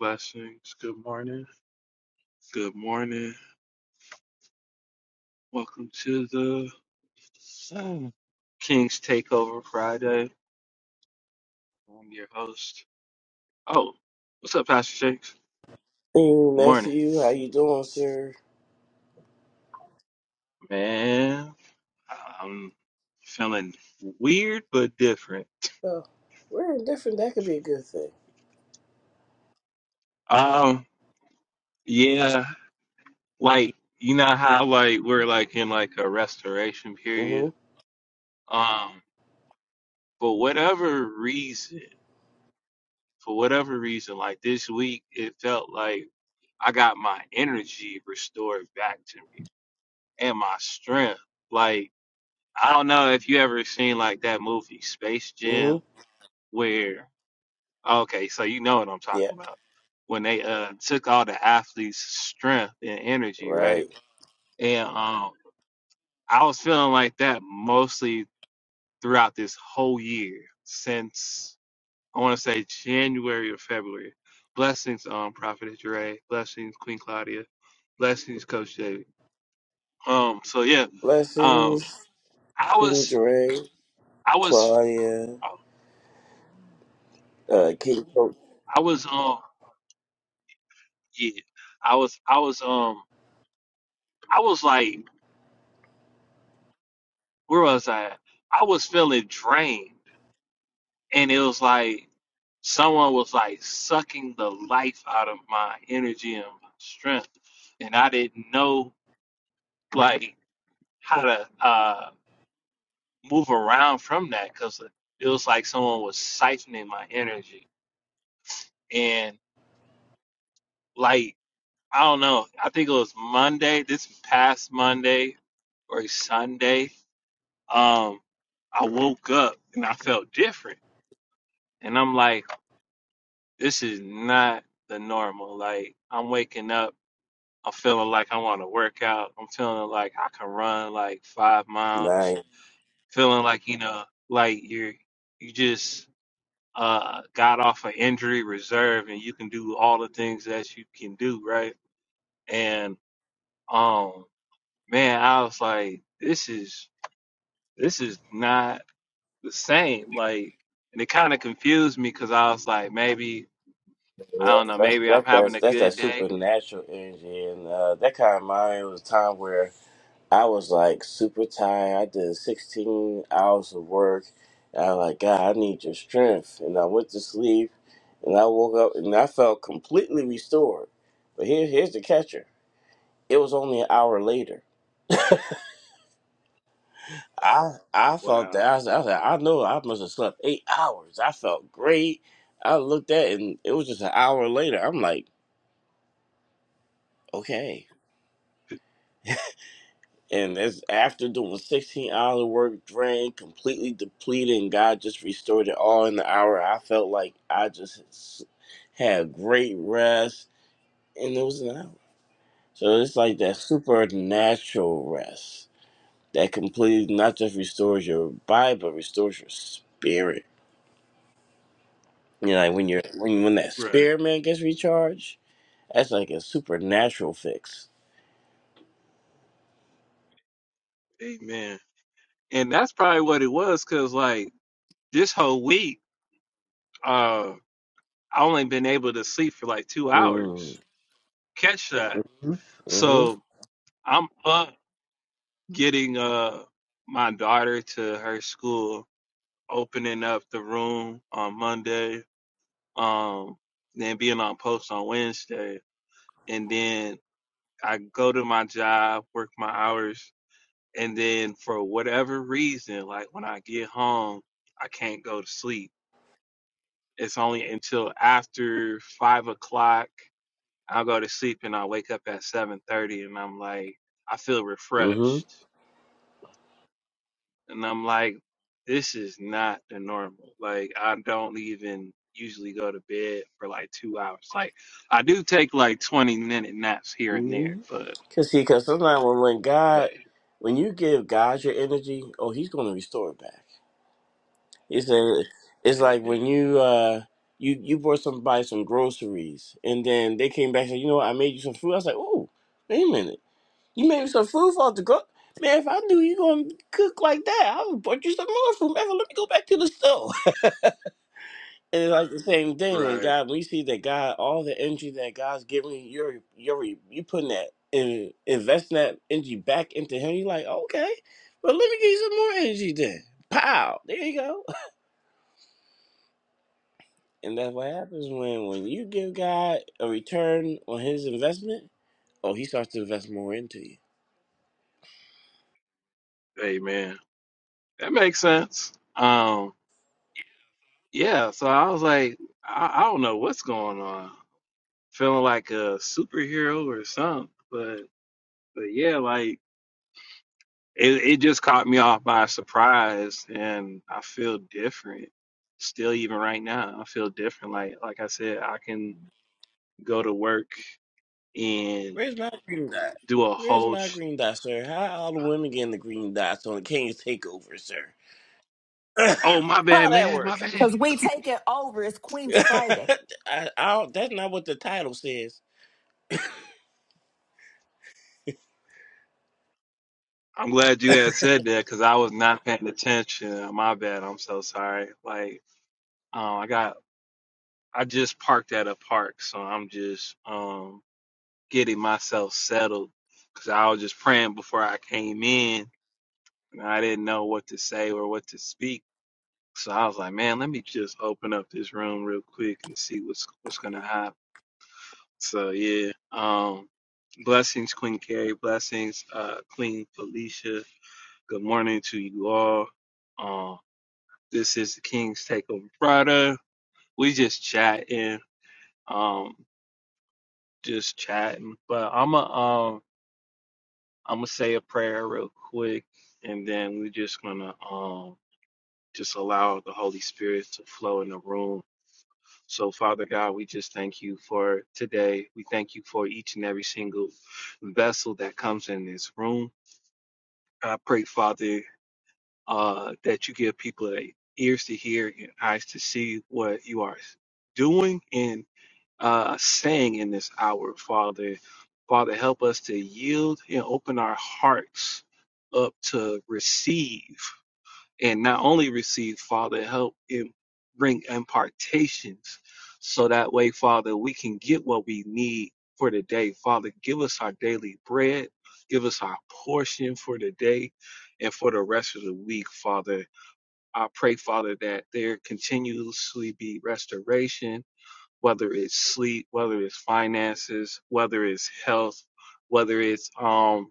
Blessings. Good morning. Good morning. Welcome to the uh, King's Takeover Friday. I'm your host. Oh, what's up, Pastor Jakes? Hey, Good morning. nephew, how you doing, sir? Man, I'm feeling weird but different. Oh, we're indifferent. That could be a good thing. Um, yeah, like you know how like we're like in like a restoration period. Mm-hmm. Um, for whatever reason, for whatever reason, like this week, it felt like I got my energy restored back to me and my strength. Like, I don't know if you ever seen like that movie Space Jam Mm-hmm. where, okay, so you know what I'm Yeah. talking about. When they uh took all the athletes' strength and energy, right? Right. And um I was feeling like that mostly throughout this whole year since I want to say January or February. Blessings, um, Prophet Dre. Blessings, Queen Claudia. Blessings, Coach David. Um, so yeah, um, Blessings, I Queen was, Dre, I was, Claudia, um, uh, King Coach. I was, um, yeah, I was, I was, um, I was like, where was I? I was feeling drained, and it was like someone was like sucking the life out of my energy and my strength, and I didn't know like how to uh move around from that because it was like someone was siphoning my energy, and like I don't know. I think it was Monday, this past Monday or Sunday. Um, I woke up and I felt different. And I'm like, this is not the normal. Like, I'm waking up, I'm feeling like I want to work out. I'm feeling like I can run like five miles. Nice. Feeling like, you know, like you're, you just, uh, got off an injury reserve and you can do all the things that you can do, right? And, um. man, I was like, this is this is not the same. Like, and it kind of confused me because I was like, maybe I don't That's, know, that's, maybe I'm that's, having that's, a that's that good day. supernatural energy. And uh, that kind of mind was a time where I was like super tired. I did 16 hours of work. And I was like, God, I need your strength. And I went to sleep and I woke up and I felt completely restored. But here, here's the catcher it was only an hour later. I I felt that Wow. I was, I was like, I know I must have slept eight hours. I felt great. I looked at it and it was just an hour later. I'm like, okay. And it's after doing 16 hours of work, drained, completely depleted, and God just restored it all in the hour. I felt like I just s- had great rest, and it was an hour. So it's like that Right. supernatural rest that completely not just restores your body, but restores your spirit. You know, like when you're when when that Right. spirit man gets recharged, that's like a supernatural fix. Amen. And that's probably what it was because like this whole week, uh, I only been able to sleep for like two Mm. hours. Catch that. Mm. Mhm. So I'm up getting uh my daughter to her school, opening up the room on Monday um, then being on post on Wednesday, and then I go to my job, work my hours, and then for whatever reason, like when I get home, I can't go to sleep. It's only until after five o'clock I'll go to sleep, and I wake up at seven thirty, and I'm like, I feel Mhm. refreshed. and I'm like, this is not the normal. Like I don't even usually go to bed for like two hours. Like I do take like 20 minute naps here and there, Mm-hmm. but Cause see, cause sometimes when, when but God, when you give God your energy, oh, He's gonna restore it back. It's a, it's like amen, when you uh you you bought somebody some groceries and then they came back and said, you know what, I made you some food. I was like, oh, wait a minute, you made me some food for the go. Man, if I knew you gonna cook like that, I would bought you some more food. Man, let me go back to the store. And it's like the same thing when right? God, when you see that God, all the energy that God's giving you, you're you're you putting that in investing that energy back into Him. You're like, okay, well let me give you some more energy then. Pow, there you go. And that's what happens when when you give God a return on His investment. Oh, He starts to invest more into you. Amen. That makes sense. Um, yeah. So I was like, I, I don't know what's going on. Feeling like a superhero or something, but but yeah, like it, it just caught me off by surprise and I feel different still even right now. I feel different. Like like I said, I can go to work and Where's my green dot? do a Where's whole my sh- green dot, sir? How all the women getting the green dots on the King's takeover, sir? oh my How bad that man, work? my bad. Cause we take it over. It's Queen's Friday. I, I don't, that's not what the title says. I'm glad you had said that because I was not paying attention. My bad. I'm so sorry. Like um I got I just parked at a park, so I'm just um getting myself settled because I was just praying before I came in and I didn't know what to say or what to speak So I was like, man, let me just open up this room real quick and see what's what's gonna happen. So yeah, um, blessings, Queen Carrie, blessings, uh, Queen Felicia. Good morning to you all. Um, this is the King's Takeover Friday. We just chatting, um, just chatting. But I'm going um, I'm gonna say a prayer real quick, and then we're just gonna um, just allow the Holy Spirit to flow in the room So, Father God, we just thank you for today. We thank you for each and every single vessel that comes in this room. I pray, Father, uh, that you give people ears to hear and eyes to see what you are doing and uh, saying in this hour, Father. Father, help us to yield and open our hearts up to receive and not only receive, Father, help and bring impartations so that way, Father, we can get what we need for the day. Father, give us our daily bread, give us our portion for the day and for the rest of the week, Father. I pray, Father, that there continuously be restoration, whether it's sleep, whether it's finances, whether it's health, whether it's um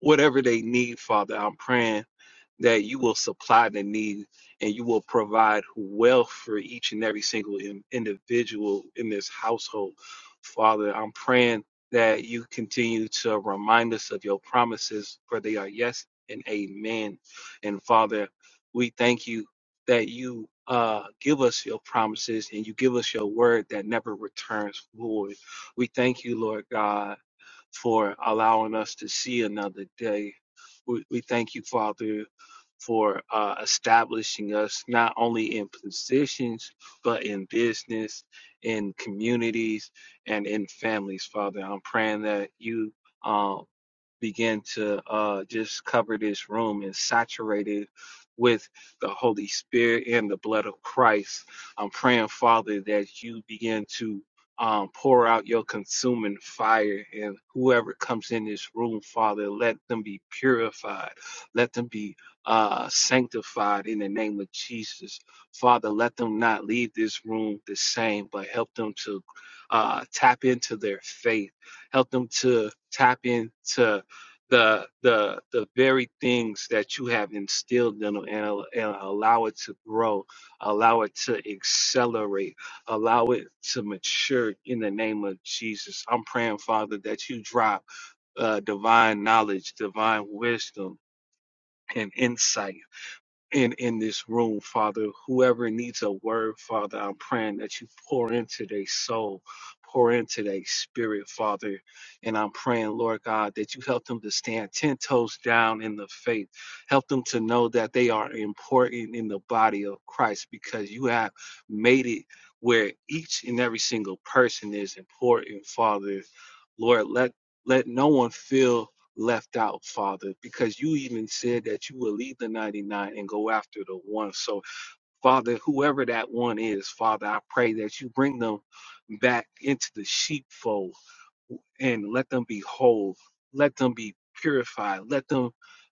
whatever they need, Father. I'm praying that you will supply the need and you will provide wealth for each and every single in- individual in this household. Father, I'm praying that you continue to remind us of your promises, for they are yes and amen. And Father, we thank you that you uh, give us your promises and you give us your word that never returns void. We thank you, Lord God for allowing us to see another day. We, we thank you, Father, for uh, establishing us not only in positions, but in business, in communities, and in families, Father. I'm praying that you. uh, begin to uh, just cover this room and saturate it with the Holy Spirit and the blood of Christ. I'm praying, Father, that you begin to um, pour out your consuming fire, and whoever comes in this room, Father, let them be purified, let them be uh, sanctified in the name of Jesus. Father, let them not leave this room the same, but help them to uh, tap into their faith, help them to tap into the the the very things that you have instilled in them and, al- and allow it to grow allow it to accelerate allow it to mature in the name of jesus i'm praying father that you drop uh, divine knowledge divine wisdom and insight in in this room, Father. Whoever needs a word, Father, I'm praying that you pour into their soul, pour into their spirit, Father. And I'm praying, Lord God, that you help them to stand ten toes down in the faith. Help them to know that they are important in the body of Christ because you have made it where each and every single person is important, Father. Lord, let let no one feel left out, Father, because you even said that you will leave the 99 and go after the one. So, Father, whoever that one is, Father, I pray that you bring them back into the sheepfold and let them be whole let them be purified let them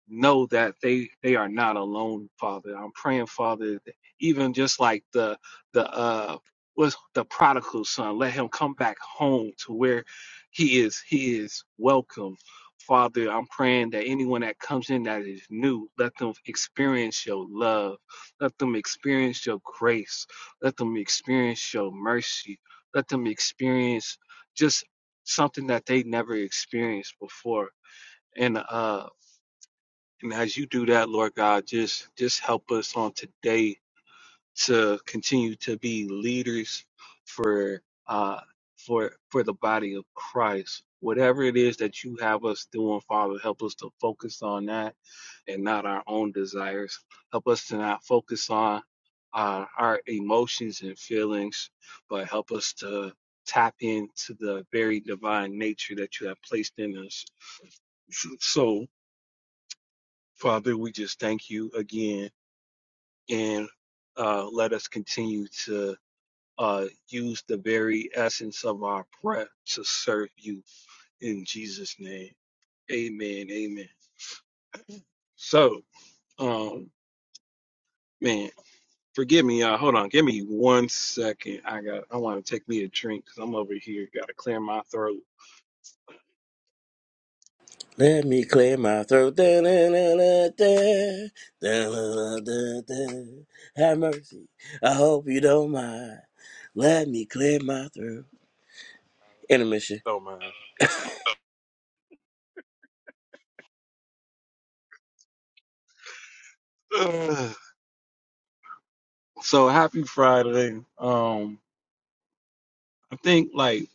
know that they they are not alone father i'm praying father that even just like the the uh was the prodigal son let him come back home to where he is he is welcome father i'm praying that anyone that comes in that is new let them experience your love let them experience your grace let them experience your mercy let them experience just something that they never experienced before. And uh and as you do that, Lord God, just just help us on today to continue to be leaders for uh for for the body of Christ. Whatever it is that you have us doing, Father, help us to focus on that and not our own desires. Help us to not focus on uh, our emotions and feelings, but help us to tap into the very divine nature that you have placed in us. So, Father, we just thank you again and uh, let us continue to. uh, use the very essence of our prayer to serve you in Jesus' name. Amen. Amen. So, um, man, forgive me, y'all. Hold on, give me one second. I got. I want to take me a drink because I'm over here. Got to clear my throat. Let me clear my throat. Da, da, da, da, da. Da, da, da, da, Have mercy. I hope you don't mind. Let me clear my throat. Intermission. Don't mind. Ugh. so happy Friday. Um, I think like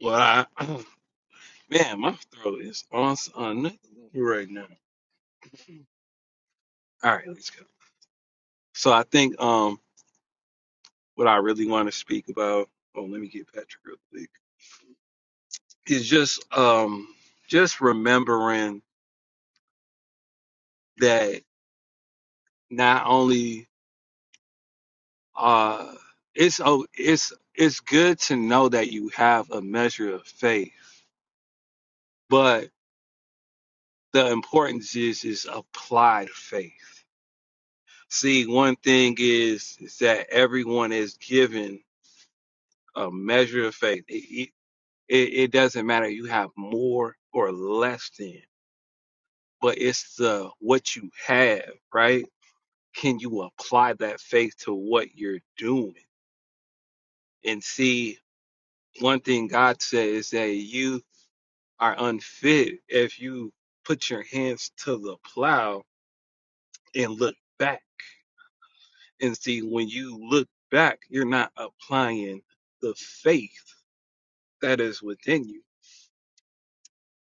what I man, my throat is on s- right now. All right, let's go. So I think um what I really want to speak about. Oh, let me get Patrick real quick. Is just um just remembering that not only uh it's oh it's it's good to know that you have a measure of faith, but the importance is is applied faith. See, one thing is is that everyone is given a measure of faith. It, it, it it doesn't matter if you have more or less than. but it's the what you have, right? Can you apply that faith to what you're doing? And see, one thing God said is that you are unfit if you put your hands to the plow and look back. And see, when you look back, you're not applying the faith that is within you.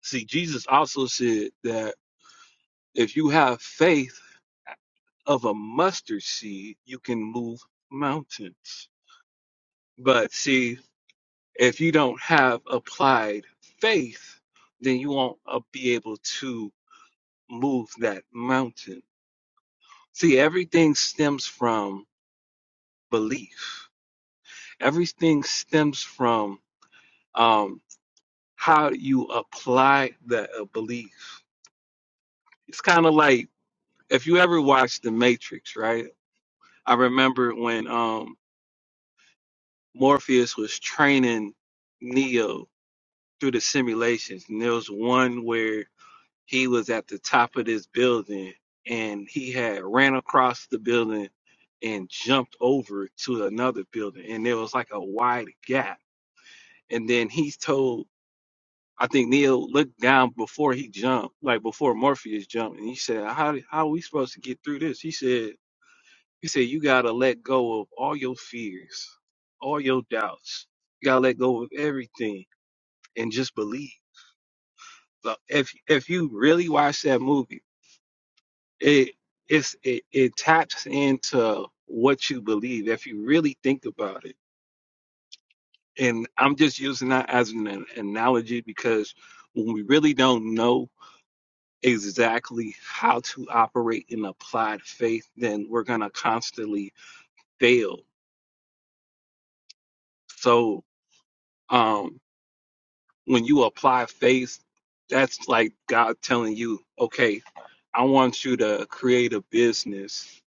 See, Jesus also said that if you have faith of a mustard seed, you can move mountains But see, if you don't have applied faith, then you won't uh, be able to move that mountain. See, everything stems from belief. Everything stems from um, how you apply that uh, belief. It's kind of like if you ever watched The Matrix, right? I remember when um, Morpheus was training Neo through the simulations, and there was one where he was at the top of this building and he had ran across the building and jumped over to another building and there was like a wide gap and then he's told i think neil looked down before he jumped like before morpheus jumped and he said how, how are we supposed to get through this he said he said you gotta let go of all your fears all your doubts you gotta let go of everything and just believe Like, if if you really watch that movie it it's it, it taps into what you believe if you really think about it and i'm just using that as an, an analogy because when we really don't know exactly how to operate in applied faith then we're going to constantly fail so um when you apply faith that's like god telling you okay i want you to create a business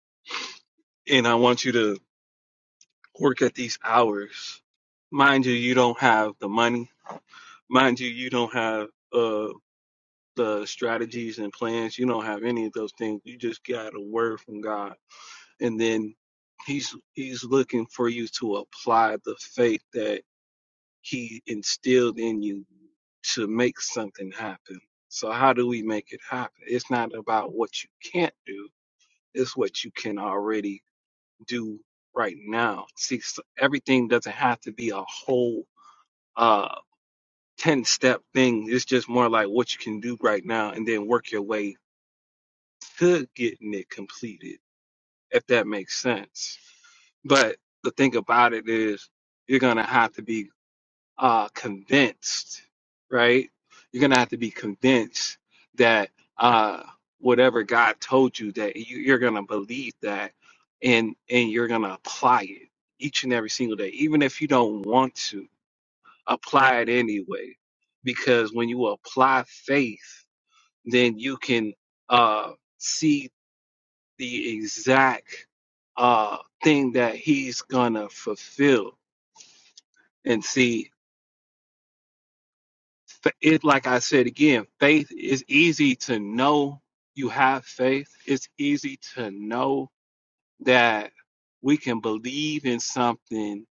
and i want you to work at these hours. Mind you, you don't have the money. Mind you, you don't have uh the strategies and plans. You don't have any of those things. You just got a word from God, and then he's he's looking for you to apply the faith that he instilled in you to make something happen. So how do we make it happen? It's not about what you can't do. It's what you can already do right now. See, s- everything doesn't have to be a whole uh 10 step thing. It's just more like what you can do right now and then work your way to getting it completed, if that makes sense. But the thing about it is you're gonna have to be uh convinced, right? You're gonna have to be convinced that uh whatever God told you that you, you're gonna believe that and and you're gonna apply it each and every single day, even if you don't want to apply it anyway. Because when you apply faith, then you can uh, see the exact uh, thing that he's gonna fulfill. And see, it like I said again, faith is easy to know you have faith. It's easy to know that we can believe in something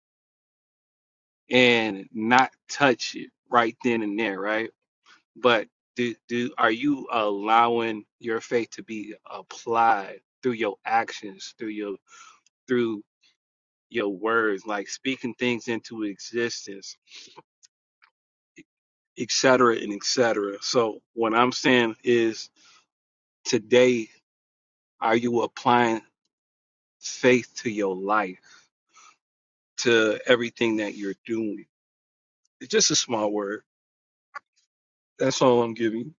and not touch it right then and there, right? but do do are you allowing your faith to be applied through your actions through your through your words like speaking things into existence etc and etc so what i'm saying is today are you applying faith to your life to everything that you're doing it's just a small word that's all i'm giving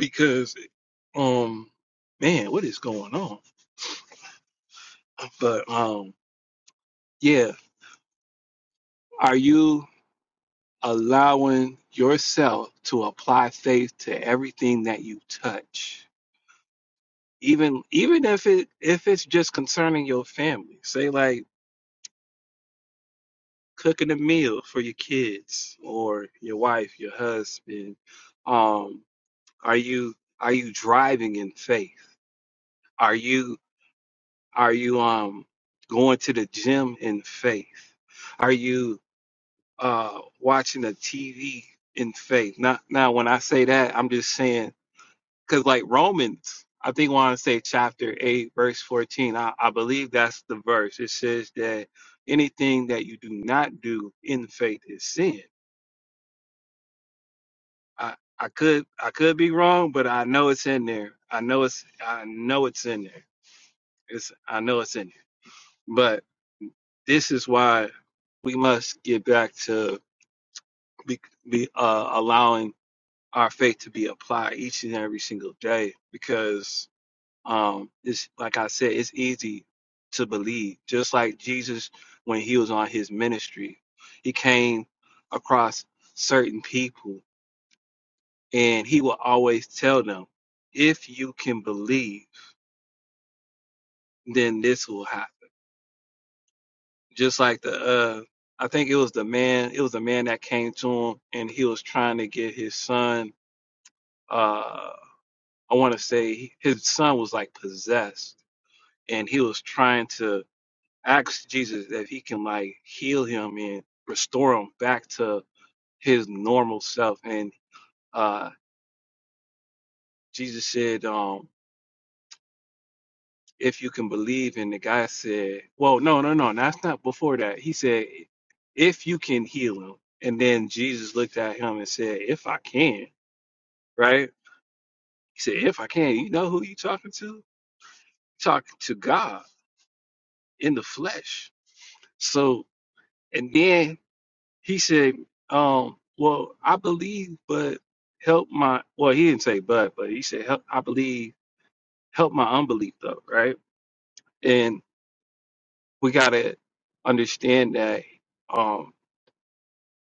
because um man what is going on but um yeah are you allowing yourself to apply faith to everything that you touch even even if it if it's just concerning your family say like cooking a meal for your kids or your wife your husband um are you are you driving in faith are you are you um going to the gym in faith are you uh watching a tv in faith not now when i say that i'm just saying because like Romans, I think I want to say chapter eight, verse fourteen. I, I believe that's the verse. It says that anything that you do not do in faith is sin. I I could I could be wrong, but I know it's in there. I know it's I know it's in there. It's I know it's in there. But this is why we must get back to be, be uh, allowing our faith to be applied each and every single day because um it's like i said it's easy to believe just like jesus when he was on his ministry he came across certain people and he will always tell them if you can believe then this will happen just like the uh i think it was the man it was the man that came to him and he was trying to get his son uh i want to say his son was like possessed and he was trying to ask Jesus if he can like heal him and restore him back to his normal self. And uh Jesus said, um, if you can believe, and the guy said, Well, no, no, no, that's not before that. He said, If you can heal him. And then Jesus looked at him and said, If I can, right? He said, If I can, you know who you talking to? Talking to God in the flesh. So and then He said, um, well, I believe, but help my, well, he didn't say but, but he said, help, I believe, help my unbelief though, right? And we got to understand that um,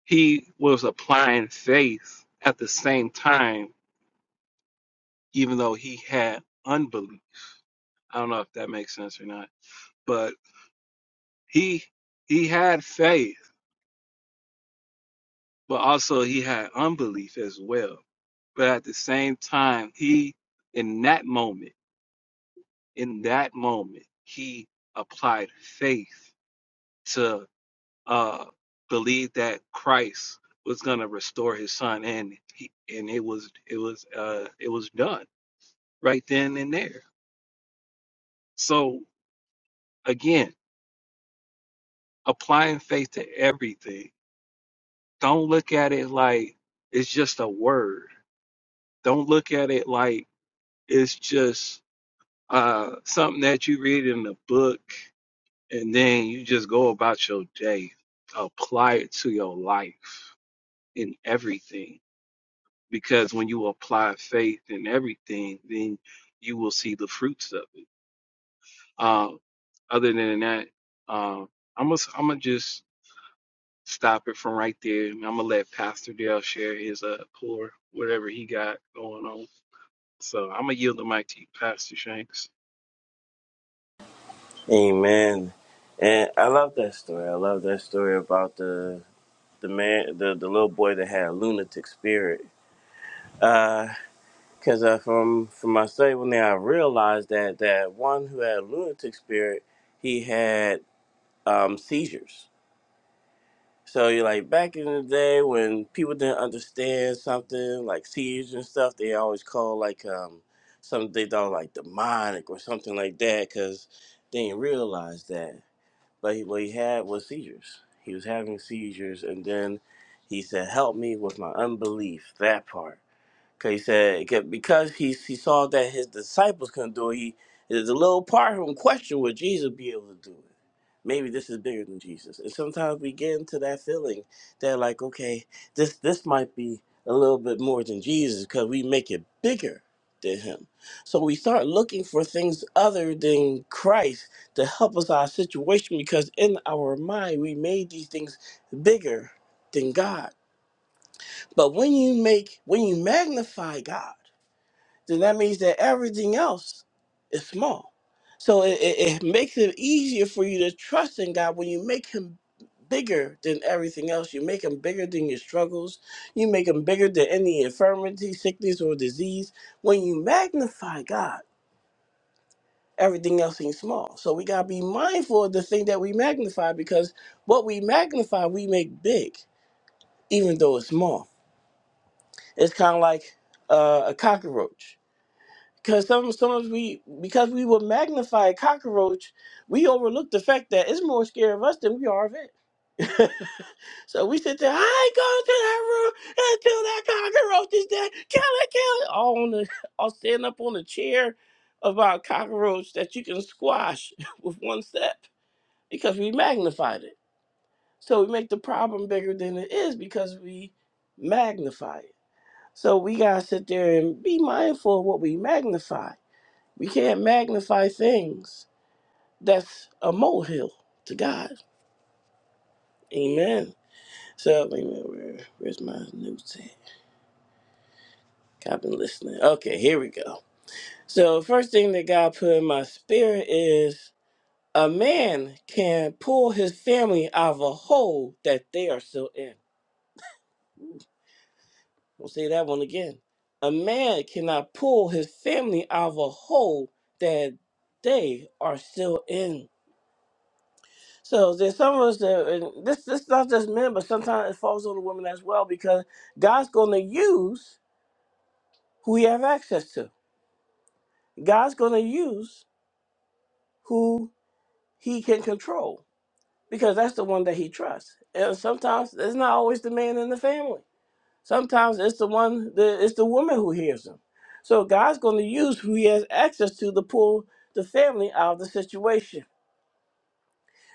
he was applying faith at the same time, even though he had unbelief. I don't know if that makes sense or not, but he he had faith, but also he had unbelief as well. But at the same time, he in that moment in that moment, he applied faith to uh, believe that Christ was going to restore his son, and he, and it was it was uh, it was done right then and there. So again, applying faith to everything. Don't look at it like it's just a word. Don't look at it like it's just uh, something that you read in a book and then you just go about your day apply it to your life in everything because when you apply faith in everything then you will see the fruits of it um other than that um i'm gonna i'm gonna just stop it from right there i'm gonna let pastor dale share his uh pour whatever he got going on so i'm gonna yield the mic to you pastor shanks Amen. And I love that story. I love that story about the the man, the, the little boy that had a lunatic spirit. Because uh, from from my study, when I realized that that one who had a lunatic spirit, he had. um, seizures. So you're like back in the day when people didn't understand something like seizures and stuff, they always call like um, something they thought like demonic or something like that because they didn't realize that. But he, what he had was seizures. He was having seizures, and then he said, "Help me with my unbelief." That part 'Cause he said 'cause- because he he saw that his disciples couldn't do it. He there's a little part of him question would Jesus be able to do it? Maybe this is bigger than Jesus. And sometimes we get into that feeling that like, okay, this this might be a little bit more than Jesus because we make it bigger than him. So we start looking for things other than Christ to help us our situation because in our mind we made these things bigger than God. But when you make when you magnify God then that means that everything else is small. So it, it, it makes it easier for you to trust in God when you make Him bigger than everything else. You make Him bigger than your struggles. You make Him bigger than any infirmity, sickness, or disease. When you magnify God, everything else seems small. So we got to be mindful of the thing that we magnify because what we magnify, we make big, even though it's small. It's kind of like uh, a cockroach Because some sometimes we because we will magnify a cockroach, we overlook the fact that it's more scared of us than we are of it. so we sit there, I ain't going to that room until that cockroach is dead. Kill it, kill it. All on the all stand up on the chair about cockroach that you can squash with one step because we magnified it. So we make the problem bigger than it is because we magnify it. So we gotta sit there and be mindful of what we magnify we can't magnify things that's a molehill to God. Amen. So, wait where, where's my notes at? I've been listening. Okay, here we go. So, first thing that God put in my spirit is a man can pull his family out of a hole that they are still in. I'll say that one again. A man cannot pull his family out of a hole that they are still in. So there's some of us that, and this this not just men, but sometimes it falls on the women as well because God's going to use who He have access to. God's going to use who He can control because that's the one that He trusts. And sometimes it's not always the man in the family. Sometimes it's the one, the, it's the woman who hears him. So God's going to use who He has access to to pull the family out of the situation.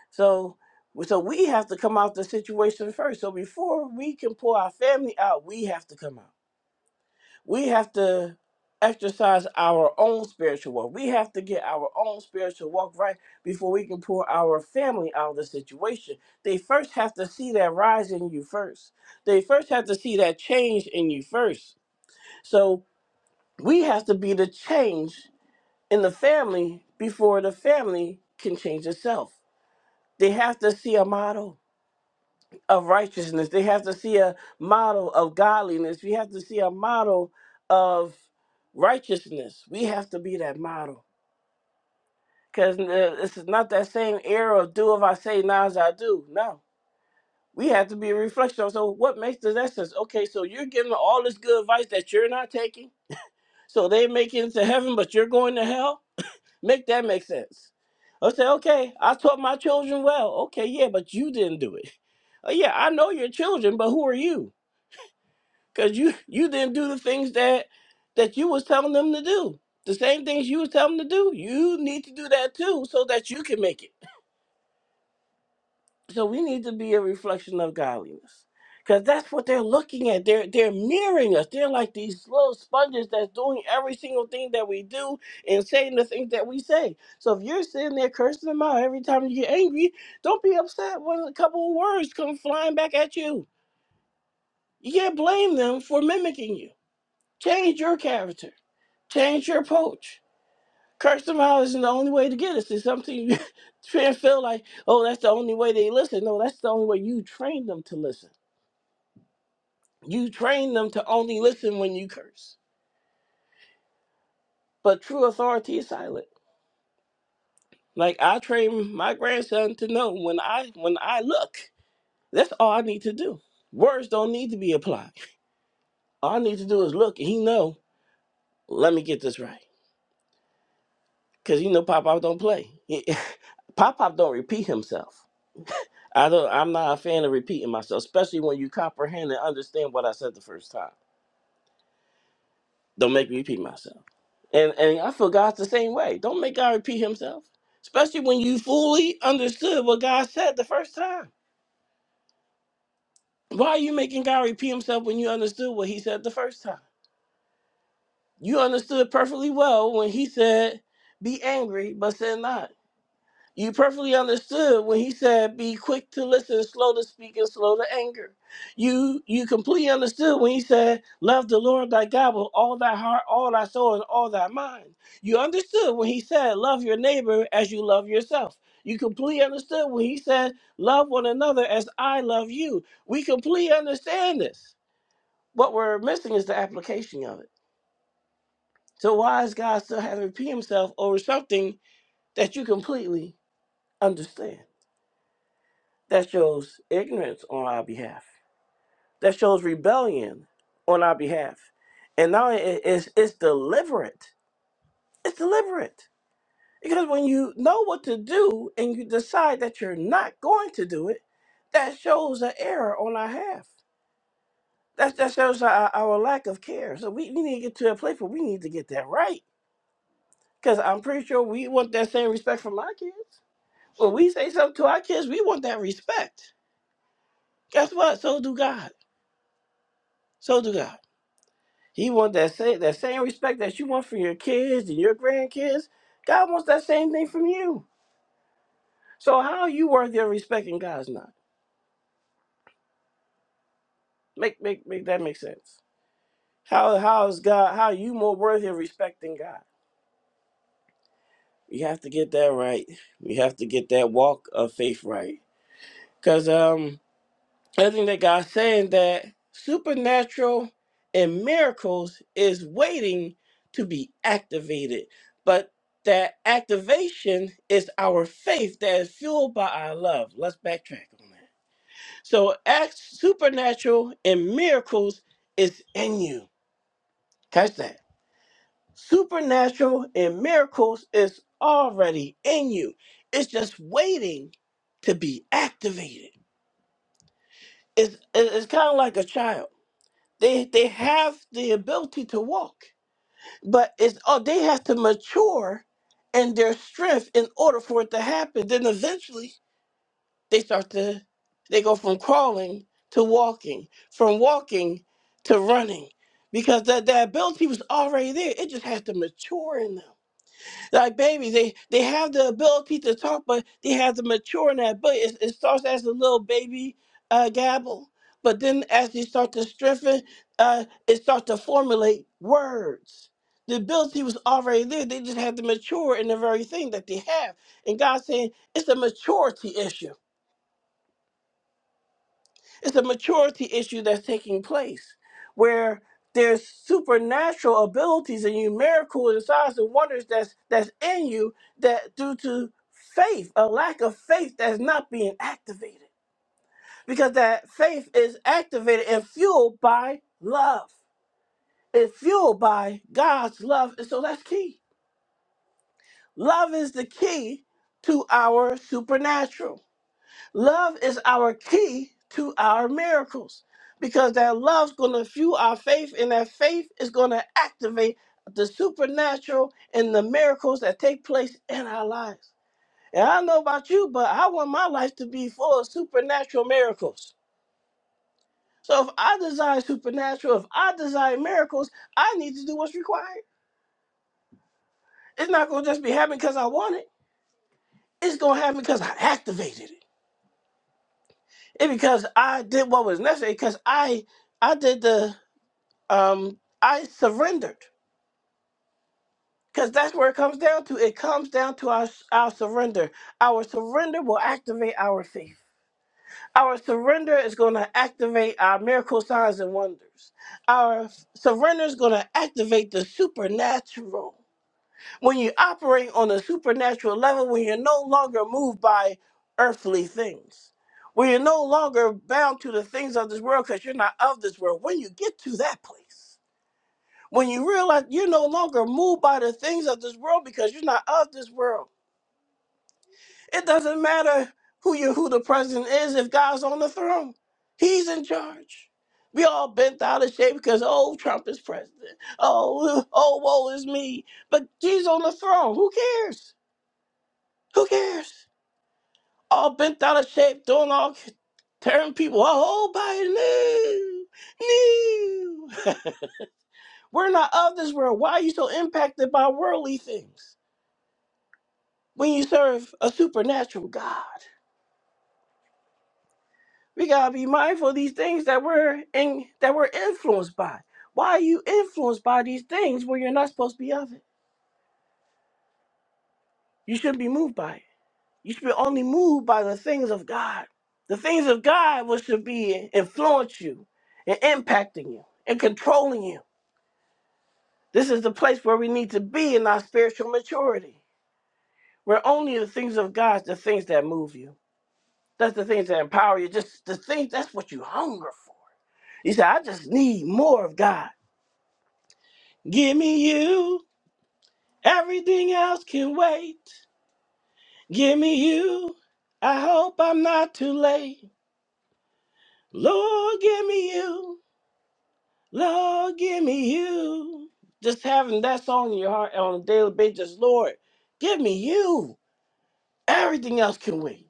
So, so we have to come out the situation first. So before we can pour our family out, we have to come out. We have to exercise our own spiritual walk. We have to get our own spiritual walk right before we can pour our family out of the situation. They first have to see that rise in you first. They first have to see that change in you first. So we have to be the change in the family before the family can change itself. They have to see a model of righteousness. They have to see a model of godliness. We have to see a model of righteousness. We have to be that model. Because this is not that same era of do if I say, now as I do. No. We have to be a reflection. on, So, what makes the essence? Okay, so you're giving all this good advice that you're not taking. So they make it into heaven, but you're going to hell? Make that make sense. I say, okay, I taught my children well. Okay, yeah, but you didn't do it. Oh, yeah, I know your children, but who are you? because you you didn't do the things that that you was telling them to do the same things you was telling them to do you need to do that too so that you can make it so we need to be a reflection of godliness because that's what they're looking at they're they're mirroring us they're like these little sponges that's doing every single thing that we do and saying the things that we say so if you're sitting there cursing them out every time you get angry don't be upset when a couple of words come flying back at you you can't blame them for mimicking you change your character Change your approach. Curse them out isn't the only way to get us. It's something you try and feel like, oh, that's the only way they listen. No, that's the only way you train them to listen. You train them to only listen when you curse. But true authority is silent. Like I train my grandson to know when I when I look, that's all I need to do. Words don't need to be applied. All I need to do is look, and he know. Let me get this right, cause you know Pop Pop don't play. Pop Pop don't repeat himself. I don't. I'm not a fan of repeating myself, especially when you comprehend and understand what I said the first time. Don't make me repeat myself. And and I feel God's the same way. Don't make God repeat Himself, especially when you fully understood what God said the first time. Why are you making God repeat Himself when you understood what He said the first time? You understood perfectly well when He said, "Be angry, but sin not." You perfectly understood when he said, "Be quick to listen, slow to speak, and slow to anger." You you completely understood when he said, "Love the Lord thy God with all thy heart, all thy soul, and all thy mind." You understood when he said, "Love your neighbor as you love yourself." You completely understood when he said, "Love one another as I love you." We completely understand this. What we're missing is the application of it. So why is God still having to repeat himself over something that you completely understand? That shows ignorance on our behalf. That shows rebellion on our behalf. And now it- it's, it's deliberate. It's deliberate. Because when you know what to do and you decide that you're not going to do it, that shows an error on our half. That, that shows our, our lack of care. So we, we need to get to a place where we need to get that right. Because I'm pretty sure we want that same respect from our kids. When we say something to our kids, we want that respect. Guess what? So do God. So do God. He wants that same that same respect that you want for your kids and your grandkids. God wants that same thing from you. So how are you worthy of respect and God's not? Make make make that make sense. How how is God how are you more worthy of respect than God? We have to get that right. We have to get that walk of faith right. Cause um I think that God's saying that supernatural and miracles is waiting to be activated, but that activation is our faith that is fueled by our love. Let's backtrack on that. So, act supernatural and miracles is in you. Catch that. Supernatural and miracles is already in you. It's just waiting to be activated. It's it- it's kind of like a child They they have the ability to walk, but it's oh they have to mature in their strength in order for it to happen. Then eventually they start to they go from crawling to walking, from walking to running, because that that ability was already there. It just has to mature in them like babies they they have the ability to talk but they have to mature in that but it, it starts as a little baby uh, gabble but then as they start to strengthen uh, it starts to formulate words the ability was already there they just had to mature in the very thing that they have and god's saying it's a maturity issue it's a maturity issue that's taking place where there's supernatural abilities and you miracles and signs and wonders that's that's in you that due to faith, a lack of faith that's not being activated. Because that faith is activated and fueled by love. It's fueled by God's love. And so that's key. Love is the key to our supernatural. Love is our key to our miracles because that love's going to fuel our faith, and that faith is going to activate the supernatural and the miracles that take place in our lives. And I don't know about you, but I want my life to be full of supernatural miracles. So if I desire supernatural, if I desire miracles, I need to do what's required. It's not going to just be happening because I want it. It's going to happen because I activated it. It's because I did what was necessary because I I did the um, I surrendered because that's where it comes down to. It comes down to our our surrender. Our surrender will activate our faith. Our surrender is going to activate our miracle signs and wonders. Our surrender is going to activate the supernatural. When you operate on a supernatural level, when you're no longer moved by earthly things, when you're no longer bound to the things of this world because you're not of this world, when you get to that place When you realize you're no longer moved by the things of this world because you're not of this world. It doesn't matter who you who the president is if God's on the throne. He's in charge. We all bent out of shape because oh Trump is president. Oh oh woe is me. But Jesus on the throne. Who cares? Who cares? All bent out of shape, doing all tearing people up. Oh Biden, no, no. We're not of this world. Why are you so impacted by worldly things? when you serve a supernatural God. We gotta be mindful of these things that we're in, that we're influenced by. Why are you influenced by these things where you're not supposed to be of it? You shouldn't be moved by it. You should be only moved by the things of God. The things of God which should be influence you and impacting you and controlling you. This is the place where we need to be in our spiritual maturity. Where only the things of God, the things that move you. That's the things that empower you. Just the things that's what you hunger for. He said, I just need more of God. Give me you. Everything else can wait. Give me you. I hope I'm not too late. Lord, give me you. Lord, give me you. Just having that song in your heart on a daily basis, Lord, give me you. Everything else can wait.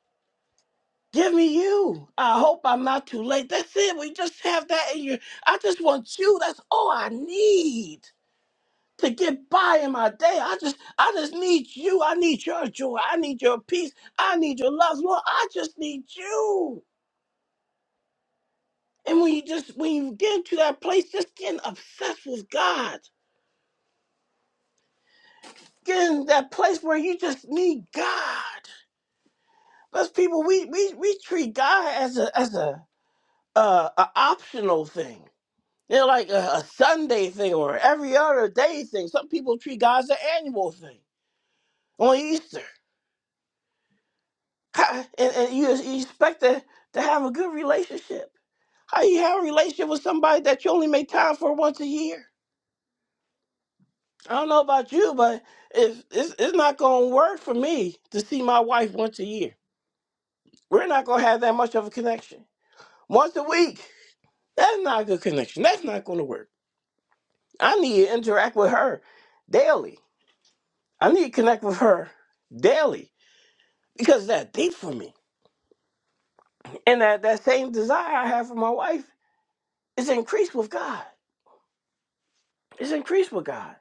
Give me you. I hope I'm not too late. That's it. We just have that in your. I just want you. That's all I need. to get by in my day. I just I just need you. I need your joy. I need your peace. I need your love. Lord, I just need you. And when you just when you get into that place, just getting obsessed with God. Getting that place where you just need God. Because people we we we treat God as a as a uh a optional thing. They're like a, a Sunday thing or every other day thing. Some people treat God as an annual thing on Easter. How, and, and you, you expect to, to have a good relationship. How you have a relationship with somebody that you only make time for once a year? I don't know about you, but if it's, it's not going to work for me to see my wife once a year. We're not going to have that much of a connection. Once a week, that's not a good connection. That's not going to work. I need to interact with her daily. I need to connect with her daily because that's deep for me. And that, that same desire I have for my wife is increased with God. It's increased with God.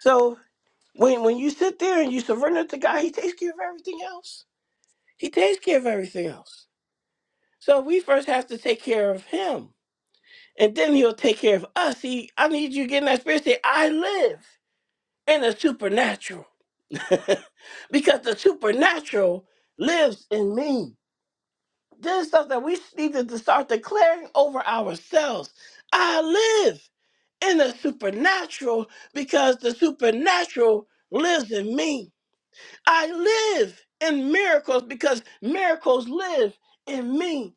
So when when you sit there and you surrender to God, He takes care of everything else. He takes care of everything else. So we first have to take care of Him, and then He'll take care of us. He, I need you to get in that spirit. Say, I live in the supernatural, because the supernatural lives in me. This is stuff that we need to start declaring over ourselves. I live in the supernatural because the supernatural lives in me. I live in miracles because miracles live in me.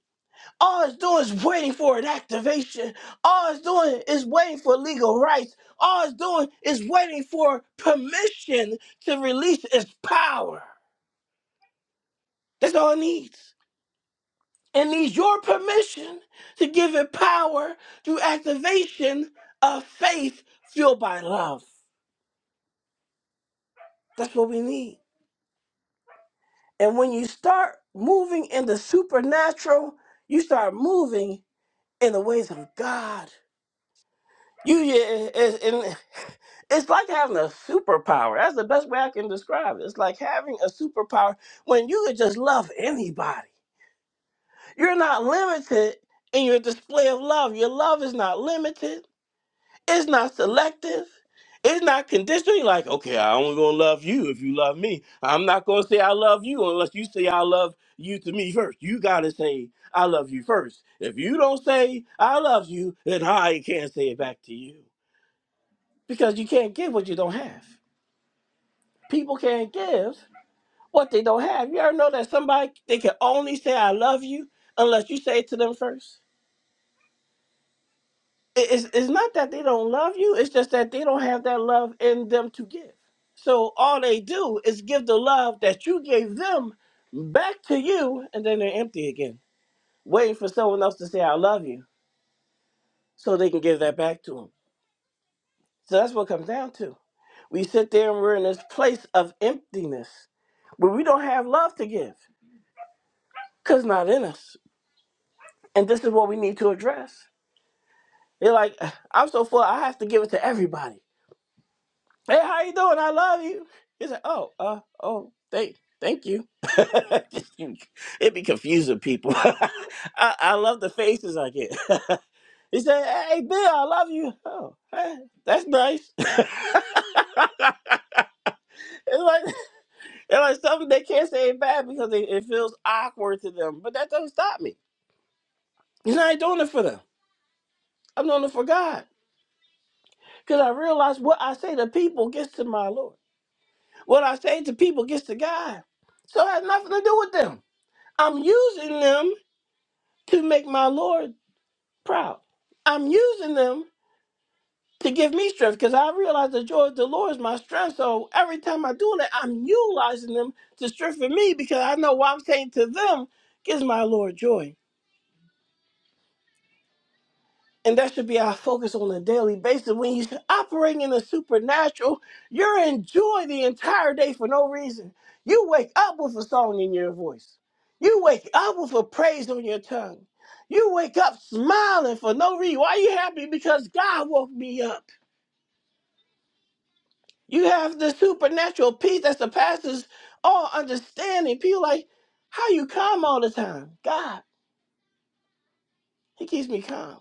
All it's doing is waiting for an activation. All it's doing is waiting for legal rights. All it's doing is waiting for permission to release its power. That's all it needs. It needs your permission to give it power through activation of faith fueled by love. That's what we need. And when you start moving in the supernatural, you start moving in the ways of God. You, yeah, it's, and it's like having a superpower. That's the best way I can describe it. It's like having a superpower when you could just love anybody. You're not limited in your display of love. Your love is not limited. It's not selective. It's not conditional. You're Like, okay, I only gonna love you if you love me. I'm not gonna say I love you unless you say I love you to me first. You gotta say I love you first. If you don't say I love you, then I can't say it back to you because you can't give what you don't have. People can't give what they don't have. You ever know that somebody they can only say I love you unless you say it to them first? it- it's, it's not that they don't love you it's just that they don't have that love in them to give so all they do is give the love that you gave them back to you and then they're empty again waiting for someone else to say i love you so they can give that back to them so that's what it comes down to we sit there and we're in this place of emptiness where we don't have love to give because not in us and this is what we need to address they're like i'm so full i have to give it to everybody hey, how you doing? I love you. He's like, oh, uh, oh, thank, thank you. It'd be confusing people. I, I love the faces I get. he said, hey, Bill, I love you. Oh, hey, that's nice. it's like it's like something they can't say back because it, it feels awkward to them. But that doesn't stop me. You know, I ain't doing it for them. I'm doing it for God because I realize what I say to people gets to my Lord. What I say to people gets to God. So it has nothing to do with them. I'm using them to make my Lord proud. I'm using them to give me strength because I realize the joy of the Lord is my strength. So every time I do that, I'm utilizing them to strengthen me because I know what I'm saying to them gives my Lord joy. And that should be our focus on a daily basis. When you're operating in the supernatural, you're enjoying the entire day for no reason. You wake up with a song in your voice. You wake up with a praise on your tongue. You wake up smiling for no reason. Why are you happy? Because God woke me up. You have the supernatural peace that surpasses all understanding. People like, how you calm all the time? God, He keeps me calm.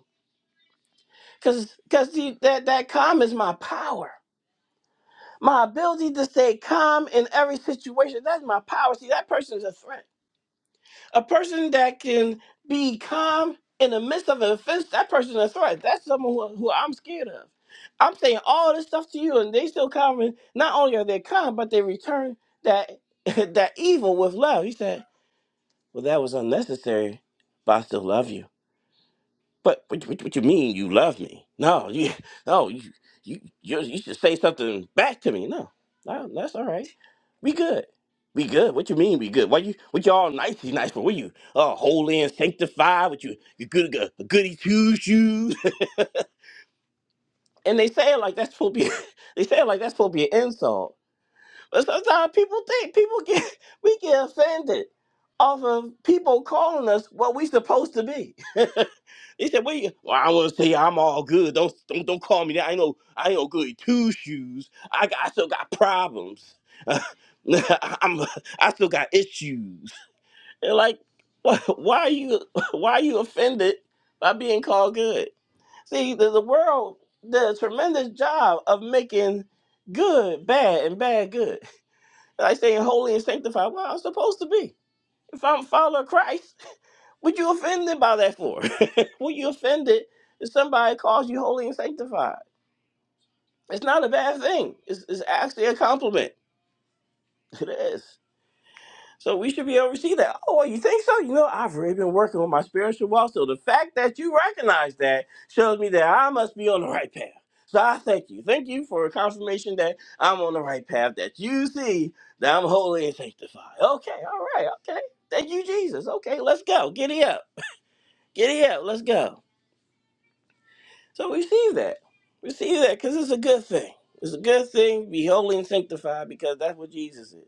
Cause, cause that that calm is my power. My ability to stay calm in every situation, that's my power. See, that person is a threat. A person that can be calm in the midst of an offense, that person is a threat. That's someone who, who I'm scared of. I'm saying all this stuff to you, and they still calm. And not only are they calm, but they return that that evil with love. He said, Well, that was unnecessary, but I still love you. But what, what, what you mean you love me? No, you no, you you you, you should say something back to me. No, no, that's all right. We good. We good. What you mean we good? Why you what you all nicey nice for? What you uh holy and sanctified? What you you good a goody two shoes? and they say it like that's supposed to be they say it like that's supposed to be an insult. But sometimes people think people get we get offended off of people calling us what we supposed to be. He said, "Wait, well, I want to say I'm all good. Don't don't don't call me that. I know I ain't no good two shoes. I got, I still got problems. I'm I still got issues. And like, wh- why are you why are you offended by being called good? See, the, the world did a tremendous job of making good bad and bad good. Like saying holy and sanctified. Well, I'm supposed to be if I'm a follower of Christ. What you offended by that for? what you offended if somebody calls you holy and sanctified? It's not a bad thing. It's, it's actually a compliment. It is. So we should be able to see that. Oh, you think so? You know, I've really been working on my spiritual walk. So the fact that you recognize that shows me that I must be on the right path. So I thank you. Thank you for a confirmation that I'm on the right path, that you see that I'm holy and sanctified. Okay, all right, okay. Thank you, Jesus. Okay, let's go. Giddy up. Giddy up. Let's go. So receive that. Receive that because it's a good thing. It's a good thing. to Be holy and sanctified because that's what Jesus is.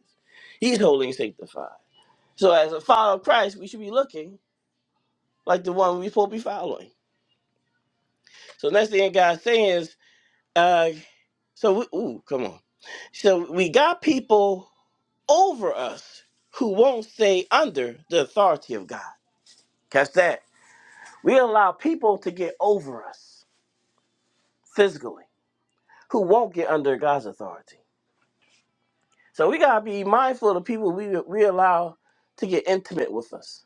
He's holy and sanctified. So as a follower of Christ, we should be looking like the one we're supposed to be following. So next thing God's saying is, uh, so we, ooh, come on. So we got people over us who won't stay under the authority of God. Catch that. We allow people to get over us physically who won't get under God's authority. So we gotta be mindful of the people we we allow to get intimate with us.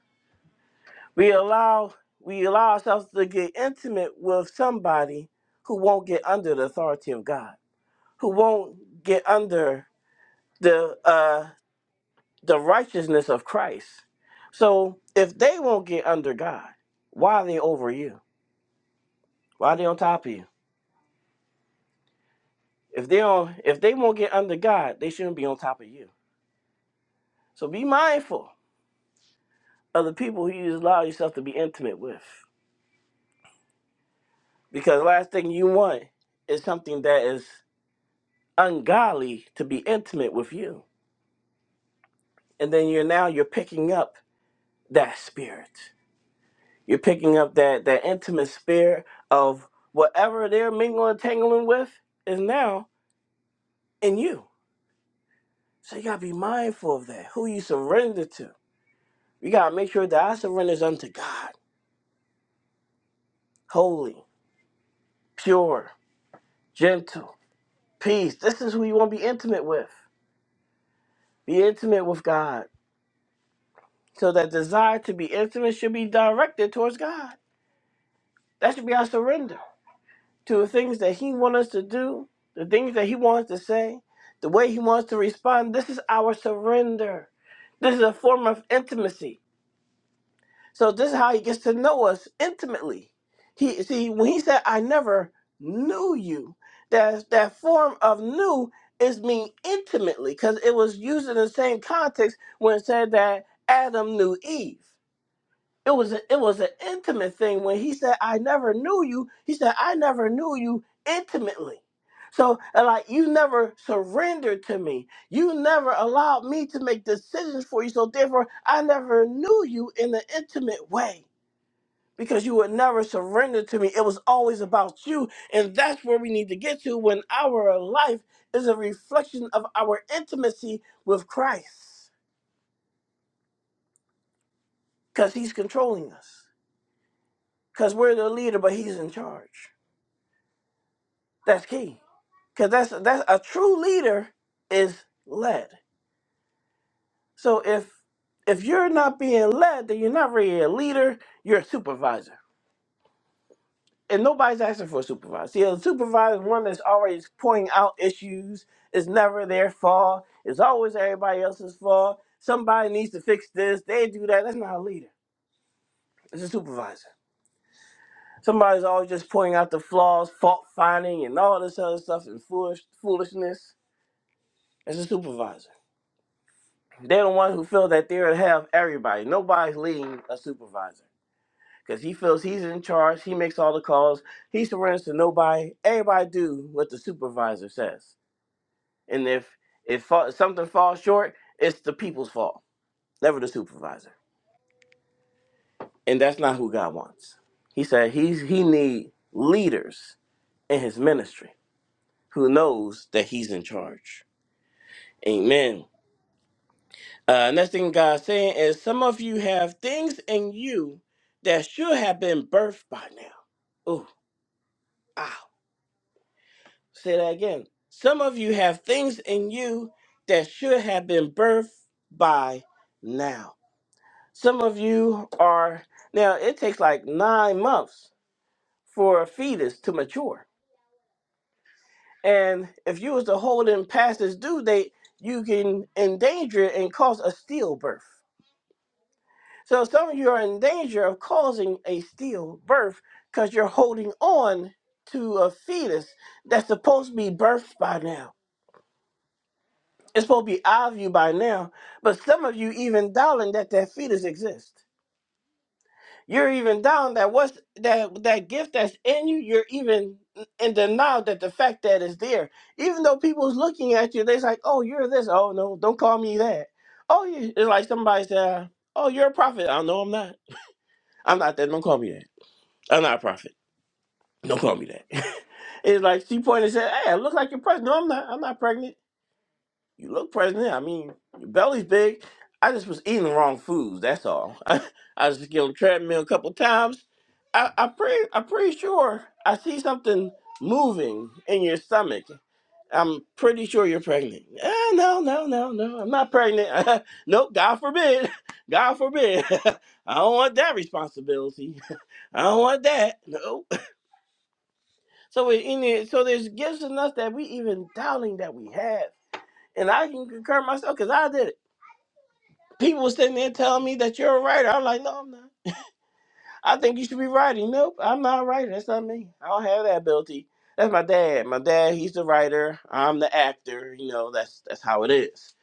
We allow we allow ourselves to get intimate with somebody who won't get under the authority of God, who won't get under the uh, the righteousness of Christ. So if they won't get under God, why are they over you? Why are they on top of you? If they don't, if they won't get under God, they shouldn't be on top of you. So be mindful of the people who you allow yourself to be intimate with. Because last thing you want is something that is ungodly to be intimate with you. And then you're now you're picking up that spirit. You're picking up that that intimate spirit of whatever they're mingling, tangling with is now in you. So you gotta be mindful of that. Who you surrender to. You gotta make sure that I surrender is unto God, holy, pure, gentle, peace. This is who you wanna be intimate with. Be intimate with God. So that desire to be intimate should be directed towards God. That should be our surrender to the things that He wants us to do, the things that He wants to say, the way He wants to respond. This is our surrender. This is a form of intimacy. So this is how He gets to know us intimately. He see when He said, "I never knew you," that that form of "knew" is mean intimately because it was used in the same context when it said that Adam knew Eve. It was a, it was an intimate thing when he said, "I never knew you." He said, "I never knew you intimately." So, and like, you never surrendered to me. You never allowed me to make decisions for you. So, therefore, I never knew you in an intimate way because you would never surrender to me. It was always about you. And that's where we need to get to when our life is a reflection of our intimacy with Christ because he's controlling us, because we're the leader, but he's in charge. That's key. Cause that's that's a true leader is led. So if if you're not being led, then you're not really a leader, you're a supervisor. And nobody's asking for a supervisor. See, a supervisor is one that's always pointing out issues. It's never their fault. It's always everybody else's fault. Somebody needs to fix this. They do that. That's not a leader. It's a supervisor. Somebody's always just pointing out the flaws, fault finding, and all this other stuff and foolish foolishness. It's a supervisor. They're the ones who feel that they're to have everybody. Nobody's leading a supervisor because he feels he's in charge. He makes all the calls. He surrenders to nobody. Everybody do what the supervisor says. And if if fa- something falls short, it's the people's fault, never the supervisor. And that's not who God wants. He said he's he need leaders in his ministry who knows that he's in charge. Amen. Uh, next thing God's saying is some of you have things in you that should have been birthed by now. Ooh, ow. Say that again. Some of you have things in you that should have been birthed by now. Some of you are, now it takes like nine months for a fetus to mature. And if you was to hold in past its due date, you can endanger it and cause a stillbirth. So some of you are in danger of causing a stillbirth because you're holding on to a fetus that's supposed to be birthed by now. It's supposed to be out of you by now. But some of you even doubting that that fetus exists. You're even down that what's that that gift that's in you. You're even in denial that the fact that it's there. Even though people's looking at you, they're like, "Oh, you're this. Oh no, don't call me that. Oh, you, it's like somebody said, "Oh, you're a prophet. I know I'm not. I'm not that. Don't call me that." I'm not a prophet. Don't call me that. it's like she pointed and said, Hey, I look like you're pregnant. No, I'm not. I'm not pregnant. You look pregnant. I mean, your belly's big. I just was eating the wrong foods. That's all. I, I was just getting on the treadmill a couple times. I, I pretty, I'm pretty sure I see something moving in your stomach. I'm pretty sure you're pregnant. Ah, no, no, no, no. I'm not pregnant. nope. God forbid. God forbid. I don't want that responsibility. I don't want that. No. So it, in it, so there's gifts in us that we even doubting that we have, and I can concur myself because I did it. People were sitting there telling me that you're a writer. I'm like, no, I'm not. I think you should be writing. Nope, I'm not a writer. That's not me. I don't have that ability. That's my dad. My dad, he's the writer. I'm the actor. You know, that's that's how it is.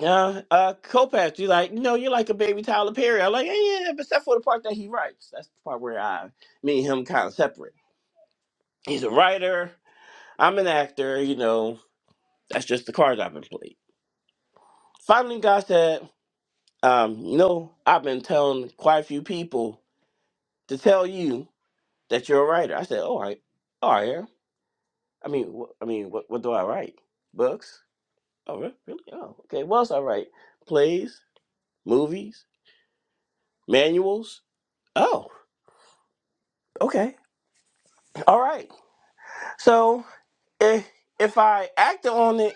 Yeah, uh, Copac, you like, no, you're like a baby Tyler Perry. I'm like, yeah, yeah, yeah, but except for the part that he writes. That's the part where I, me and him kind of separate. He's a writer. I'm an actor, you know, That's just the cards I've been played. Finally, God said, um, you know, I've been telling quite a few people to tell you that you're a writer. I said, all right, all right. yeah. I mean, wh- I mean, what, what do I write? Books? Oh, re- really? Oh, okay. What else I write? Plays, movies, manuals. Oh, okay. All right. So if if I acted on it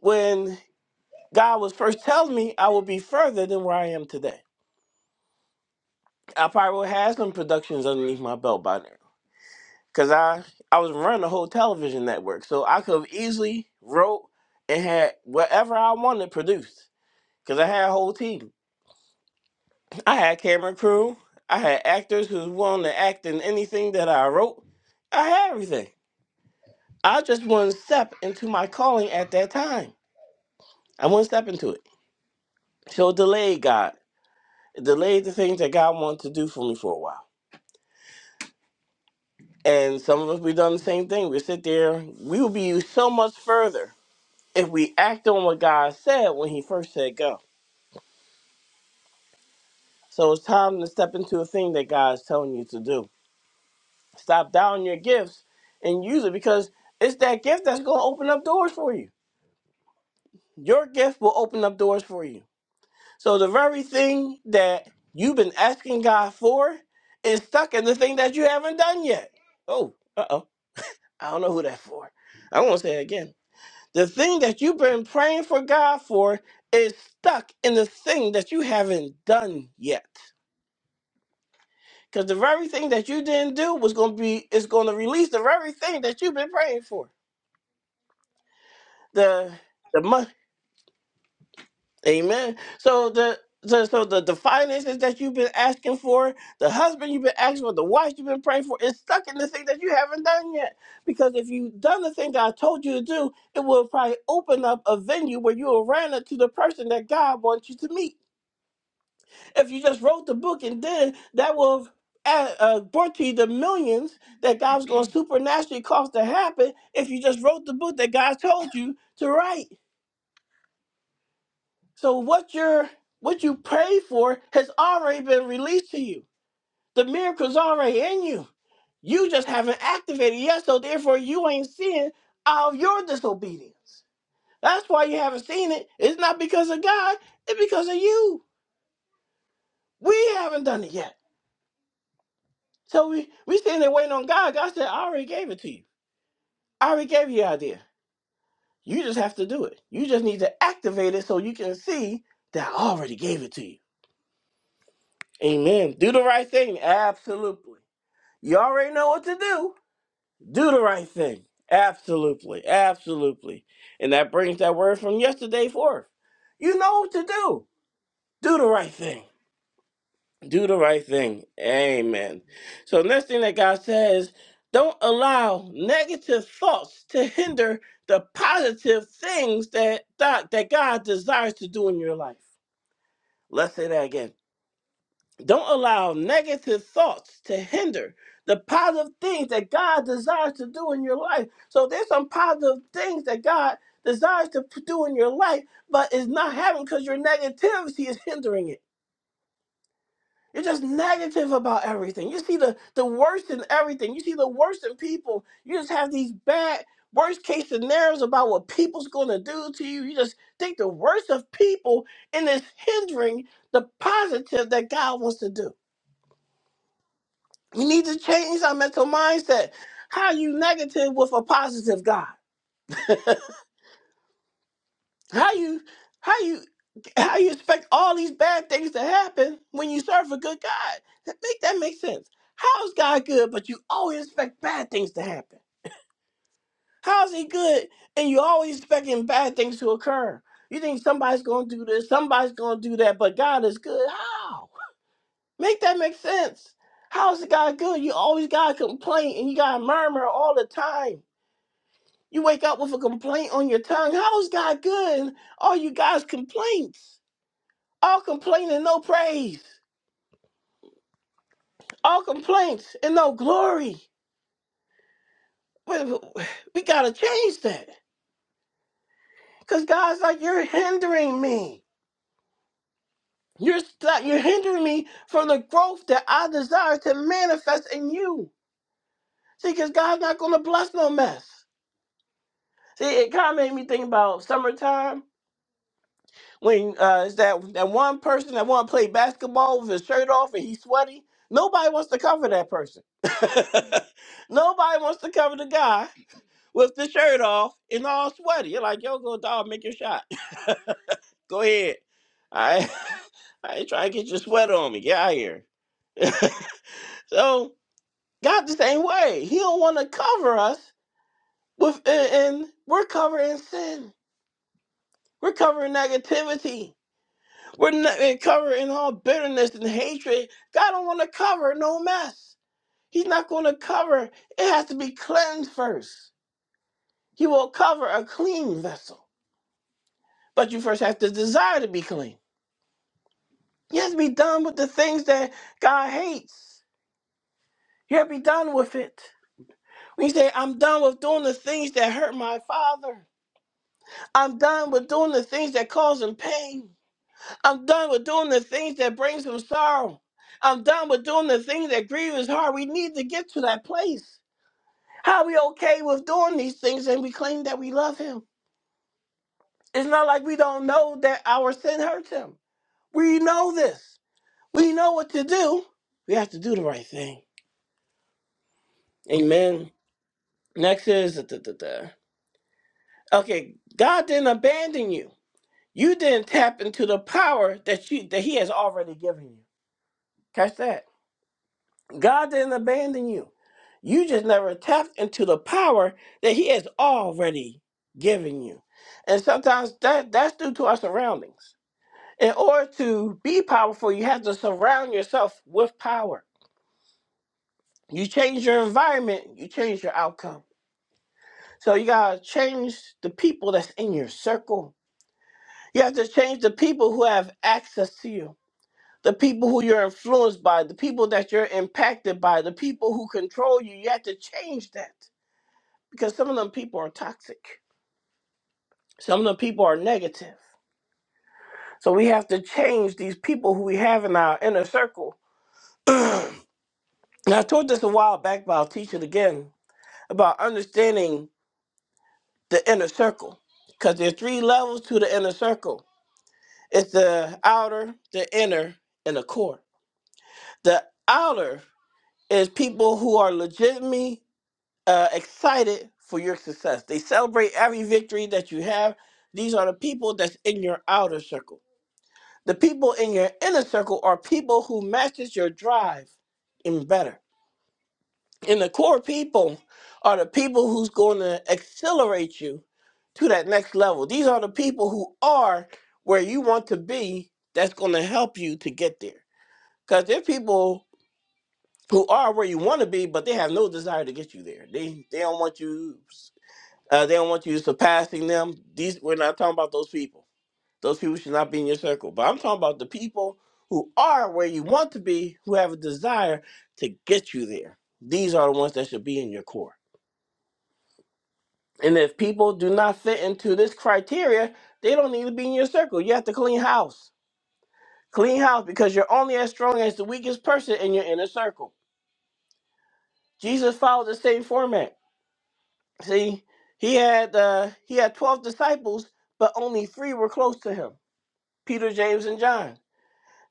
when God was first telling me, I would be further than where I am today. I probably would have some productions underneath my belt by now. because I I was running the whole television network, so I could have easily wrote and had whatever I wanted produced because I had a whole team. I had camera crew. I had actors who was willing to act in anything that I wrote. I had everything. I just wouldn't step into my calling at that time. I wouldn't step into it. So it delayed God. It delayed the things that God wanted to do for me for a while. And some of us we done the same thing. We sit there, we would be so much further if we act on what God said when He first said go. So it's time to step into a thing that God is telling you to do. Stop doubting your gifts and use it because it's that gift that's going to open up doors for you. Your gift will open up doors for you. So the very thing that you've been asking God for is stuck in the thing that you haven't done yet. Oh, uh oh. I don't know who that's for. I won't say it again. The thing that you've been praying for God for is stuck in the thing that you haven't done yet. Because the very thing that you didn't do was going to be, is going to release the very thing that you've been praying for. The, the money. Amen. So the, so, so the, the finances that you've been asking for, the husband you've been asking for, the wife you've been praying for, is stuck in the thing that you haven't done yet. Because if you've done the thing God told you to do, it will probably open up a venue where you will run into the person that God wants you to meet. If you just wrote the book and did it, that will have add- uh, brought you the millions that God's going to supernaturally cause to happen if you just wrote the book that God told you to write. So what you're what you pray for has already been released to you. The miracle's already in you. You just haven't activated it yet, so therefore you ain't seeing all of your disobedience. That's why you haven't seen it. It's not because of God, it's because of you. We haven't done it yet. So we we sitting there waiting on God. God said, I already gave it to you. I already gave you the idea. You just have to do it. You just need to activate it so you can see that I already gave it to you. Amen. Do the right thing. Absolutely. You already know what to do. Do the right thing. Absolutely. Absolutely. And that brings that word from yesterday forth. You know what to do. Do the right thing. do the right thing. Amen. So next thing that God says, don't allow negative thoughts to hinder the positive things that that, that God desires to do in your life. Let's say that again. Don't allow negative thoughts to hinder the positive things that God desires to do in your life. So there's some positive things that God desires to p- do in your life, but it's not happening because your negativity is hindering it. You're just negative about everything. You see the, the worst in everything. You see the worst in people. You just have these bad, worst case scenarios about what people's going to do to you. You just think the worst of people, and it's hindering the positive that God wants to do. We need to change our mental mindset. How you negative with a positive God? How you? How you? How you expect all these bad things to happen when you serve a good God? That make that make sense. How is God good, but you always expect bad things to happen? How is He good and you always expecting bad things to occur? You think somebody's going to do this, somebody's going to do that, but God is good. How? Make that make sense. How is God good? You always got a complaint and you got to murmur all the time. You wake up with a complaint on your tongue. How is God good? All you guys complaints, all complaining, no praise. All complaints and no glory. Wait, We gotta change that. Cause God's like, you're hindering me. You're st- you're hindering me from the growth that I desire to manifest in you. See, cause God's not gonna bless no mess. See, it kind of made me think about summertime when uh, it's that that one person that want to play basketball with his shirt off and he's sweaty. Nobody wants to cover that person. Nobody wants to cover the guy with the shirt off and all sweaty. You're like, yo, go dog, make your shot. go ahead. I ain't I ain't trying to get your sweat on me. Get out of here. So God the same way. He don't want to cover us with and, and we're covering sin. We're covering negativity. We're not, we're covering all bitterness and hatred. God don't want to cover no mess. He's not going to cover. It has to be cleansed first. He will cover a clean vessel, but you first have to desire to be clean. You have to be done with the things that God hates. You have to be done with it. When you say, I'm done with doing the things that hurt my father. I'm done with doing the things that cause him pain. I'm done with doing the things that brings him sorrow. I'm done with doing the things that grieve his heart. We need to get to that place. How are we okay with doing these things and we claim that we love him? It's not like we don't know that our sin hurts him. We know this. We know what to do. We have to do the right thing. Amen. Next is da, da, da. okay. God didn't abandon you. You didn't tap into the power that you that He has already given you. Catch that. God didn't abandon you. You just never tapped into the power that He has already given you. And sometimes that that's due to our surroundings. In order to be powerful, you have to surround yourself with power. You change your environment, you change your outcome. So you gotta change the people that's in your circle You have to change the people who have access to you, the people who you're influenced by, the people that you're impacted by, the people who control you. You have to change that because some of them people are toxic, some of them people are negative. So we have to change these people who we have in our inner circle. and I told this a while back, but I'll teach it again about understanding the inner circle because there's three levels to the inner circle it's the outer, the inner, and the core. The outer is people who are legitimately uh, excited for your success. They celebrate every victory that you have. These are the people that's in your outer circle. The people in your inner circle are people who matches your drive and better. And the core people are the people who's going to accelerate you to that next level. These are the people who are where you want to be that's going to help you to get there. Because they're people who are where you want to be, but they have no desire to get you there. They they don't want you. Uh, they don't want you surpassing them. These we're not talking about those people. Those people should not be in your circle. But I'm talking about the people who are where you want to be, who have a desire to get you there. These are the ones that should be in your core. And if people do not fit into this criteria, they don't need to be in your circle. You have to clean house. Clean house because you're only as strong as the weakest person in your inner circle. Jesus followed the same format See, he had uh, he had twelve disciples, but only three were close to him: Peter, James, and John.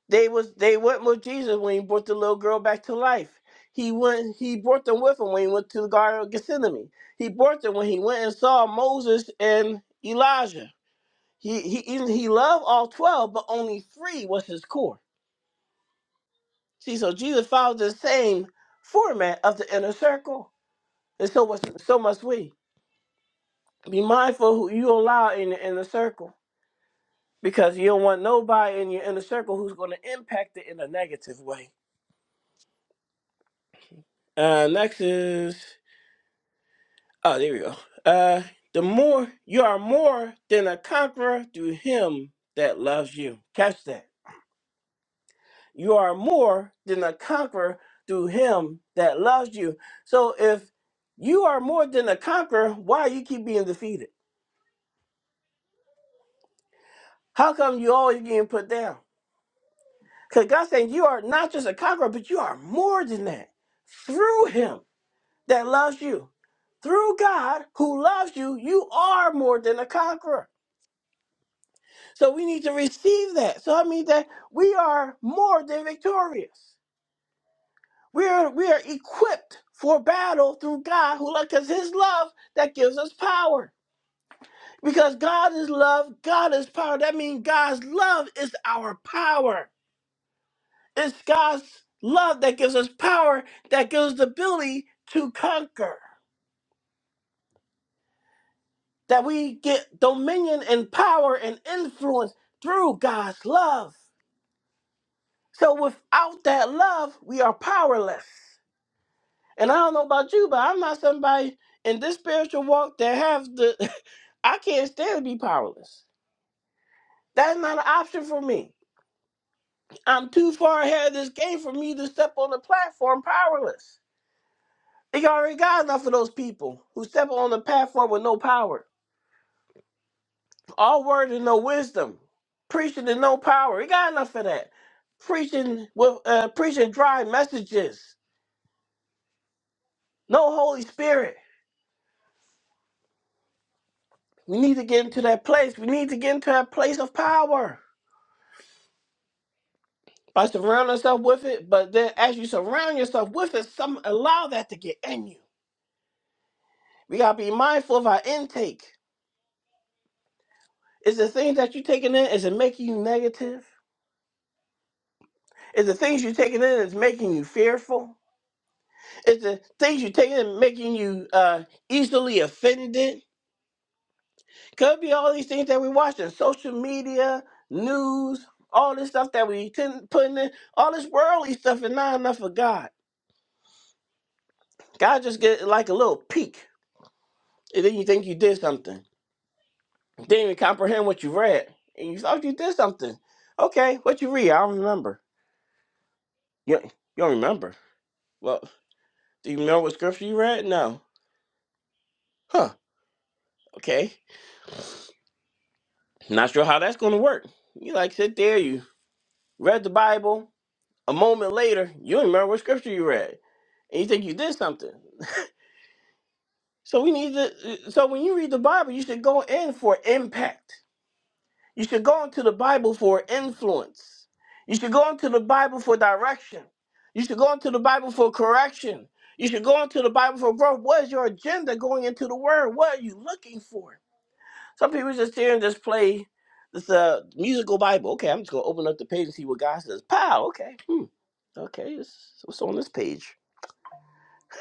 They was they went with Jesus when he brought the little girl back to life. He went he brought them with him when he went to the Garden of Gethsemane. He brought them when he went and saw Moses and Elijah. He he even- he loved all twelve, but only three was his core. See, so Jesus followed the same format of the inner circle, and so was so must we. Be mindful who you allow in the inner circle because you don't want nobody in your inner circle who's going to impact it in a negative way. Uh, next is oh, there we go. Uh, the more you are more than a conqueror through Him that loves you. Catch that. You are more than a conqueror through Him that loves you. So if you are more than a conqueror, why you keep being defeated? How come you always getting put down? Because God's saying you are not just a conqueror, but you are more than that through Him. that loves you. Through God who loves you, you are more than a conqueror. So we need to receive that. So I mean that we are more than victorious. We are we are equipped for battle through God who loves because his love that gives us power. Because God is love, God is power. That means God's love is our power. It's God's love that gives us power, that gives us the ability to conquer. that we get dominion and power and influence through God's love. So without that love, we are powerless. And I don't know about you, but I'm not somebody in this spiritual walk that have the I can't stand to be powerless. That's not an option for me. I'm too far ahead of this game for me to step on the platform powerless. They already got enough of those people who step on the platform with no power. All word and no wisdom. Preaching and no power. You got enough of that. Preaching with uh, preaching dry messages. No Holy Spirit. We need to get into that place. We need to get into that place of power by surrounding ourselves with it. But then, as you surround yourself with it, some allow that to get in you. We gotta be mindful of our intake. Is the things that you're taking in is it making you negative? Is the things you're taking in is making you fearful? Is the things you're taking in making you uh, easily offended? Could be all these things that we watching, social media, news, all this stuff that we tend putting in, all this worldly stuff is not enough for God. God just get like a little peek, and then you think you did something. Didn't even comprehend what you read, and you thought you did something. Okay, what you read? I don't remember. You, you don't remember? Well, do you remember what scripture you read? No. Huh. Okay. Not sure how that's going to work. You like sit there, you read the Bible. A moment later, you don't remember what scripture you read and you think you did something. So we need to. So when you read the Bible, you should go in for impact. You should go into the Bible for influence. You should go into the Bible for direction. You should go into the Bible for correction. You should go into the Bible for growth. What is your agenda going into the Word? What are you looking for? Some people just here and just play this uh, musical Bible. Okay, I'm just gonna open up the page and see what God says. Pow. Okay. Hmm. Okay. This, what's on this page?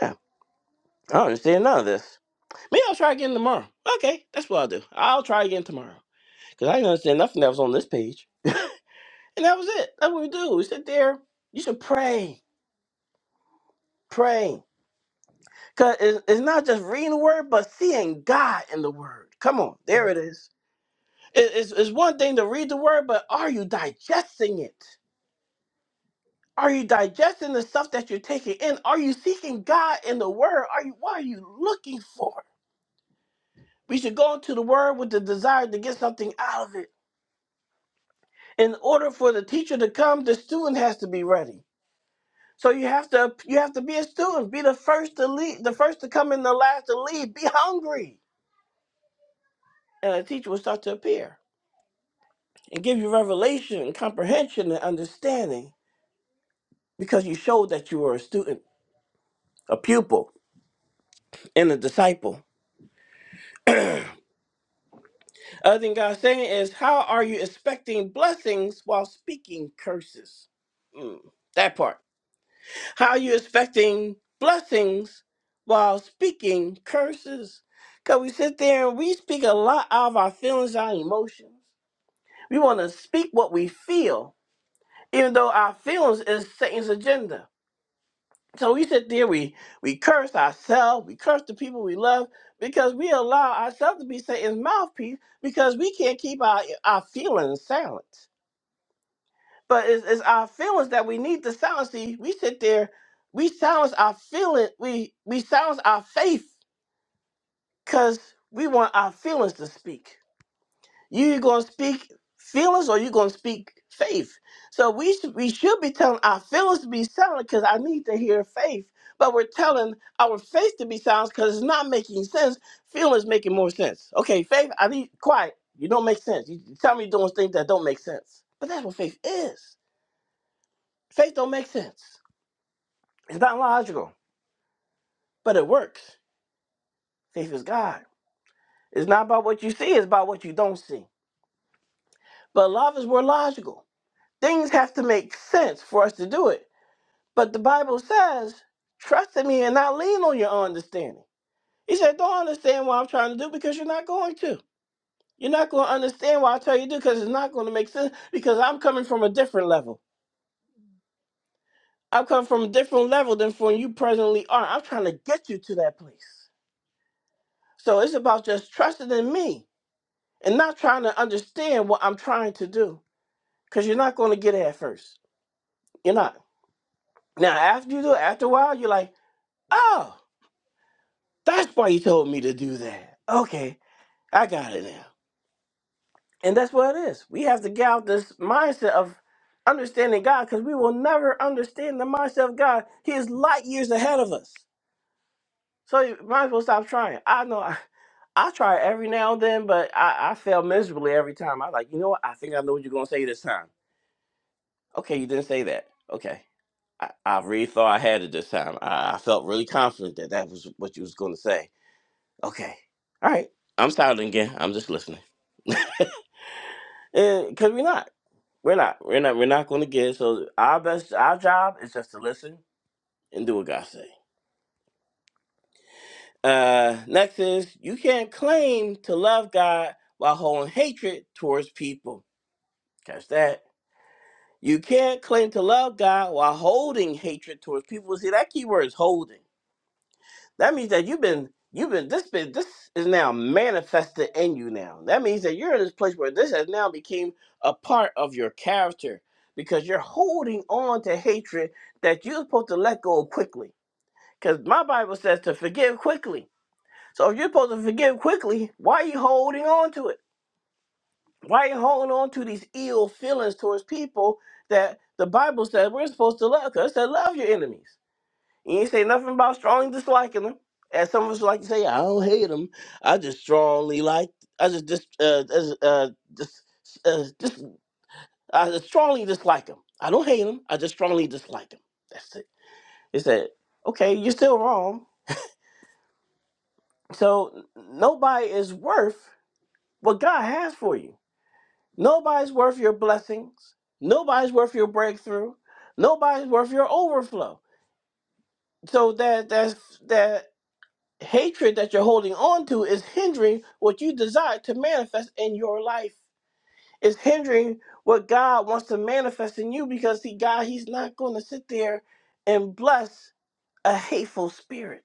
Huh, I don't understand none of this. Maybe I'll try again tomorrow. Okay, that's what I'll do. I'll try again tomorrow. Because I didn't understand nothing that was on this page. And that was it. That's what we do. We sit there. You should pray. Pray. Because it's, it's not just reading the word, but seeing God in the word. Come on. There it is. It- it's, it's one thing to read the word, but are you digesting it? Are you digesting the stuff that you're taking in? Are you seeking God in the word? Are you what are you looking for? We should go into the word with the desire to get something out of it. in order for the teacher to come, the student has to be ready. So you have to you have to be a student, be the first to leave, the first to come and the last to leave. Be hungry, and a teacher will start to appear and give you revelation and comprehension and understanding because you showed that you were a student, a pupil, and a disciple. Other thing God's saying is, how are you expecting blessings while speaking curses? Mm, that part. How are you expecting blessings while speaking curses? Because we sit there and we speak a lot out of our feelings, our emotions. We want to speak what we feel, even though our feelings is Satan's agenda. So we sit there, we, we curse ourselves, we curse the people we love, because we allow ourselves to be Satan's mouthpiece because we can't keep our, our feelings silent. But it's, it's our feelings that we need to silence. See, we sit there, we silence our feeling, we we silence our faith because we want our feelings to speak. You gonna speak feelings or you gonna speak faith? So we should we should be telling our feelings to be silent because I need to hear faith. But we're telling our faith to be silent because it's not making sense. Feelings making more sense. Okay, faith, I need quiet. You don't make sense. You you tell me doing things that don't make sense. But that's what faith is. Faith don't make sense. It's not logical, but it works. Faith is God. It's not about what you see, it's about what you don't see. But love is more logical. Things have to make sense for us to do it. But the Bible says, trust in me and not lean on your understanding. He said, don't understand what I'm trying to do because you're not going to. You're not going to understand what I tell you to do because it's not going to make sense because I'm coming from a different level. I'm coming from a different level than from you presently are. I'm trying to get you to that place. So it's about just trusting in me and not trying to understand what I'm trying to do. Because you're not going to get it at first. You're not. Now, after you do it, after a while, you're like, oh, that's why you told me to do that. Okay, I got it now. And that's what it is. We have to get out this mindset of understanding God because we will never understand the mindset of God. He is light years ahead of us. So you might as well stop trying. I know I, I try every now and then, but I, I fail miserably every time. I like, you know what? I think I know what you're going to say this time. Okay, you didn't say that. Okay I, I really thought I had it this time. I, I felt really confident that that was what you was going to say. Okay. All right. I'm silent again. I'm just listening. Because we're not. We're not. We're not. We're not going to get. it. So our best, our job is just to listen and do what God say. Uh, next is you can't claim to love God while holding hatred towards people. Catch that. You can't claim to love God while holding hatred towards people. See that key word is holding. That means that you've been you've been this been this is now manifested in you now. That means that you're in this place where this has now became a part of your character because you're holding on to hatred that you're supposed to let go of quickly. Because my Bible says to forgive quickly. So if you're supposed to forgive quickly, why are you holding on to it? Why are you holding on to these ill feelings towards people that the Bible says we're supposed to love? Because it said love your enemies. You ain't say nothing about strongly disliking them, As some of us like to say, I don't hate them. I just strongly like. I just dis, uh, dis- uh, dis, uh, dis, I just strongly dislike them. I don't hate them. I just strongly dislike them. That's it. He said, okay, you're still wrong. So n- nobody is worth what God has for you. Nobody's worth your blessings. Nobody's worth your breakthrough. Nobody's worth your overflow. So that that's that hatred that you're holding on to is hindering what you desire to manifest in your life. It's hindering what God wants to manifest in you because see, God, He's not going to sit there and bless a hateful spirit.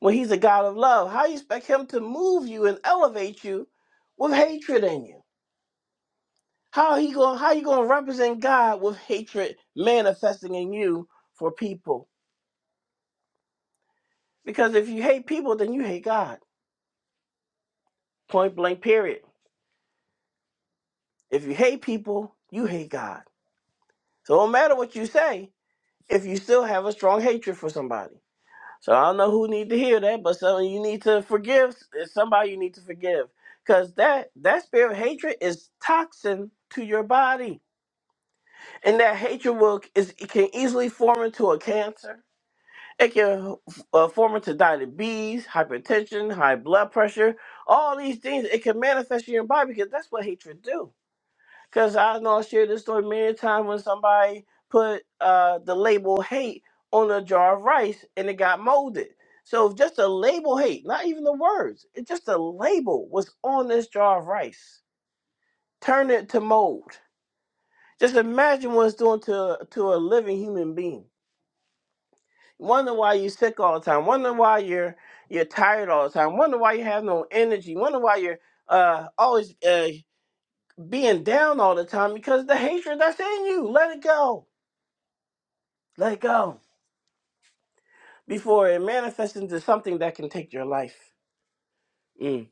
When He's a God of love, how you expect Him to move you and elevate you with hatred in you? How he going? How you going to represent God with hatred manifesting in you for people? Because if you hate people, then you hate God. Point blank. Period. If you hate people, you hate God. So it don't matter what you say if you still have a strong hatred for somebody. So I don't know who need to hear that, but some you need to forgive. It's somebody you need to forgive. Cause that that spirit of hatred is toxin to your body, and that hatred will is it can easily form into a cancer. It can uh, form into diabetes, hypertension, high blood pressure, all these things. It can manifest in your body because that's what hatred do Because I know I shared this story many times when somebody put uh, the label hate on a jar of rice and it got molded. So just the label hate, not even the words, it just the label was on this jar of rice. Turn it to mold. Just imagine what it's doing to to a living human being. Wonder why you're sick all the time. Wonder why you're you're tired all the time. Wonder why you have no energy. Wonder why you're uh, always uh, being down all the time because the hatred that's in you. Let it go Let go before it manifests into something that can take your life. Mm.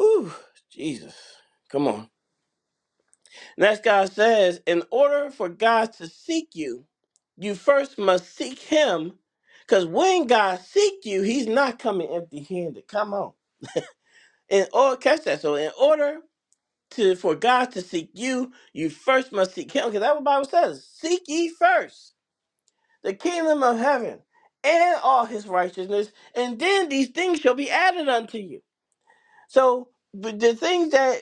Ooh, Jesus. Come on. Next, God says, in order for God to seek you, you first must seek Him, because when God seek you, He's not coming empty-handed. Come on. In order, catch that. So, in order to for God to seek you, you first must seek Him, because that's what the Bible says. Seek ye first. the kingdom of heaven and all his righteousness, and then these things shall be added unto you. So but the things that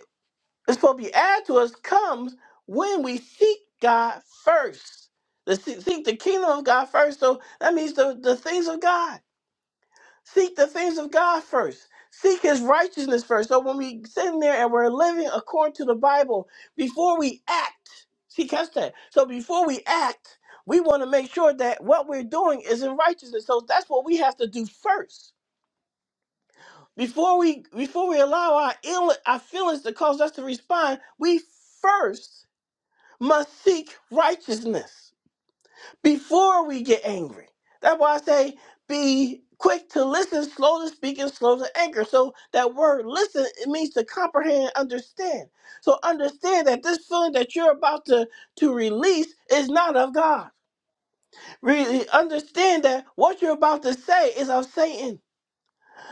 is supposed to be added to us comes when we seek God first. The, seek the kingdom of God first. So that means the, the things of God. Seek the things of God first. Seek his righteousness first. So when we sit in there and we're living according to the Bible, before we act, see, catch that. So before we act, we want to make sure that what we're doing is in righteousness. So that's what we have to do first. Before we before we allow our ill our feelings to cause us to respond, we first must seek righteousness before we get angry. That's why I say be quick to listen, slow to speak, and slow to anger. So that word listen, it means to comprehend and understand. So understand that this feeling that you're about to, to release is not of God. Really understand that what you're about to say is of Satan.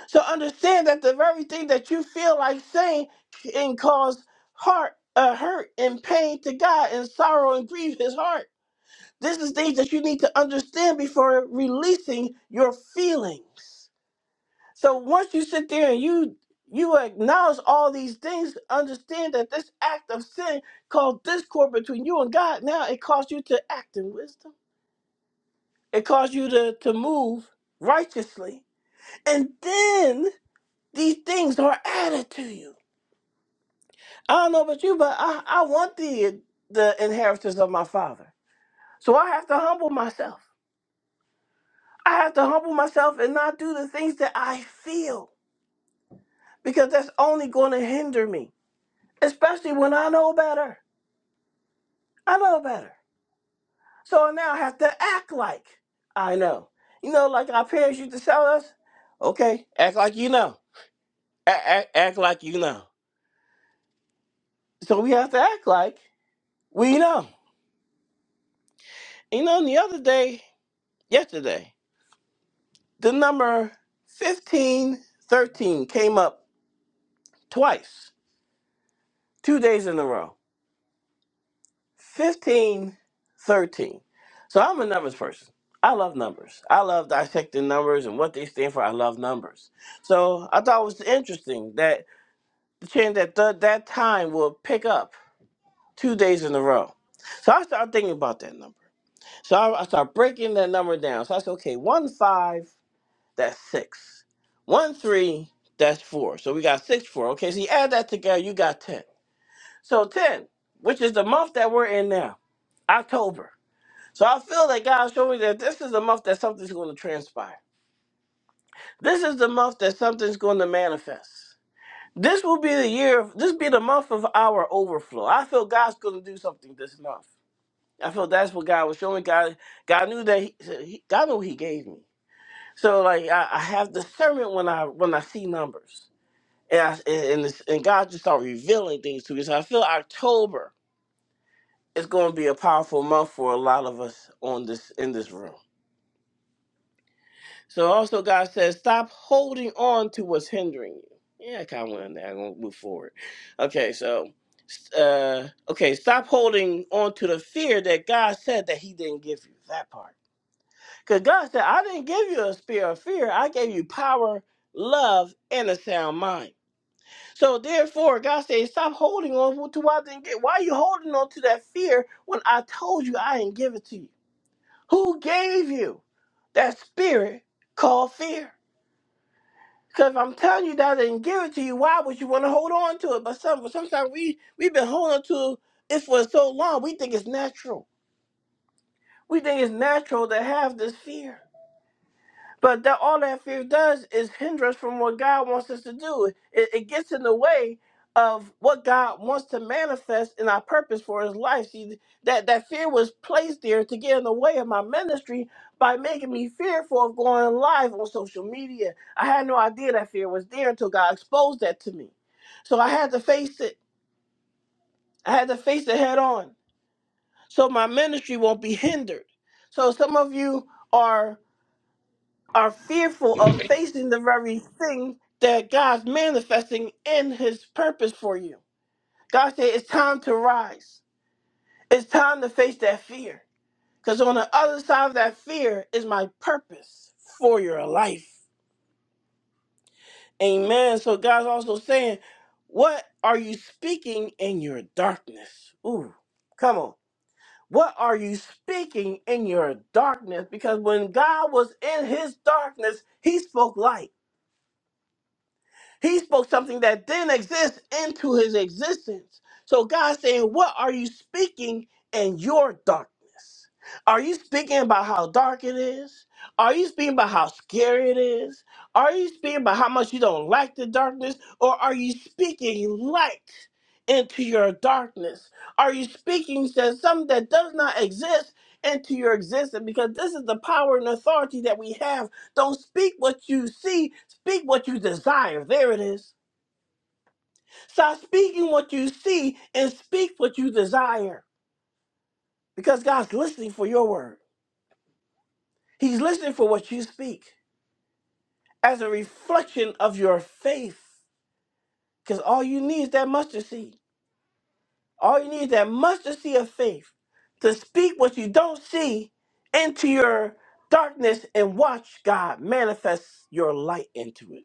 So understand that the very thing that you feel like saying can cause heart uh, hurt and pain to God and sorrow and grief his heart. This is things that you need to understand before releasing your feelings. So once you sit there and you you acknowledge all these things, understand that this act of sin called discord between you and God. Now it caused you to act in wisdom. It caused you to, to move righteously. And then these things are added to you. I don't know about you, but I, I want the the inheritance of my father. So I have to humble myself. I have to humble myself and not do the things that I feel because that's only going to hinder me, especially when I know better. I know better. So now I have to act like I know. You know, like our parents used to tell us, okay, act like you know. A- a- act like you know. So we have to act like we know. You know, the other day, yesterday, the number 1513 came up twice, two days in a row. 15, 13. So I'm a numbers person. I love numbers. I love dissecting numbers and what they stand for. I love numbers. So I thought it was interesting that the change that th- that time will pick up two days in a row. So I started thinking about that number. So I, I started breaking that number down. So I said, okay, one five, that's six. One three, that's four. So we got six four. Okay, so you add that together, you got ten. So ten, which is the month that we're in now, October. So I feel that God showed me that this is the month that something's going to transpire. This is the month that something's going to manifest. This will be the year. Of, this be the month of our overflow. I feel God's going to do something this month. I feel that's what God was showing. God, God knew that. He, so he- God knew what He gave me. So like I, I have discernment when I when I see numbers, and I, and and, it's- and God just start revealing things to me. So I feel October is going to be a powerful month for a lot of us on this in this room. So also God says, stop holding on to what's hindering you. Yeah, I kind of went in there. I'm gonna move forward. Okay, so uh, okay, stop holding on to the fear that God said that He didn't give you. That part, because God said, I didn't give you a spirit of fear. I gave you power, love, and a sound mind. So therefore, God said, stop holding on to what I didn't get. Why are you holding on to that fear when I told you I didn't give it to you? Who gave you that spirit called fear? Because if I'm telling you that I didn't give it to you, why would you want to hold on to it? But some, sometimes we, we've been holding to it for so long, we think it's natural. We think it's natural to have this fear. But that all that fear does is hinder us from what God wants us to do. It, it gets in the way of what God wants to manifest in our purpose for His life. See, that that fear was placed there to get in the way of my ministry by making me fearful of going live on social media. I had no idea that fear was there until God exposed that to me. So I had to face it. I had to face it head on, so my ministry won't be hindered. So some of you are are fearful of facing the very thing that God's manifesting in his purpose for you. God said it's time to rise. It's time to face that fear. Because on the other side of that fear is my purpose for your life. Amen. So God's also saying, What are you speaking in your darkness? Ooh, come on. What are you speaking in your darkness? Because when God was in his darkness, he spoke light. He spoke something that didn't exist into his existence. So God's saying, What are you speaking in your darkness? Are you speaking about how dark it is? Are you speaking about how scary it is? Are you speaking about how much you don't like the darkness? Or are you speaking light into your darkness? Are you speaking he says something that does not exist into your existence? Because this is the power and authority that we have don't speak what you see, speak what you desire. There it is. Stop speaking what you see and speak what you desire because God's listening for your word. He's listening for what you speak as a reflection of your faith because all you need is that mustard seed. All you need is that mustard seed of faith to speak what you don't see into your darkness and watch God manifest your light into it.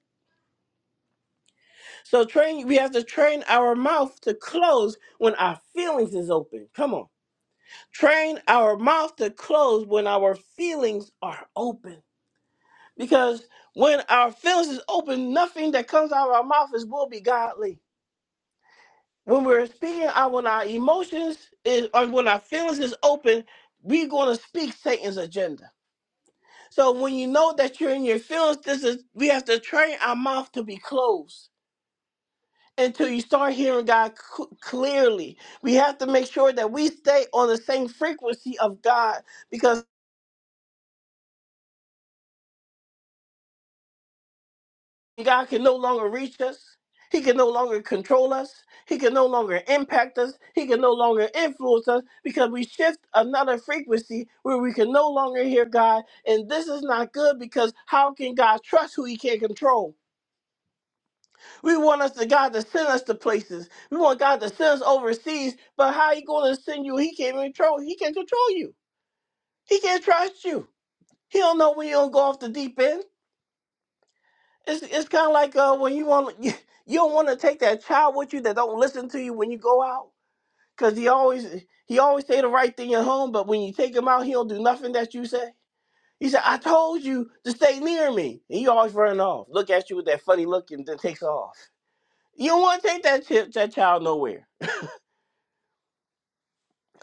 So train we have to train our mouth to close when our feelings is open. Come on. Train our mouth to close when our feelings are open. Because when our feelings is open, nothing that comes out of our mouth is will be godly. When we're speaking out when our emotions is or when our feelings is open, we're gonna speak Satan's agenda. So when you know that you're in your feelings, this is we have to train our mouth to be closed until you start hearing God cl- clearly. We have to make sure that we stay on the same frequency of God because God can no longer reach us. He can no longer control us. He can no longer impact us. He can no longer influence us because we shift another frequency where we can no longer hear God. And this is not good because how can God trust who he can't control? We want us to God to send us to places. We want God to send us overseas, but how he going to send you? He can't control. He can't control you. He can't trust you. He don't know when you don't go off the deep end. It's it's kind of like uh, when you want you, you don't want to take that child with you that don't listen to you when you go out because he always he always say the right thing at home, but when you take him out, he don't do nothing that you say. He said, "I told you to stay near me," and he always run off. Look at you with that funny look and then takes off. You don't want to take that chip, that child nowhere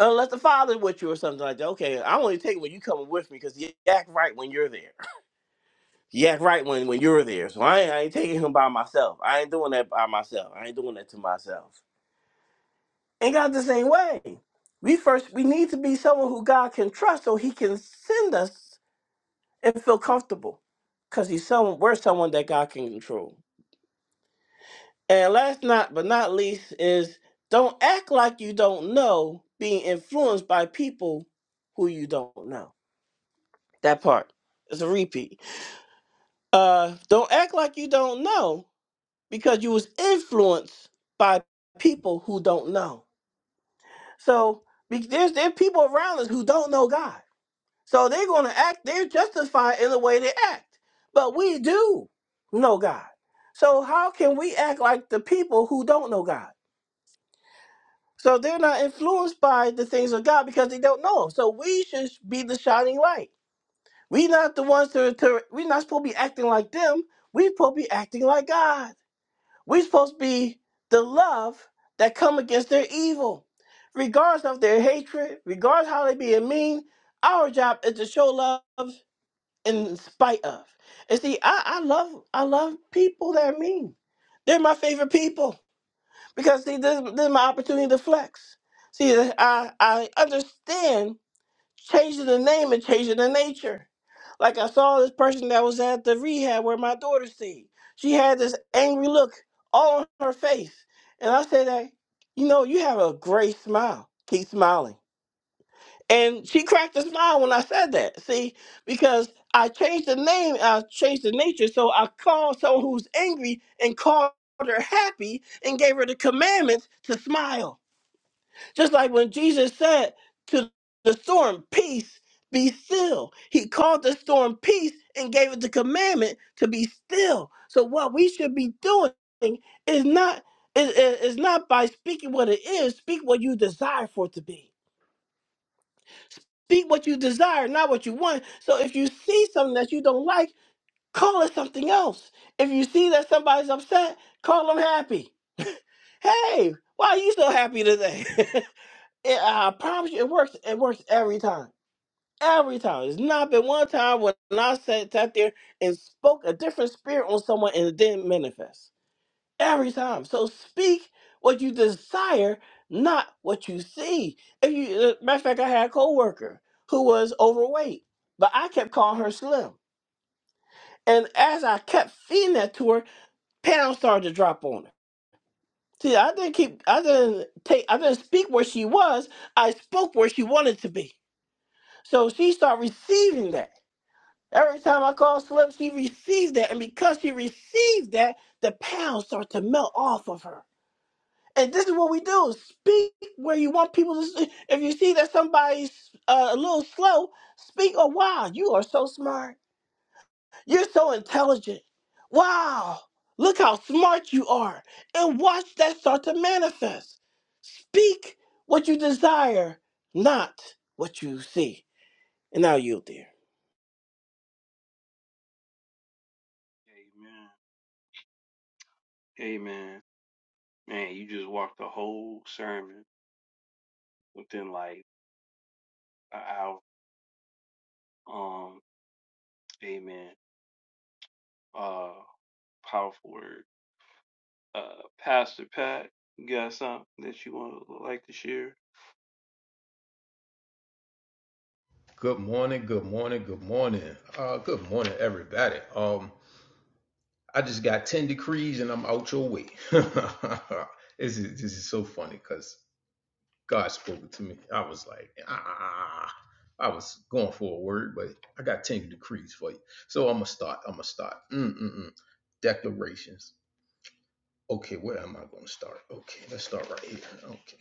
unless the father's with you or something like that. Okay, I only take it when you coming with me because you act right when you're there. You act right when, when you were there. So I ain't, I ain't taking him by myself. I ain't doing that by myself. I ain't doing that to myself. And God the same way. We first we need to be someone who God can trust so he can send us and feel comfortable. Cause he's someone we're someone that God can control. And last not but not least is don't act like you don't know being influenced by people who you don't know. That part. It's a repeat. Uh don't act like you don't know because you was influenced by people who don't know. So be- there's there are people around us who don't know God. So they're going to act. They're justified in the way they act. But we do know God. So how can we act like the people who don't know God? So they're not influenced by the things of God because they don't know Him. So we should be the shining light. We're not the ones to, to we're not supposed to be acting like them. We're supposed to be acting like God. We're supposed to be the love that come against their evil, regardless of their hatred, regardless how they being mean. Our job is to show love in spite of. And see, I, I love I love people that are mean. They're my favorite people because see, this, this is my opportunity to flex. See, I I understand changing the name and changing the nature. Like I saw this person that was at the rehab where my daughter stayed. She had this angry look all on her face. And I said, hey, you know, you have a great smile. Keep smiling. And she cracked a smile when I said that. See, because I changed the name, I changed the nature. So I called someone who's angry and called her happy and gave her the commandments to smile. Just like when Jesus said to the storm, Peace, be still. He called the storm peace and gave it the commandment to be still. So, what we should be doing is not. Is is- is not by speaking what it is, speak what you desire for it to be. Speak what you desire, not what you want. So if you see something that you don't like, call it something else. If you see that somebody's upset, call them happy. Hey, why are you so happy today? It, I promise you, it works. It works every time. Every time. It's not been one time when I sat, sat there and spoke a different spirit on someone and it didn't manifest. Every time. So speak what you desire, not what you see. If you, uh, matter of fact, I had a coworker who was overweight, but I kept calling her slim. And as I kept feeding that to her, pounds started to drop on her. See, I didn't keep, I didn't take, I didn't speak where she was. I spoke where she wanted to be. So she started receiving that. Every time I call Slim, she receives that. And because she receives that, the pounds start to melt off of her. And this is what we do speak where you want people to. s- If you see that somebody's uh, a little slow, speak, oh, wow, you are so smart. You're so intelligent. Wow, look how smart you are. And watch that start to manifest. Speak what you desire, not what you see. And now you, dear. amen amen man you just walked the whole sermon within like an hour Um, amen. Uh, powerful word. Uh, Pastor Pat, you got something that you, Good morning, good morning, good morning. Uh, good morning, everybody. Um, I just got 10 decrees and I'm out your way. this, is, this is so funny because God spoke to me. I was like, ah, I was going for a word, but I got 10 decrees for you. So I'm going to start. I'm going to start. Mm-mm-mm. Declarations. Okay, where am I going to start? Okay, let's start right here. Okay.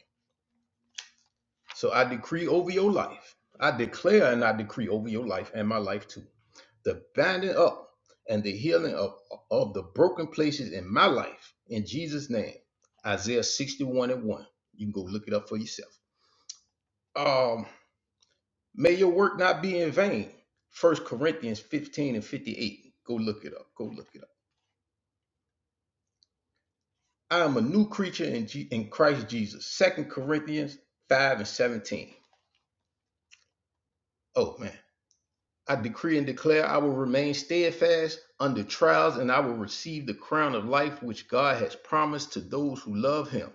So I decree over your life. I declare and I decree over your life and my life too. The binding up and the healing of, of the broken places in my life in Jesus' name. Isaiah 61 and 1. You can go look it up for yourself. Um, may your work not be in vain. First Corinthians 15 and 58. Go look it up. Go look it up. I am a new creature in, G- in Christ Jesus. Second Corinthians 5 and 17. Oh man. I decree and declare I will remain steadfast under trials and I will receive the crown of life which God has promised to those who love him.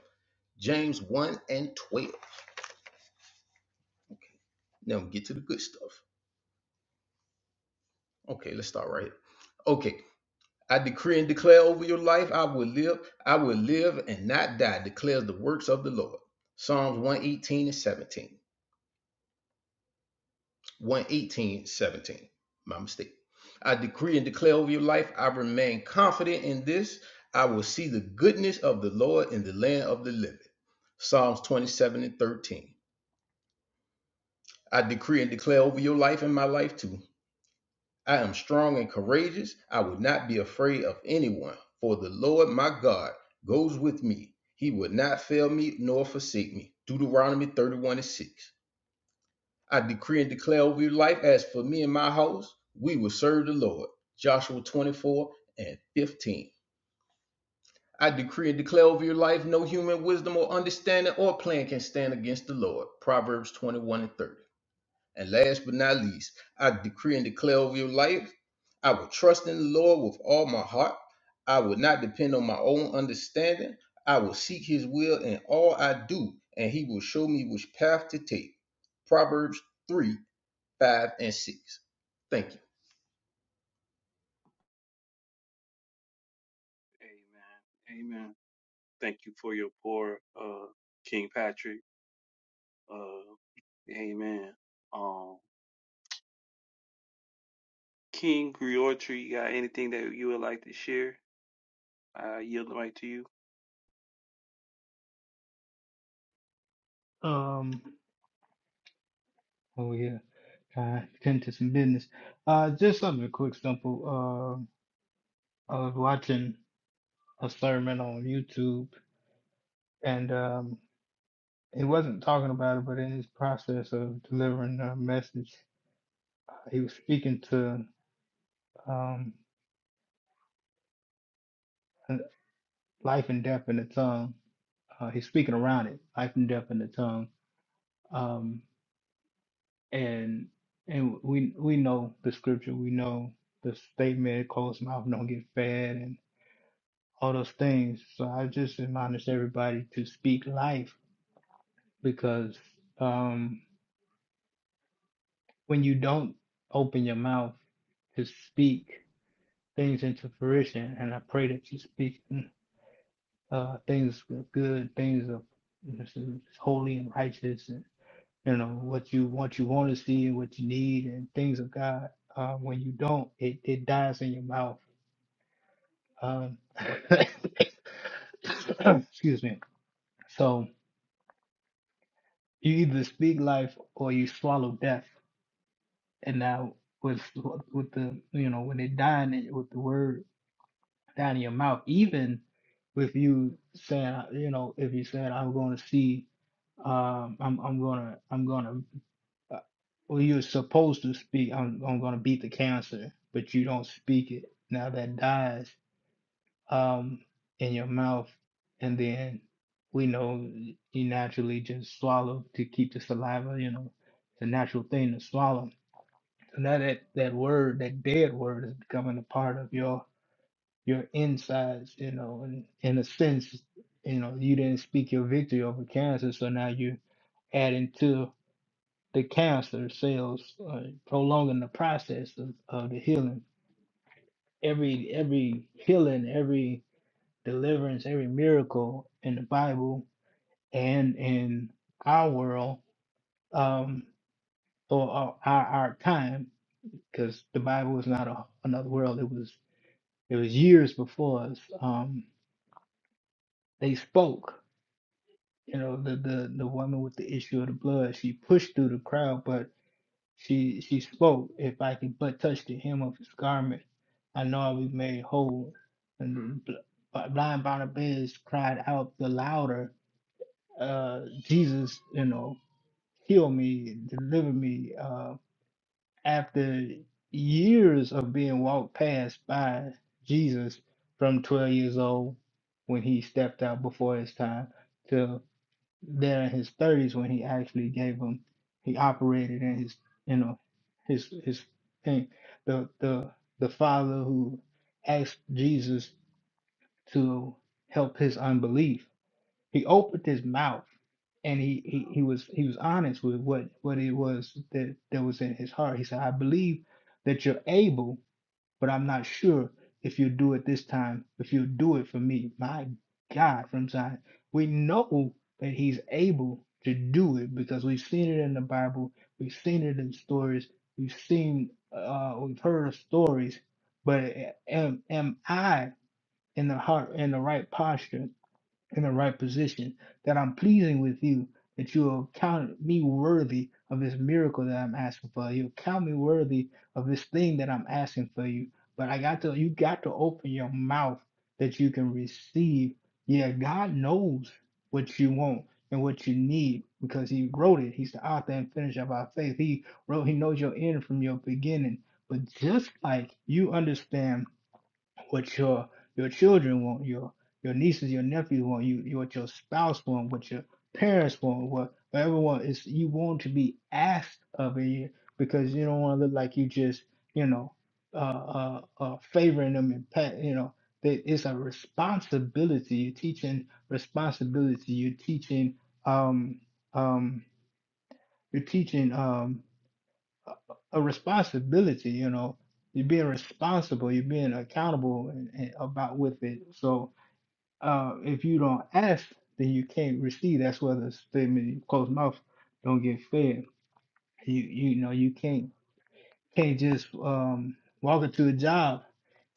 James 1 and 12. Now get to the good stuff. Okay, let's start right here. Okay. I decree and declare over your life, I will live, I will live and not die, declares the works of the Lord. Psalms 118 and 17. One eighteen seventeen. My mistake. I decree and declare over your life, I remain confident in this. I will see the goodness of the Lord in the land of the living. Psalms 27 and 13. I decree and declare over your life and my life too. I am strong and courageous. I will not be afraid of anyone, for the Lord my God goes with me. He will not fail me nor forsake me. Deuteronomy 31 and 6. I decree and declare over your life, as for me and my house, we will serve the Lord. Joshua 24 and 15. I decree and declare over your life, no human wisdom or understanding or plan can stand against the Lord. Proverbs 21 and 30. And last but not least, I decree and declare over your life, I will trust in the Lord with all my heart. I will not depend on my own understanding. I will seek his will in all I do, and he will show me which path to take. Proverbs 3 five, and six. Thank you. amen, for your poor, uh, King Patrick. Uh, amen. Um, King Griotri, you got anything that you would like to share? I yield the mic to you. Um, oh yeah, uh, getting to some business. Uh, just something quick, simple. Uh, I was watching a sermon on YouTube, and um, he wasn't talking about it, but in his process of delivering a message, he was speaking to um, life and death in the tongue. Uh, he's speaking around it, life and death in the tongue. Um, and and we we know the scripture, we know the statement, closed mouth don't get fed, all those things. So I just admonish everybody to speak life because um, when you don't open your mouth to speak things into fruition, and I pray that you speak uh, things good, things of holy and righteous, and you know what you what you want to see and what you need, and things of God. Uh, when you don't, it, it dies in your mouth. Um, excuse me. So You either speak life or you swallow death. And now with with the you know when it dying in- with the word down in your mouth, even with you saying you know if you said I'm going to see um I'm I'm gonna I'm gonna uh, well you're supposed to speak I'm I'm gonna beat the cancer, but you don't speak it. Now that dies um, in your mouth, and then we know you naturally just swallow to keep the saliva. You know, it's a natural thing to swallow. So now that that word, that dead word, is becoming a part of your your insides. You know, and in a sense, you know, you didn't speak your victory over cancer, so now you adding to the cancer cells, uh, prolonging the process of, of the healing. Every every healing, every. deliverance, every miracle in the Bible and in our world um, or, or our, our time, because the Bible was not a, another world. It was it was years before us. Um, they spoke. You know, the, the the woman with the issue of the blood. She pushed through the crowd, but she she spoke. If I could but touch the hem of his garment, I know I'll be made whole. And the bl- blind Barnabas cried out the louder uh, Jesus, you know, heal me, deliver me. Uh, after years of being walked past by Jesus from 12 years old when he stepped out before his time to there in his 30s when he actually gave him, he operated in his, you know, his his thing. The the the father who asked Jesus to help his unbelief. He opened his mouth and he, he he was he was honest with what what it was that that was in his heart. He said, "I believe that you're able, but I'm not sure if you'll do it this time. If you'll do it for me, my God, from Zion, we know that He's able to do it because we've seen it in the Bible, we've seen it in stories, we've seen, uh, we've heard of stories. But am am I in the heart in the right posture? in the right position, that I'm pleasing with you, that you will count me worthy of this miracle that I'm asking for. You'll count me worthy of this thing that I'm asking for you. But I got to, you got to open your mouth that you can receive. Yeah, God knows what you want and what you need because He wrote it. He's the author and finisher of our faith. He wrote, He knows your end from your beginning. But just like you understand what your your children want, your your nieces, your nephews want, you what your spouse want, what your parents want, what everyone is you want to be asked of it because you don't want to look like you just you know uh, uh, uh, favoring them and pat you know that it's a responsibility. You're teaching responsibility. You're teaching um um you're teaching um a responsibility, you know. You're being responsible, you're being accountable and, and about with it. So uh, if you don't ask, then you can't receive. That's where the statement closed mouth don't get fed. You you know you can't can't just um, walk into a job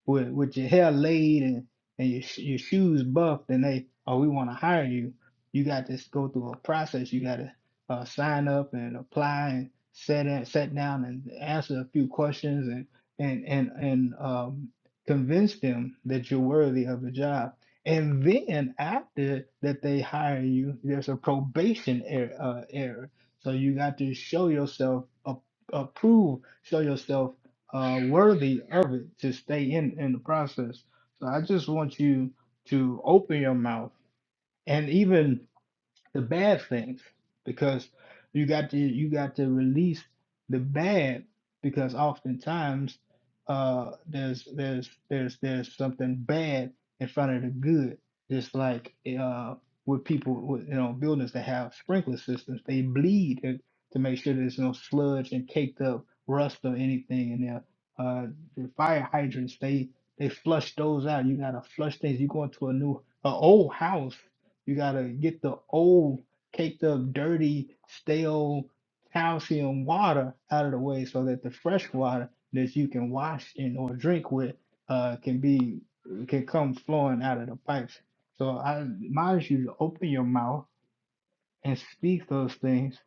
with with your hair laid and and your sh- your shoes buffed, and they oh we want to hire you, you got to go through a process. You got to uh, sign up and apply and set in, set down and answer a few questions and and and and um, convince them that you're worthy of the job. And then after that they hire you, there's a probation error. Uh, error. So you got to show yourself, uh, approve, show yourself uh, worthy of it to stay in in the process. So I just want you to open your mouth and even the bad things because you got to you got to release the bad because oftentimes uh there's there's there's there's something bad in front of the good just like uh with people with you know buildings that have sprinkler systems they bleed to, to make sure there's no sludge and caked up rust or anything in there uh the fire hydrants they they flush those out you gotta flush things you go into a new a old house you gotta get the old, caked up, dirty, stale calcium water out of the way so that the fresh water that you can wash in or drink with uh, can be can come flowing out of the pipes. So I advise you to open your mouth and speak those things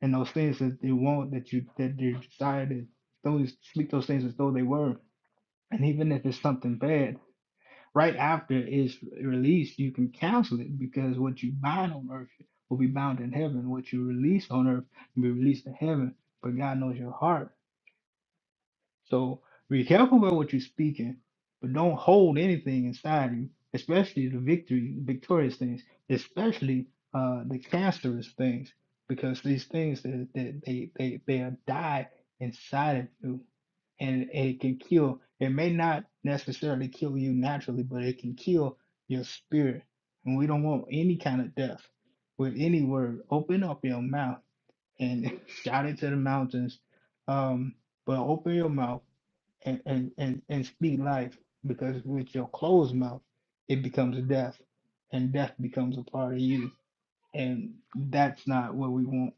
and those things that you want that you that you desire to those speak those things as though they were. And even if it's something bad, right after it's released, you can cancel it because what you bind on earth will be bound in heaven. What you release on earth will be released in heaven. But God knows your heart. So be careful about what you're speaking, but don't hold anything inside you, especially the victory, victorious things, especially uh, the cancerous things, because these things that, that they, they, they die inside of you and it can kill. It may not necessarily kill you naturally, but it can kill your spirit. And we don't want any kind of death with any word. Open up your mouth and shout it to the mountains. Um, but open your mouth and, and, and, and speak life because with your closed mouth, it becomes death and death becomes a part of you. And that's not what we want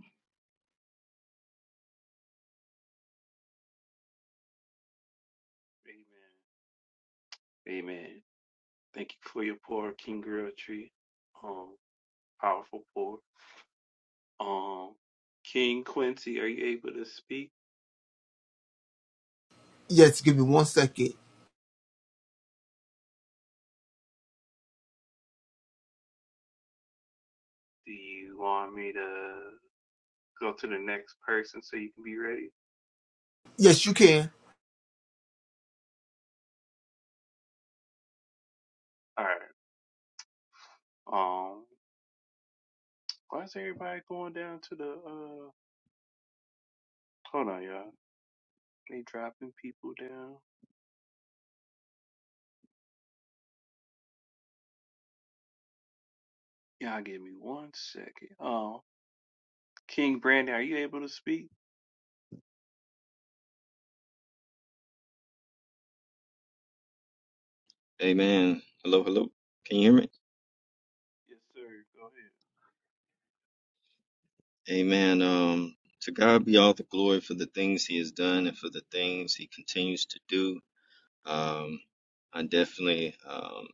Yes, give me one second. Yes, you can. Amen. Hello, hello. Can you hear me? Amen. Um, to God be all the glory for the things He has done and for the things He continues to do. Um, I definitely um,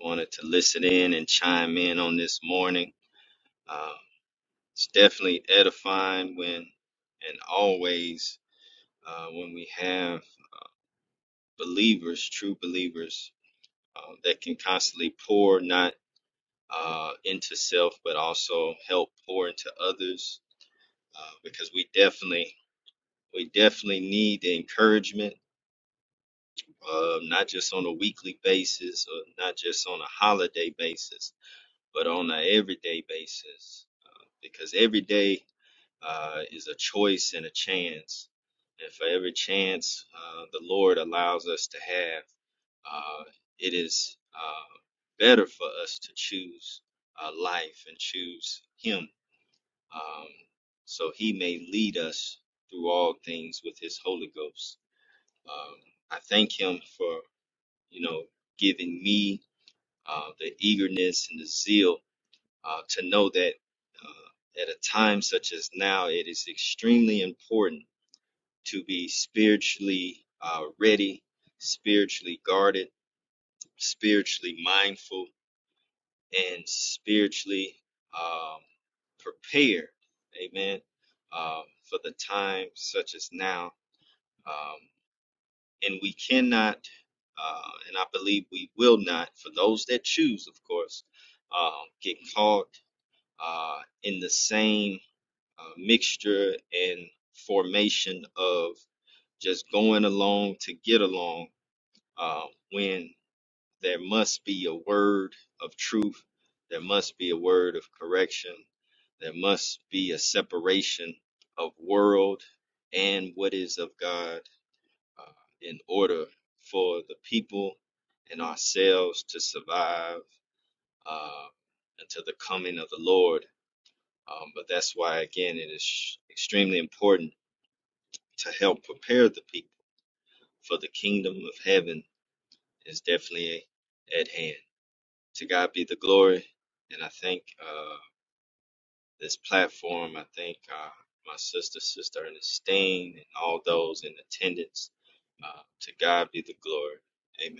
wanted to listen in and chime in on this morning. Uh, it's definitely edifying when and always uh, when we have believers, true believers, uh, that can constantly pour not uh, into self, but also help pour into others uh, because we definitely we definitely need the encouragement, uh, not just on a weekly basis or not just on a holiday basis, but on an everyday basis, uh, because every day uh, is a choice and a chance, and for every chance uh, the Lord allows us to have, uh, it is uh, better for us to choose uh, life and choose Him um, so he may lead us through all things with his Holy Ghost. Um, I thank him for, you know, giving me uh, the eagerness and the zeal uh, to know that uh, at a time such as now, it is extremely important to be spiritually uh, ready, spiritually guarded, spiritually mindful and spiritually um, prepared, amen, um, for the time such as now. Um, and we cannot, uh, and I believe we will not, for those that choose, of course, um, get caught uh, in the same uh, mixture and formation of just going along to get along uh, when there must be a word of truth. There must be a word of correction. There must be a separation of world and what is of God uh, in order for the people and ourselves to survive uh, until the coming of the Lord. Um, but that's why, again, it is extremely important to help prepare the people for the kingdom of heaven is definitely at hand. to God be the glory. And I think uh, this platform, I think uh, my sister, Sister Ernestine, and all those in attendance, uh, to God be the glory. Amen.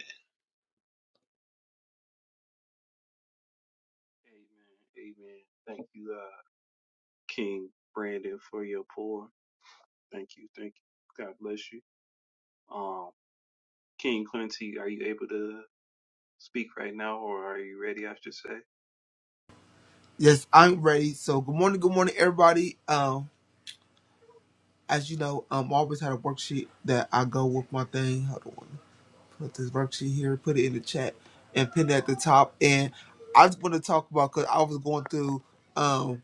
Yes, I'm ready. So good morning, good morning, everybody. Um, as you know, um, I always had a worksheet that I go with my thing. Hold on, put this worksheet here, put it in the chat, and pin it at the top. And I just want to talk about because I was going through. um.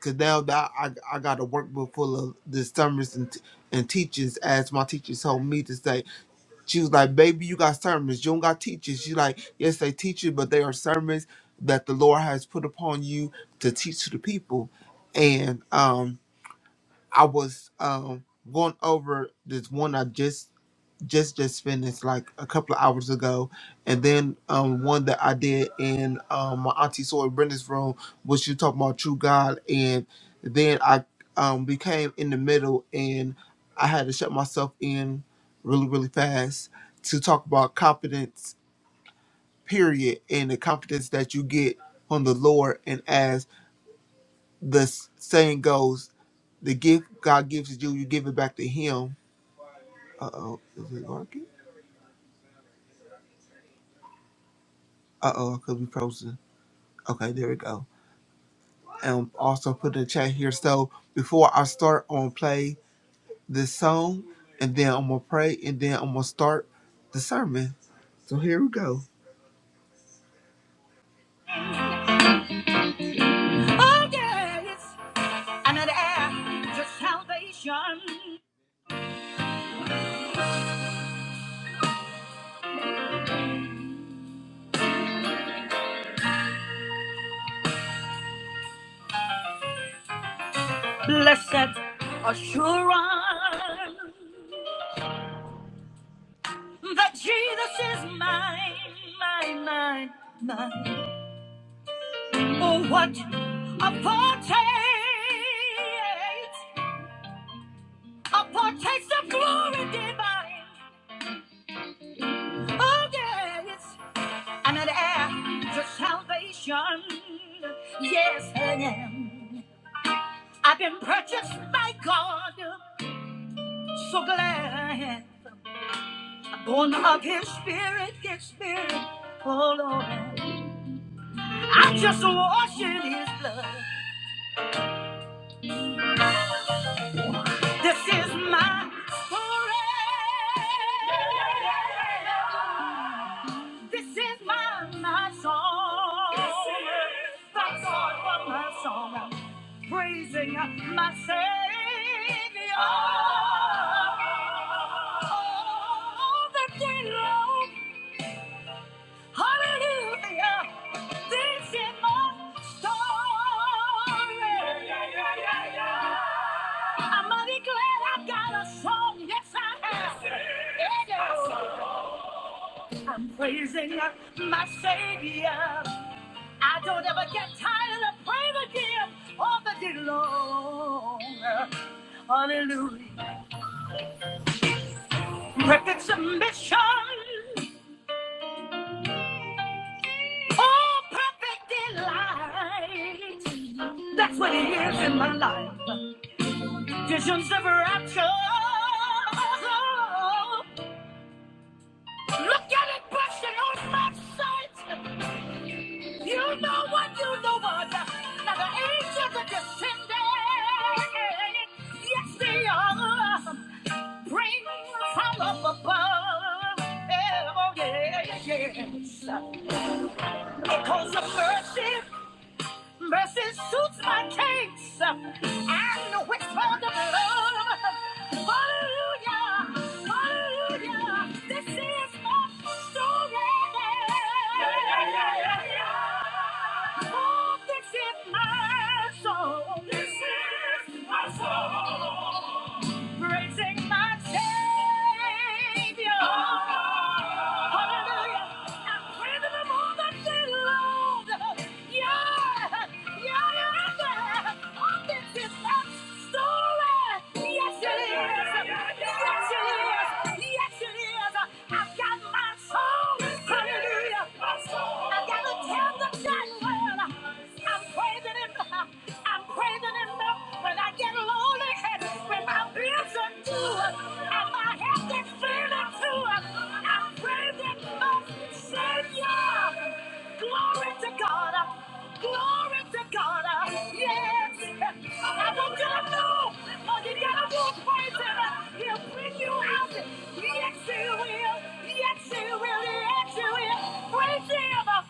Cause now that I, I got a workbook full of the sermons and, t- and teachings, as my teacher told me to say, she was like, "Baby, you got sermons. You don't got teachers." She's like, "Yes, they teach you, but they are sermons that the Lord has put upon you to teach to the people." And um, I was um, going over this one I just just just finished like a couple of hours ago, and then um one that I did in um my auntie Soy Brenda's room was she talking about true God, and then I um became in the middle and I had to shut myself in really really fast to talk about confidence period and the confidence that you get from the Lord and as the s- saying goes, the gift God gives you, you give it back to Him. Uh oh, is it working? Uh oh, I could be frozen. Okay, there we go. And also put in the chat here. So before I start, I'm gonna play this song, and then I'm gonna pray, and then I'm gonna start the sermon. So here we go. Oh yes, and heir to salvation, blessed assurance that Jesus is mine, mine, mine, mine. Oh, what a foretaste! A partaste of glory divine. Oh, yes. And an heir to salvation. Yes, I am. I've been purchased by God. So glad I am. Born of his spirit, his spirit. Oh, Lord. I just wash in his blood. This is my story. This is my, my song. This is my song. My song. I'm praising my Savior. All the day long. Hallelujah. This is my story. I'm mighty glad I got a song. Yes, I have. Yeah. I'm praising my Savior. I don't ever get tired of praying again all the day long. Hallelujah. Perfect submission. Oh, perfect delight. That's what it is in my life. Visions of rapture. Look at it bursting on my sight. You know what, you know what. Now the angels are descending. Yes, they are. Bring from up above. Yeah, Oh, yeah, yeah, yes. Because of mercy. Mercy suits my case and which for the blood. Hallelujah, hallelujah. This is my story. Oh, this is my song. This is my song praising my Savior. Hallelujah. I'm praising Him all the day long. Yeah, yeah, yeah. Oh, this is my story. Yes, it is. Yes, it is. Yes, it is. I've got my soul. Hallelujah. I've got to tell the God, well, I'm praising Him. I'm praising him up when I get lonely and when my bills are due and my head gets feeling too. I'm praising my Savior. Glory to God. Glory to God. Yes. I want you to know when you get a wolf poison, he'll bring you out. Yes, he will. Yes, he will. Yes, he will. Praise him.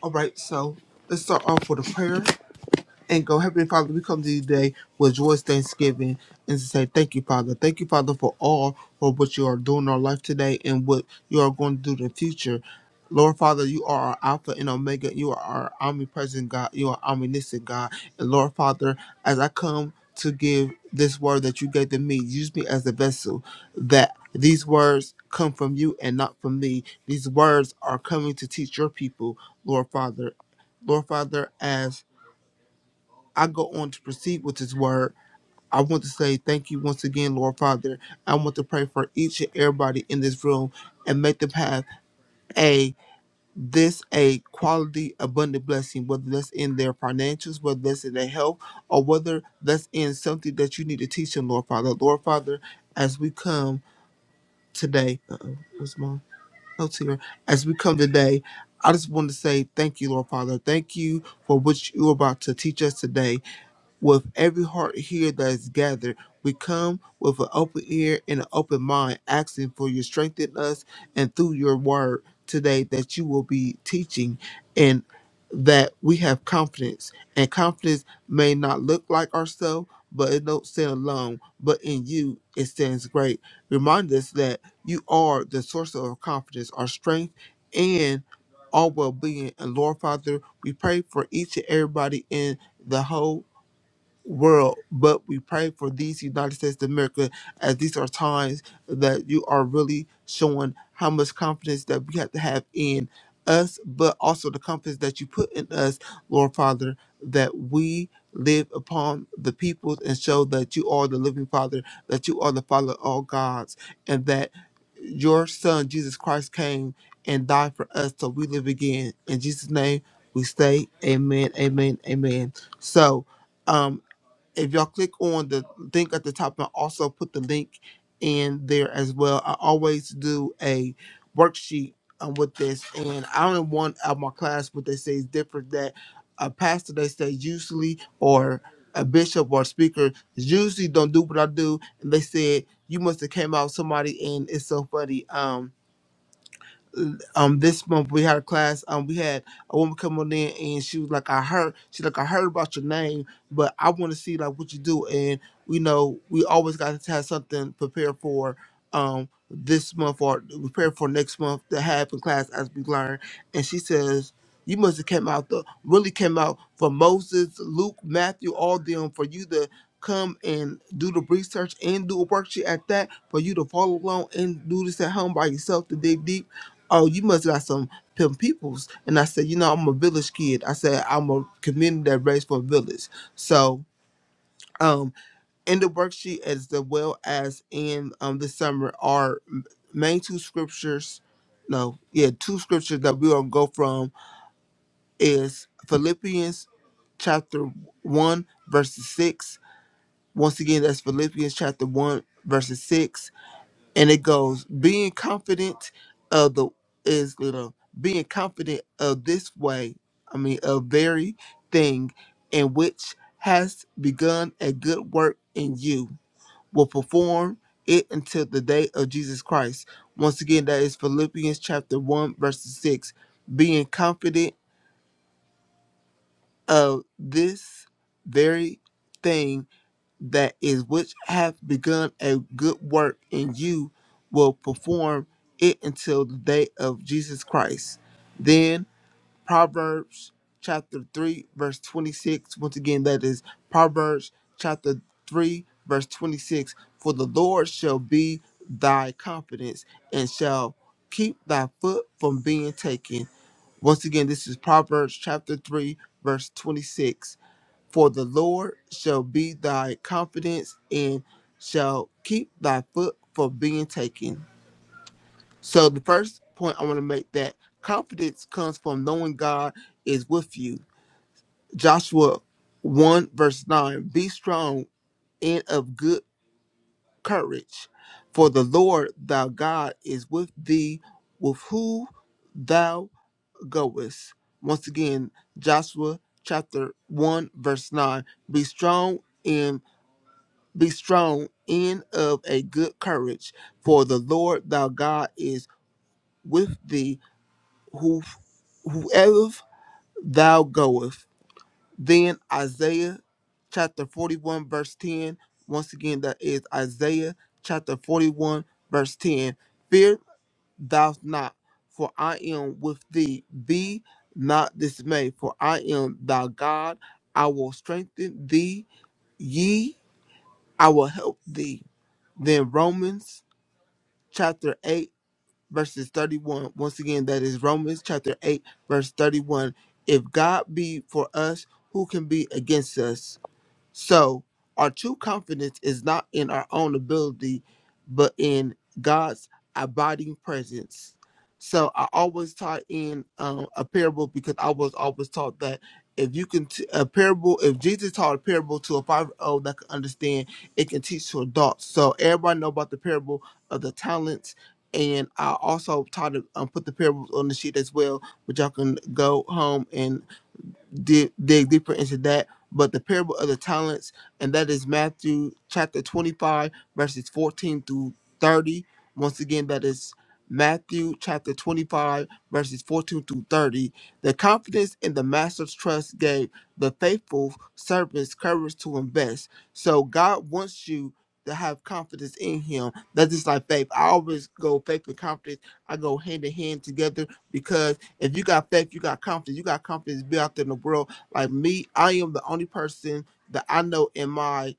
All right, so let's start off with a prayer. and go, Heavenly Father, we come to you today with joyous thanksgiving and to say thank you, Father. Thank you, Father, for all for what you are doing in our life today and what you are going to do in the future. Lord Father, you are our Alpha and Omega. You are our omnipresent God. You are omniscient God. And Lord Father, as I come to give this word that you gave to me, use me as a vessel that these words come from you and not from me. These words are coming to teach your people, Lord Father. Lord Father, as I go on to proceed with His word, I want to say thank you once again, Lord Father. I want to pray for each and everybody in this room and make them have a this a quality abundant blessing, whether that's in their financials, whether that's in their health, or whether that's in something that you need to teach them, Lord Father. Lord Father, as we come today, uh-oh, where's mom? Oh, dear. As we come today, I just want to say thank you, Lord Father. Thank you for what you're about to teach us today. With every heart here that is gathered, we come with an open ear and an open mind, asking for your strength in us and through your word today that you will be teaching and that we have confidence. And confidence may not look like ourselves, but it don't stand alone. But in you, it stands great remind us that you are the source of our confidence, our strength, and our well being. And Lord Father, we pray for each and everybody in the whole world, but we pray for these United States of America as these are times that you are really showing how much confidence that we have to have in us, but also the confidence that you put in us, Lord Father, that we live upon the peoples and show that you are the living Father, that you are the Father of all gods, and that your Son Jesus Christ came and died for us so we live again. In Jesus' name we say amen, amen, amen. So um if y'all click on the link at the top and also put the link in there as well. I always do a worksheet um, with this, and I only one of my class what they say is different that a pastor they say usually or a bishop or speaker usually don't do what I do, and they said you must have came out somebody, and it's so funny. Um, um this month we had a class. Um, we had a woman come on in and she was like, "I heard." She's like, "I heard about your name, but I want to see like what you do." And you know, we always got to have something prepared for um this month or prepared for next month to have in class as we learn. And she says. You must have came out the really came out for Moses, Luke, Matthew, all them for you to come and do the research and do a worksheet at that for you to follow along and do this at home by yourself to dig deep oh, you must got some pimp peoples. And I said, you know, I'm a village kid. I said, I'm a community that raised for a village. So um, in the worksheet as the well as in um, the summer are m- main two scriptures. No, yeah, two scriptures that we're going to go from is Philippians chapter 1, verses 6. Once again, that's Philippians chapter 1, verses 6 and it goes being confident of the is you know being confident of this way i mean a very thing in which has begun a good work in you will perform it until the day of jesus christ once again that is philippians chapter 1 verses 6 being confident of this very thing that is which hath begun a good work in you will perform it until the day of Jesus Christ. Then Proverbs chapter 3 verse 26 once again that is Proverbs chapter 3 verse 26 for the Lord shall be thy confidence and shall keep thy foot from being taken. Once again this is Proverbs chapter 3 verse 26 for the Lord shall be thy confidence and shall keep thy foot from being taken. So the first point I want to make that confidence comes from knowing God is with you. Joshua 1 verse 9 Be strong and of good courage, for the Lord thy God is with thee, with whom thou goest. Once again, Joshua chapter 1 verse 9 Be strong and Be strong and of a good courage, for the Lord thy God is with thee, who, whoever thou goest. Then Isaiah chapter 41, verse 10. Once again, that is Isaiah chapter 41, verse 10. Fear thou not, for I am with thee. Be not dismayed, for I am thy God. I will strengthen thee. Ye, I will help thee. Then Romans chapter 8, verses 31. Once again, that is Romans chapter 8, verse 31. If God be for us, who can be against us? So our true confidence is not in our own ability, but in God's abiding presence. So I always tie in um, a parable because I was always taught that if you can t- a parable, if Jesus taught a parable to a five year old that can understand, it can teach to adults. So everybody know about the parable of the talents. And I also taught to um, put the parables on the sheet as well, which y'all can go home and dig, dig deeper into that. But the parable of the talents, and that is Matthew chapter 25, verses 14 through 30. Once again, that is Matthew chapter 25, verses 14 through 30. The confidence in the master's trust gave the faithful servants courage to invest. So God wants you to have confidence in him. That's just like faith. I always go faith and confidence. I go hand in hand together if you got faith, you got confidence. You got confidence to be out there in the world. Like me, I am the only person that I know in my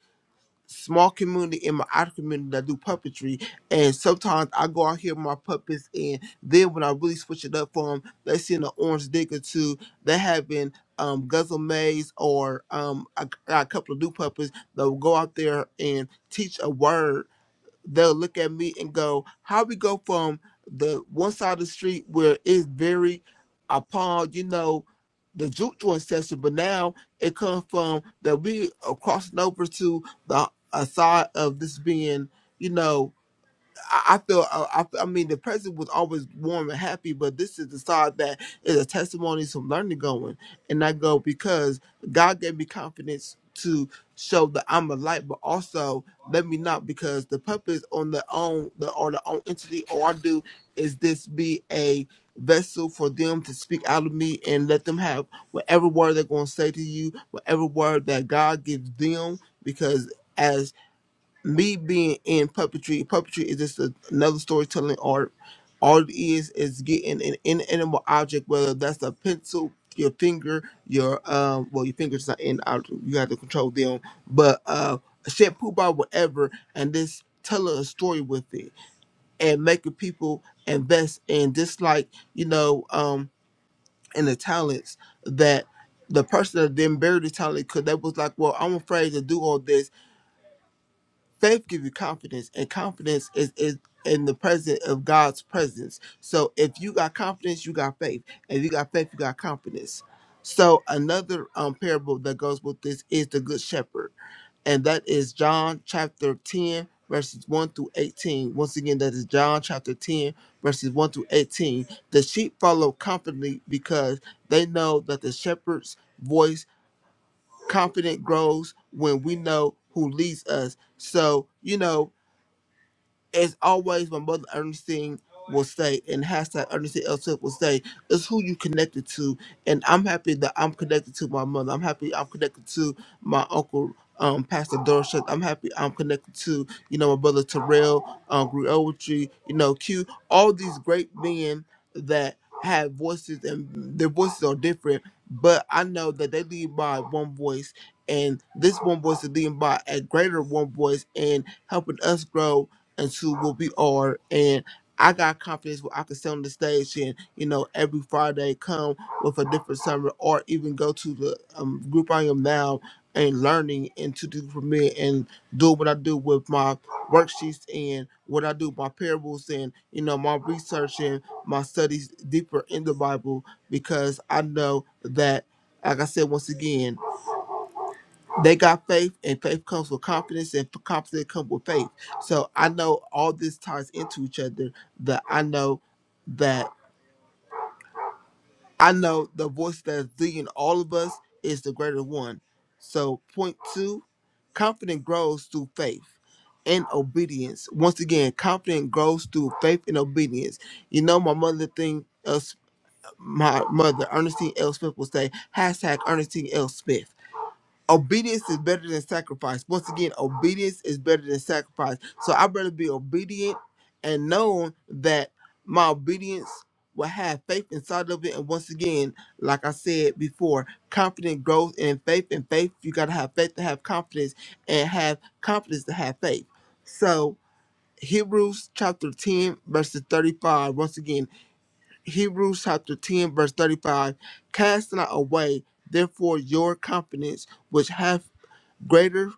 small community, in my outer community that do puppetry. And sometimes I go out here with my puppets, and then when I really switch it up for them, they see an orange digger too. They having um, Guzzle Maze or um, I got a couple of new puppets that will go out there and teach a word they'll look at me and go, "How we go from the one side of the street where it's very upon, you know, the juke joint section, but now it comes from that we are crossing over to the a side of this being, you know." I I feel, I, I I mean, the president was always warm and happy, but this is the side that is a testimony from learning going. And I go, because God gave me confidence to show that I'm a light, but also let me not, because the purpose on their own, the, or their own entity, all I do is this be a vessel for them to speak out of me and let them have whatever word they're going to say to you, whatever word that God gives them, because. as me being in puppetry, puppetry is just a, another storytelling art. All it is is getting an inanimate object, whether that's a pencil, your finger, your um, well, your fingers not in object, you have to control them, but uh, a shampoo bar, whatever, and this telling a story with it and making people invest in just like you know, um, in the talents that the person that then buried the talent because they was like, well, I'm afraid to do all this faith gives you confidence and confidence is, is in the presence of god's presence so if you got confidence you got faith if you got faith you got confidence so another um, parable that goes with this is the good shepherd and that is john chapter 10 verses 1 through 18 once again that is john chapter 10 verses 1 through 18 the sheep follow confidently because they know that the shepherd's voice confidence grows when we know who leads us. So, you know, as always, my mother Ernestine will say, and hashtag Ernestine L. Smith will say, is who you connected to. And I'm happy that I'm connected to my mother. I'm happy I'm connected to my uncle, um, Pastor Dorset. I'm happy I'm connected to, you know, my brother Terrell, um, Griotry, you know, Q, all these great men that have voices and their voices are different, but I know that they lead by one voice and this one voice is leading by a greater one voice and helping us grow and to what we are. And I got confidence where I can stay on the stage and, you know, every Friday come with a different summer or even go to the um, group I am now and learning and to do for me and do what I do with my worksheets and what I do, my parables and, you know, my research and my studies deeper in the Bible because I know that, like I said once again, they got faith and faith comes with confidence and confidence comes with faith so i know all this ties into each other that i know that i know the voice that's leading all of us is the greater one so point two confidence grows through faith and obedience once again confidence grows through faith and obedience you know my mother thing else my mother ernestine l smith will say hashtag ernestine l smith obedience is better than sacrifice. Once again, obedience is better than sacrifice. So I'd rather be obedient and knowing that my obedience will have faith inside of it. And once again, like I said before, confident growth in faith and faith. You got to have faith to have confidence and have confidence to have faith. So Hebrews chapter 10, verses 35. Once again, Hebrews chapter 10, verse 35. Cast not away, therefore, your confidence, which hath greater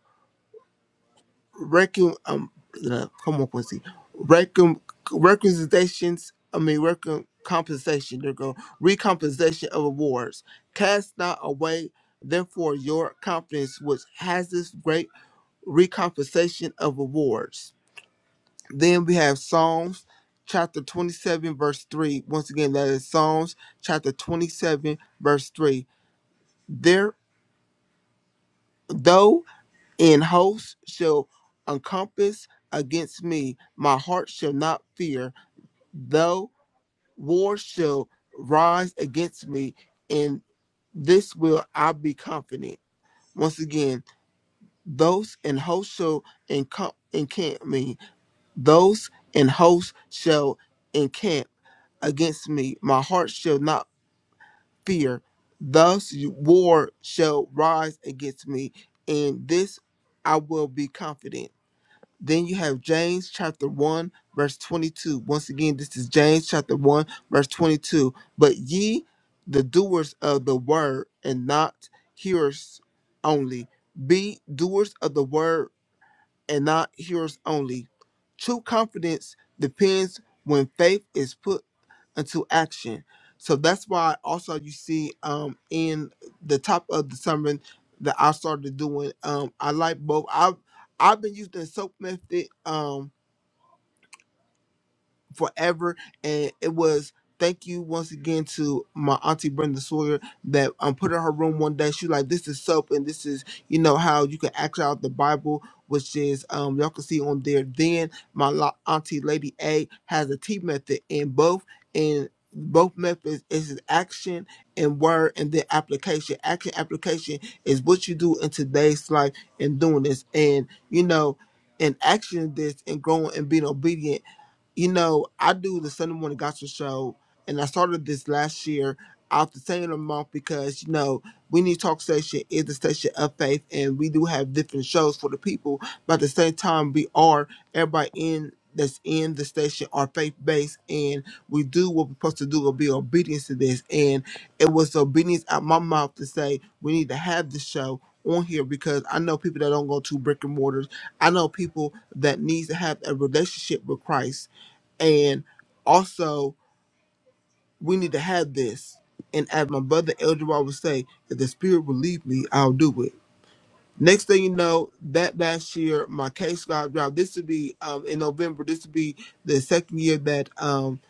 recon um uh, come on Quincy recon requisitions I mean recon compensation they're going recompensation of awards cast not away therefore your confidence which has this great recompensation of awards then we have Psalms chapter 27 verse 3 once again that is Psalms chapter 27 verse 3 there though In hosts shall encompass against me. My heart shall not fear, though war shall rise against me. In this will I be confident. Once again, those in hosts shall encamp, encamp me. Those in hosts shall encamp against me. My heart shall not fear. Thus war shall rise against me. In this I will be confident. Then you have James chapter 1, verse 22. Once again, this is James chapter 1, verse 22. But ye, the doers of the word, and not hearers only, be doers of the word and not hearers only. True confidence depends when faith is put into action. So that's why also you see um in the top of the sermon that I started doing. Um I like both. I've I've been using the soap method um forever. And it was thank you once again to my auntie Brenda Sawyer that um put in her room one day. She like this is soap and this is you know how you can act out the Bible, which is um y'all can see on there. Then my la- auntie Lady A has a T method in both and both methods is action and word and then application. Action application is what you do in today's life and doing this and you know and action this and growing and being obedient you know, I do the Sunday morning gospel show, and I started this last year out the same month because you know we need talk station is the station of faith, and we do have different shows for the people. But at the same time, we are everybody in that's in the station are faith based, and we do what we're supposed to do will be obedience to this. And it was obedience out my mouth to say we need to have this show on here because I know people that don't go to brick and mortars. I know people that needs to have a relationship with Christ and also, we need to have this. And as my brother Elder Rod would say, if the spirit will lead me, I'll do it. Next thing you know, that last year, my case got dropped. This would be um, in November. This would be the second year that um,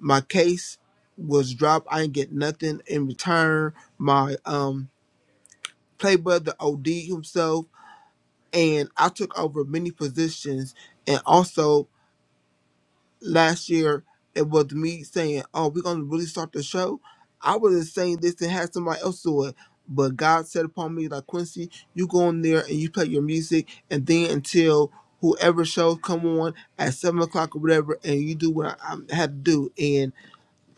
my case was dropped. I didn't get nothing in return. My um, play brother OD himself, and I took over many positions. And also, last year it was me saying, "Oh, we're gonna really start the show." I would have saying this and had somebody else do it, but God said upon me like Quincy, you go in there and you play your music, and then until whoever shows come on at seven o'clock or whatever, and you do what I, I had to do,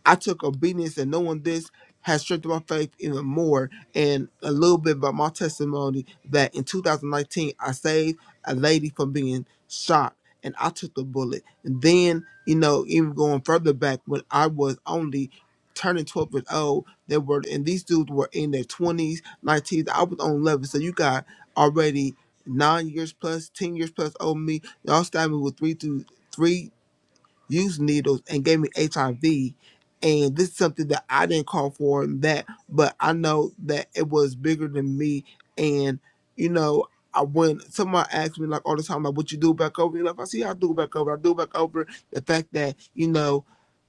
I took obedience and knowing this has strengthened my faith even more. And a little bit about my testimony that in 2019, I saved a lady from being shot and I took the bullet. And then, you know, even going further back when I was only turning 12 years old, they were, and these dudes were in their 20s, 19s. I was on 11. So you got already nine years plus, 10 years plus over me. Y'all stabbed me with three to three used needles and gave me HIV. And this is something that I didn't call for that, but I know that it was bigger than me. And, you know, I when someone asks me like all the time, like what you do back over, you know, if I see how I do back over, I do back over the fact that, you know,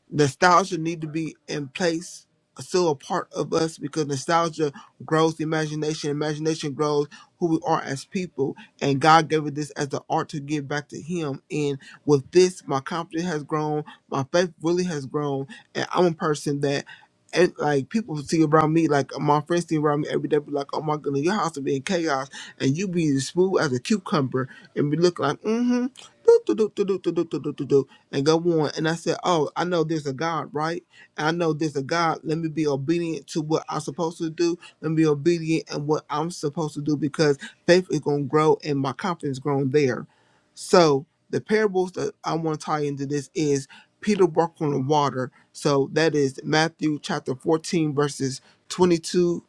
nostalgia need to be in place uh, still a part of us because nostalgia grows the imagination imagination grows who we are as people and god gave us this as the art to give back to him and with this my confidence has grown my faith really has grown and i'm a person that and like people see around me, like uh, my friends see around me every day, be like, "Oh my goodness, your house will be in chaos, and you be as smooth as a cucumber," and be looking like, mm-hmm." do, do, do, do, do, do, do, do, do, do, do, and go on. And I said, Oh, I know there's a God, right? I know there's a God. Let me be obedient to what I'm supposed to do. Let me be obedient and what I'm supposed to do because faith is going to grow and my confidence grown there. So the parables that I want to tie into this is Peter walked on the water. So that is Matthew chapter 14, verses 22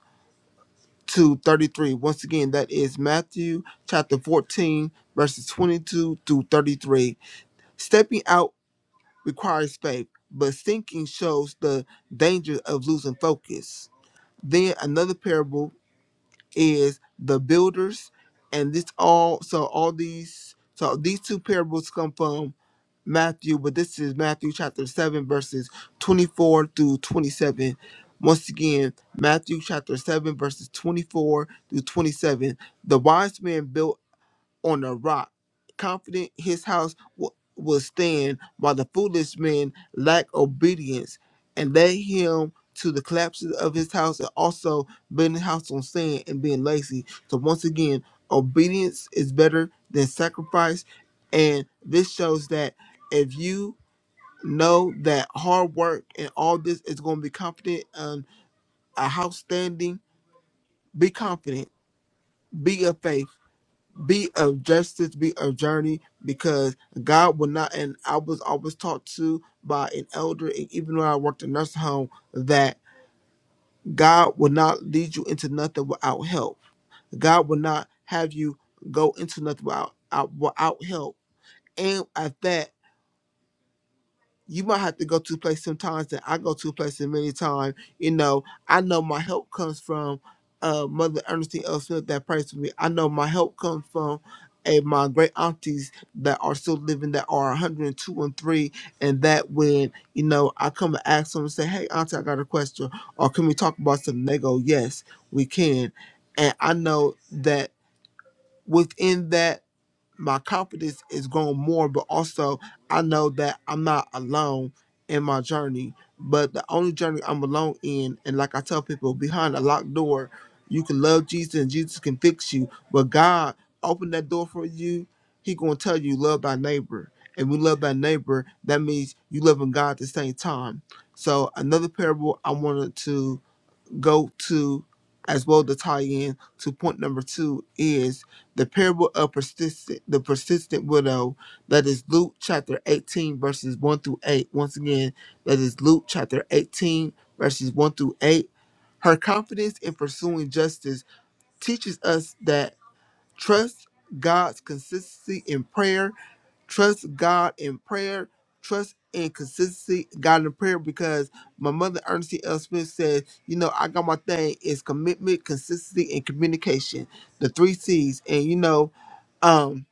to 33. Once again, that is Matthew chapter 14, verses 22 through 33 Stepping out requires faith, but sinking shows the danger of losing focus. Then another parable is the builders, and this all so all these so these two parables come from Matthew, but this is Matthew chapter seven verses twenty four through twenty seven. Once again, Matthew chapter 7, verses 24 through 27. The wise man built on a rock, confident his house w- will stand, while the foolish men lack obedience and led him to the collapse of his house and also building a house on sand and being lazy. So once again, obedience is better than sacrifice, and this shows that if you know that hard work and all this is going to be confident and a house standing, be confident, be of faith be of justice, be of journey, because God will not. And I was always taught to by an elder, and even when I worked in nursing home, that God will not lead you into nothing without help. God will not have you go into nothing without out- without help. And at that. you might have to go to a place sometimes that I go to a place that many times. You know, I know my help comes from uh, Mother Ernestine L. Smith that prays for me. I know my help comes from eh, my great aunties that are still living that are 102 and two and 3 and that when you know i come and ask them and say hey auntie i got a question or can we talk about something they go yes we can and i know that within that my confidence is growing more, but also I know that I'm not alone in my journey. But the only journey I'm alone in, and like I tell people, behind a locked door, you can love Jesus and Jesus can fix you. But God opened that door for you. He gonna tell you love thy neighbor. And we love thy neighbor, that means you loving God at the same time. So another parable I wanted to go to as well to tie in to point number two is the parable of persistent the persistent widow that is luke chapter 18 verses 1 through 8 once again that is luke chapter 18 verses 1 through 8 her confidence in pursuing justice teaches us that Trust God's consistency in prayer. Trust God in prayer. Trust and consistency God in prayer because my mother Ernestine L. Smith said, you know, I got my thing is commitment, consistency, and communication. The three C's. And you know, um.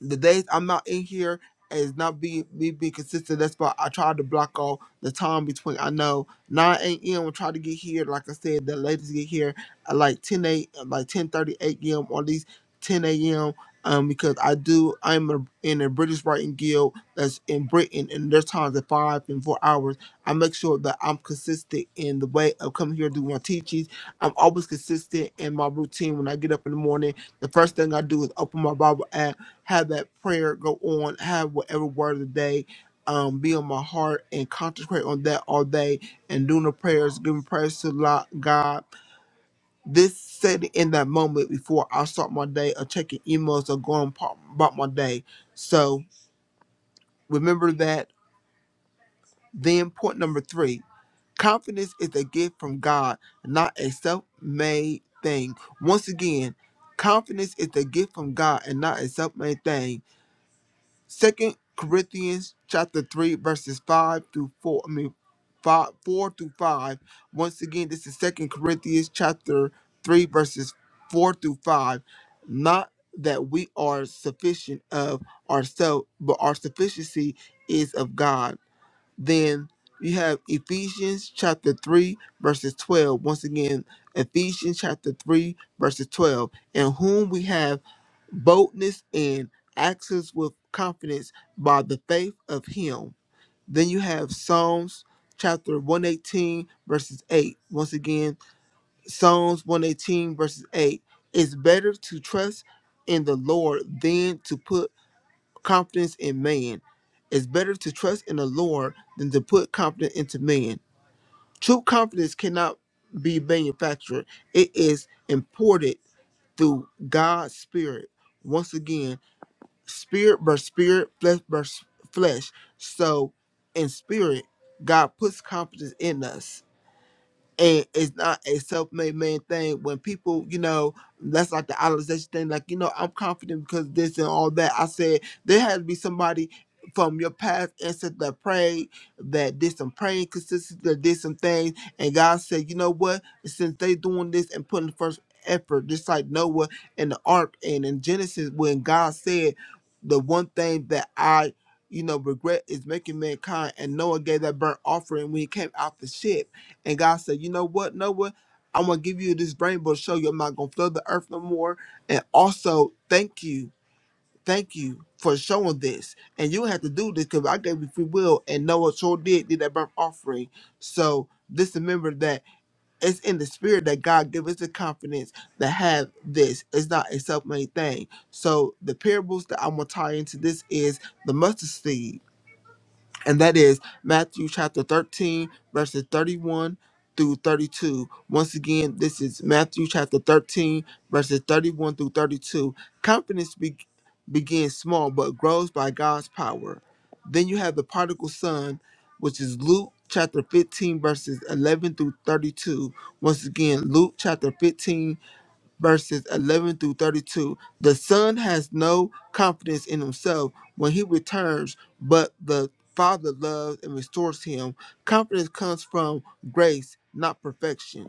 The days I'm not in here is not be me being consistent. That's why I try to block off the time between. I know 9 a.m. I try to get here. Like I said, the ladies get here at like 10 a like ten thirty eight a.m. or at least 10 a.m. Um, because I do, I'm a, in a British Writing Guild that's in Britain, and there's times at five and four hours. I make sure that I'm consistent in the way of coming here to do my teachings. I'm always consistent in my routine when I get up in the morning. The first thing I do is open my Bible app have that prayer go on, have whatever word of the day um, be on my heart and concentrate on that all day and doing the prayers, giving prayers to lo- God. This setting in that moment before I start my day or checking emails or going pa- about my day. So remember that. Then point number three, confidence is a gift from God, not a self-made thing. Once again, confidence is a gift from God and not a self-made thing. Second Corinthians chapter three verses five through four. I mean, five four through five. Once again, this is Second Corinthians chapter three verses four through five. Not that we are sufficient of ourselves, but our sufficiency is of God then you have Ephesians chapter 3, verses 12. Once again, Ephesians chapter 3, verses 12, in whom we have boldness and access with confidence by the faith of Him. Then you have Psalms chapter 118, verses 8. Once again, Psalms 118, verses 8. It's better to trust in the Lord than to put confidence in man. It's better to trust in the Lord than to put confidence into man. True confidence cannot be manufactured, it is imported through God's Spirit. Once again, spirit by spirit, flesh by s- flesh. So, in spirit, God puts confidence in us and it's not a self-made man thing. When people, you know, that's like the idolization thing. Like, you know, I'm confident because this and all that. I said there has to be somebody from your past ancestor that prayed, that did some praying consistency, that did some things, and God said, you know what? Since they doing this and putting the first effort, just like Noah and the ark and in Genesis, when God said the one thing that I you know, regret is making mankind, and Noah gave that burnt offering when he came out the ship and God said, You know what, Noah? I'm gonna give you this rainbow to show you I'm not gonna flood the earth no more. And also, thank you, thank you for showing this. And you had to do this because I gave you free will, and Noah sure did did that birth offering. So just remember that it's in the spirit that God gives us the confidence to have this. It's not a self-made thing. So the parables that I'm gonna tie into this is the mustard seed and that is Matthew chapter 13, verses 31 through 32. Once again, this is Matthew chapter 13, verses 31 through 32. Confidence be- begins small but grows by God's power. Then you have the prodigal son, which is Luke chapter 15, verses 11 through 32. Once again, Luke chapter 15 verses 11 through 32. The Son has no confidence in himself when he returns, but the Father loves and restores him. Confidence comes from grace, not perfection.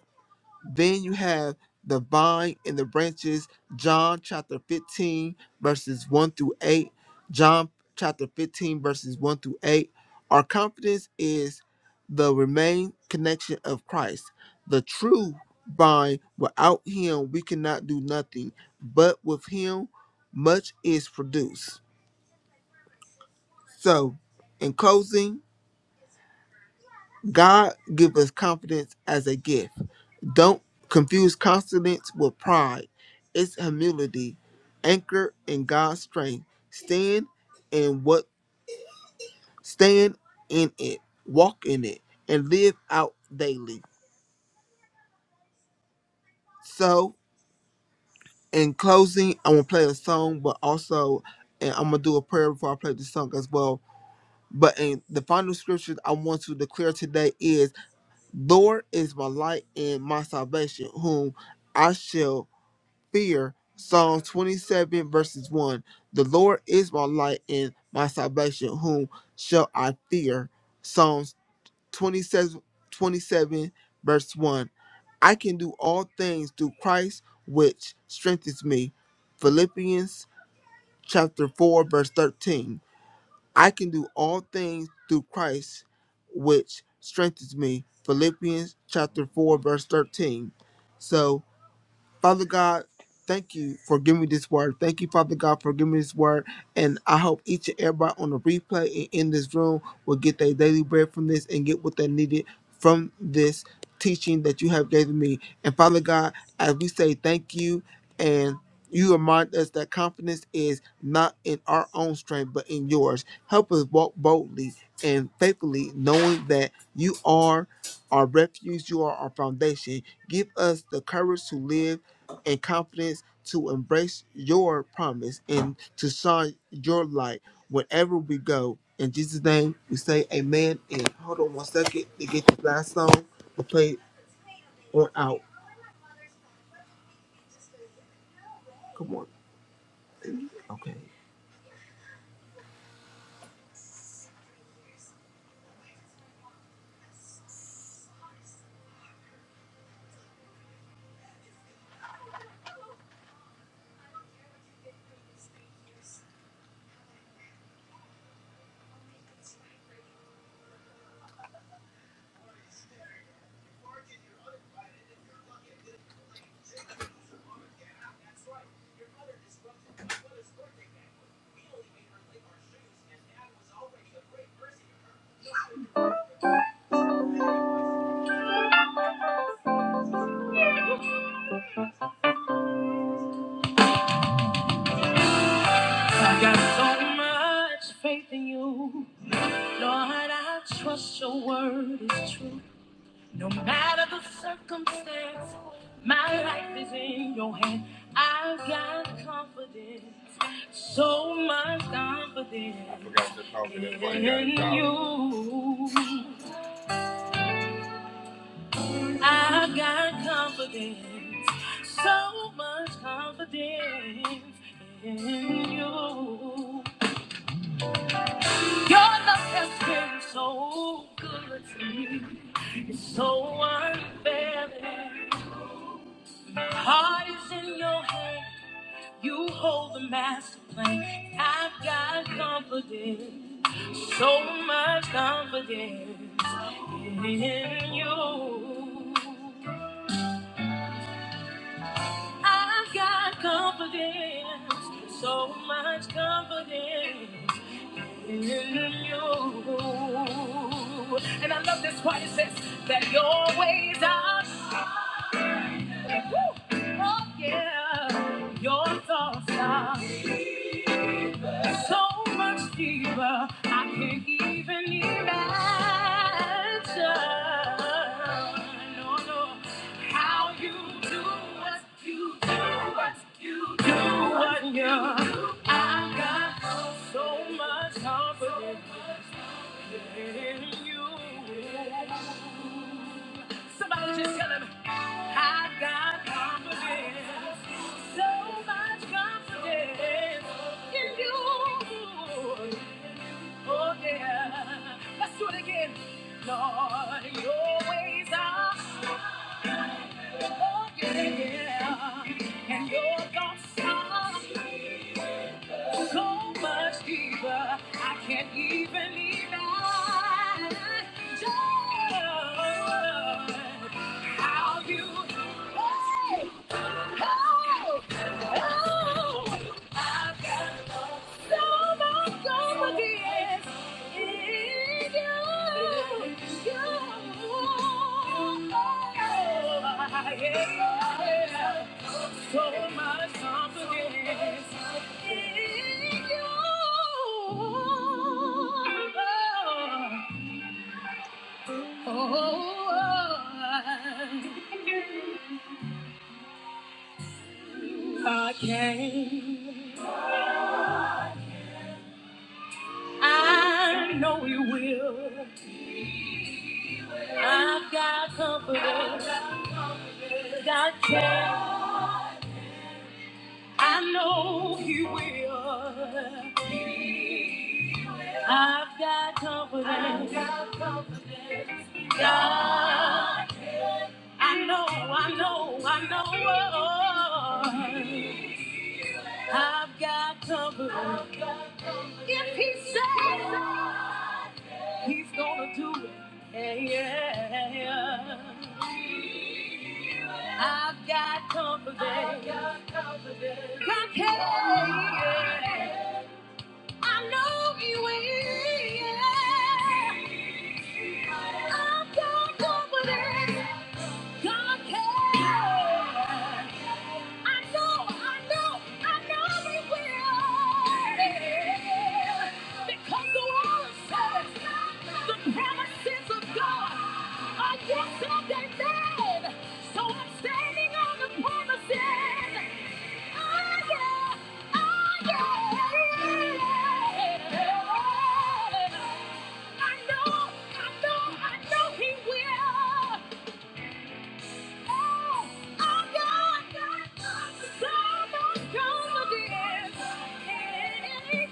Then you have the vine and the branches, John chapter 15, verses 1 through 8. John chapter 15, verses 1 through 8. Our confidence is the remain connection of Christ, the true vine. Without him, we cannot do nothing, but with him, much is produced. So, in closing, God give us confidence as a gift. Don't confuse confidence with pride. It's humility, anchored in God's strength. Stand in what stand in it, walk in it, and live out daily. So, in closing, I'm gonna play a song, but also, and I'm gonna do a prayer before I play the song as well. But in the final scripture I want to declare today is, "Lord is my light and my salvation, whom I shall." fear. Psalm 27 verses 1. The Lord is my light and my salvation. Whom shall I fear? Psalms 27 27 verse 1. I can do all things through Christ which strengthens me. Philippians chapter 4 verse 13. I can do all things through Christ which strengthens me. Philippians chapter 4 verse 13. So Father God, thank you for giving me this word. Thank you, Father God, for giving me this word. And I hope each and everybody on the replay and in this room will get their daily bread from this and get what they needed from this teaching that you have given me. And Father God, as we say thank you and you remind us that confidence is not in our own strength, but in yours. Help us walk boldly and faithfully, knowing that you are our refuge, you are our foundation. Give us the courage to live and confidence to embrace your promise and to shine your light wherever we go. In Jesus' name, we say amen. And hold on one second to get the last song to play on out. Come on. Okay. I got so much faith in you. Lord, I trust your word is true. No matter the circumstance, my life is in your hand. I've got confidence, so much confidence in in you. I've got confidence, so much confidence in you. Your love has been so good to me. It's so unfair. Heart is in your hand. You hold the master plan. I've got confidence, so much confidence in you. I've got confidence, so much confidence in you. And I love this part. It says that your ways are. Woo! Oh yeah, your thoughts are. So much deeper, I can't even imagine. No, no, how you do what you do, what you do, what you do. Got so much confidence in you. Somebody just tell him, I got confidence, so much confidence in you. Oh yeah, let's do it again. Lord, your ways are, oh yeah, yeah. and your thoughts are so much deeper. I can't even imagine. Joy Of you, hey, oh, oh, I've got I know you will. I've got confidence. Got care. I know He will. I've got confidence. God, I know, I know, I know. I've got confidence. He said He's gonna do it. Yeah, yeah, yeah. I've got confidence. God, yeah. I know He will. Yeah. I've got confidence. God can. I know, I know, I know we will. Because the word says the promises of God are yes and amen. So I'm standing on the promises. Oh, yeah. Oh, yeah. I know, I know, I know he will. Confidence in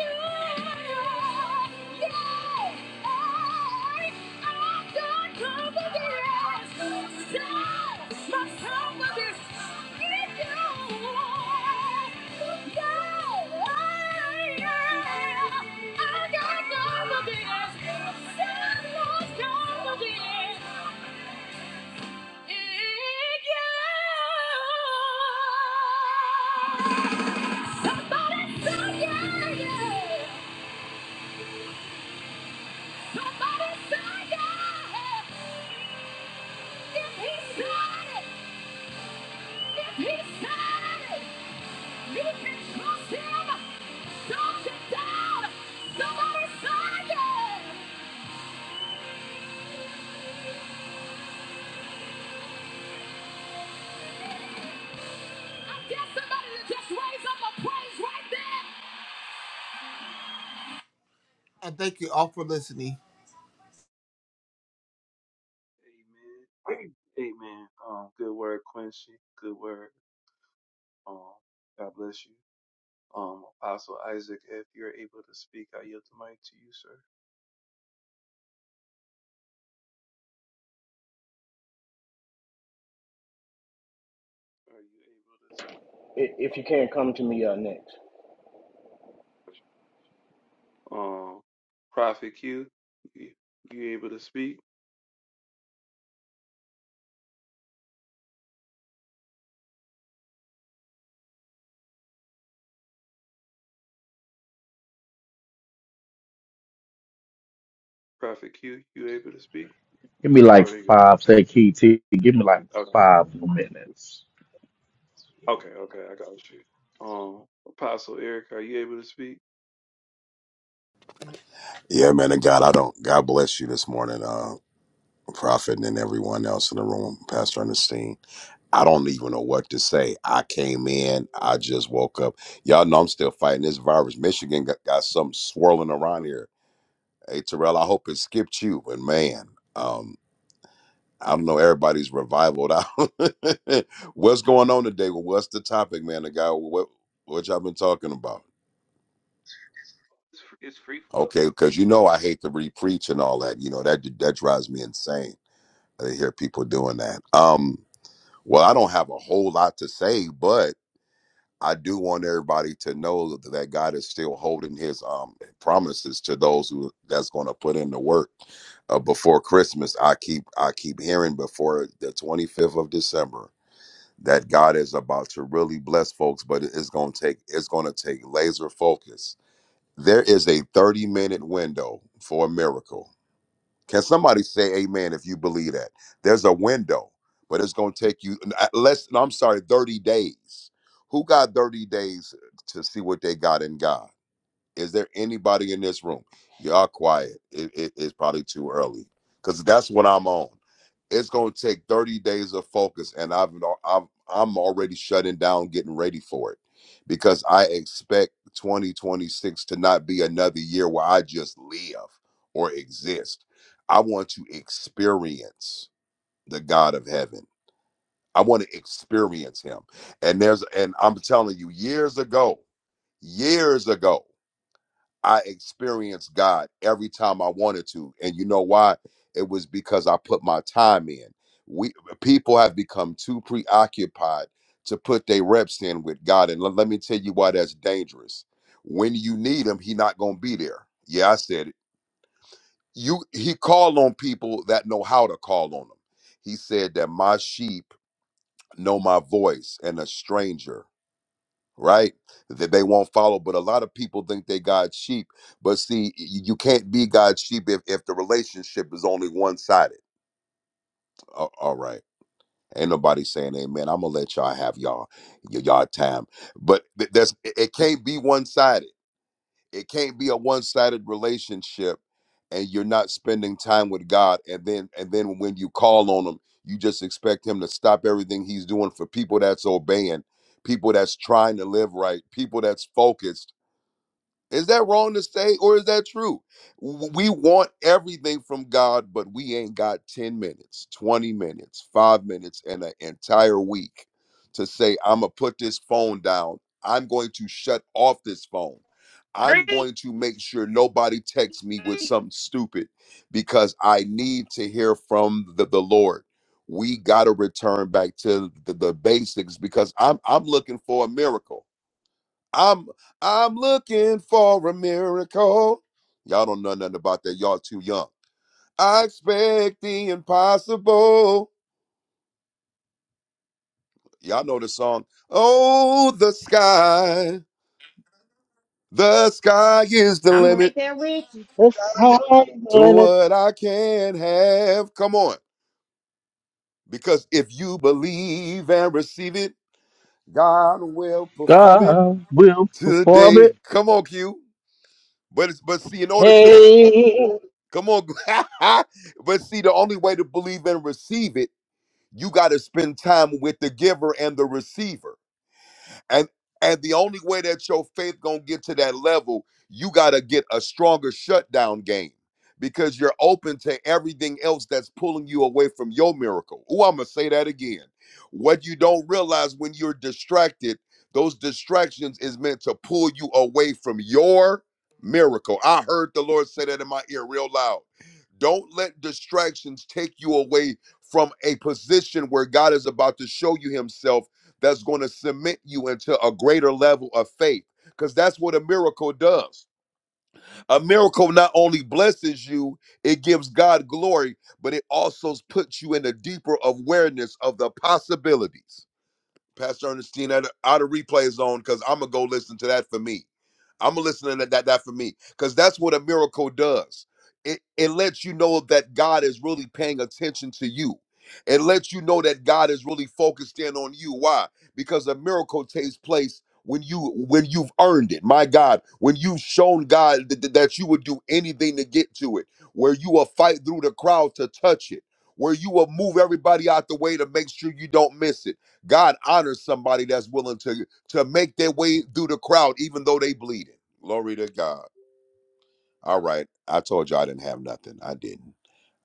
you. Somebody say yeah, yeah. Somebody saw If he said if he said it, you can Don't you down. Somebody saw I guess somebody to just raise up a praise right there. And thank you all for listening. i- if you can come to me uh, next. Give me like five. Say, KT, give me like five minutes. Yeah, man of God, I don't. God bless you this morning, uh, Prophet, and then everyone else in the room, Pastor Ernestine. I don't even know what to say. I came in, I just woke up. Y'all know I'm still fighting this virus. Michigan got, got something swirling around here. Hey, Terrell, I hope it skipped you, but man, um, I don't know. Everybody's revivaled out. What's going on today? Well, what's the topic, man? The guy, what what y'all been talking about? It's, fr- it's free flow. Okay, because you know I hate to re-preach and all that. You know that that drives me insane I hear people doing that. Um, well, I don't have a whole lot to say, but I do want everybody to know that God is still holding His um promises to those who that's going to put in the work. Uh, before Christmas, I keep I keep hearing before the twenty fifth of December that God is about to really bless folks, but it- it's going to take it's going to take laser focus. There is a thirty minute window for a miracle can somebody say amen if you believe that? There's a window, but it's going to take you n- at less, no, I'm sorry, 30 days. Who got 30 days to see what they got in God? Is there anybody in this room? Y'all quiet. It, it- it's probably too early because that's what I'm on. It's gonna take 30 days of focus, and I've I'm I'm already shutting down, getting ready for it because I expect 2026 to not be another year where I just live or exist. I want to experience the God of Heaven. I want to experience Him, and there's and I'm telling you, years ago, years ago. I experienced God every time I wanted to. And you know why? It was because I put my time in. We people have become too preoccupied to put their reps in with God. And let, let me tell you why that's dangerous. When you need him, he not gonna be there. Yeah, I said it. You he called on people that know how to call on him. He said that my sheep know my voice and a stranger right? That they won't follow. But a lot of people think they God's sheep. But see, y- you can't be God's sheep if, if the relationship is only one sided. All right. Ain't nobody saying amen. I'm gonna let y'all have y'all y- y'all time. But th- that's it it can't be one sided. It can't be a one sided relationship and you're not spending time with God and then and then when you call on him, you just expect him to stop everything he's doing for people that's obeying, people that's trying to live right, people that's focused is that wrong to say, or is that true? W- We want everything from God, but we ain't got 10 minutes, 20 minutes, five minutes, and an entire week to say, I'm going to put this phone down. I'm going to shut off this phone. I'm Preach. going to make sure nobody texts me with something stupid because I need to hear from the, the Lord. We got to return back to the, the basics because I'm I'm looking for a miracle. I'm I'm looking for a miracle. Y'all don't know nothing about that. Y'all too young. I expect the impossible. Y'all know the song. Oh, the sky. The sky is the I'm right limit there with you. The sky's the to limit. what I can have. Come on. Because if you believe and receive it, God will perform it God will perform today. it. Come on, Q. But it's, but see, in order to Hey, come on, but see, the only way to believe and receive it You got to spend time with the giver and the receiver and and the only way that your faith gonna get to that level you gotta get a stronger shutdown game because you're open to everything else that's pulling you away from your miracle oh i'm gonna say that again what you don't realize when you're distracted those distractions is meant to pull you away from your miracle i heard the lord say that in my ear real loud don't let distractions take you away from a position where god is about to show you himself that's going to cement you into a greater level of faith because that's what a miracle does. A miracle not only blesses you, it gives God glory, but it also puts you in a deeper awareness of the possibilities. Pastor Ernestine, out of, out of replay zone, because I'm gonna go listen to that for me. I'm gonna listen to that that, that for me, because that's what a miracle does. It it lets you know that God is really paying attention to you. It lets you know that God is really focused in on you. Why? Because a miracle takes place when you when you've earned it. My God, when you've shown God th- th- that you would do anything to get to it, where you will fight through the crowd to touch it, where you will move everybody out the way to make sure you don't miss it God honors somebody that's willing to to make their way through the crowd, even though they bleeding. Glory to God. All right. I told you I didn't have nothing. I didn't.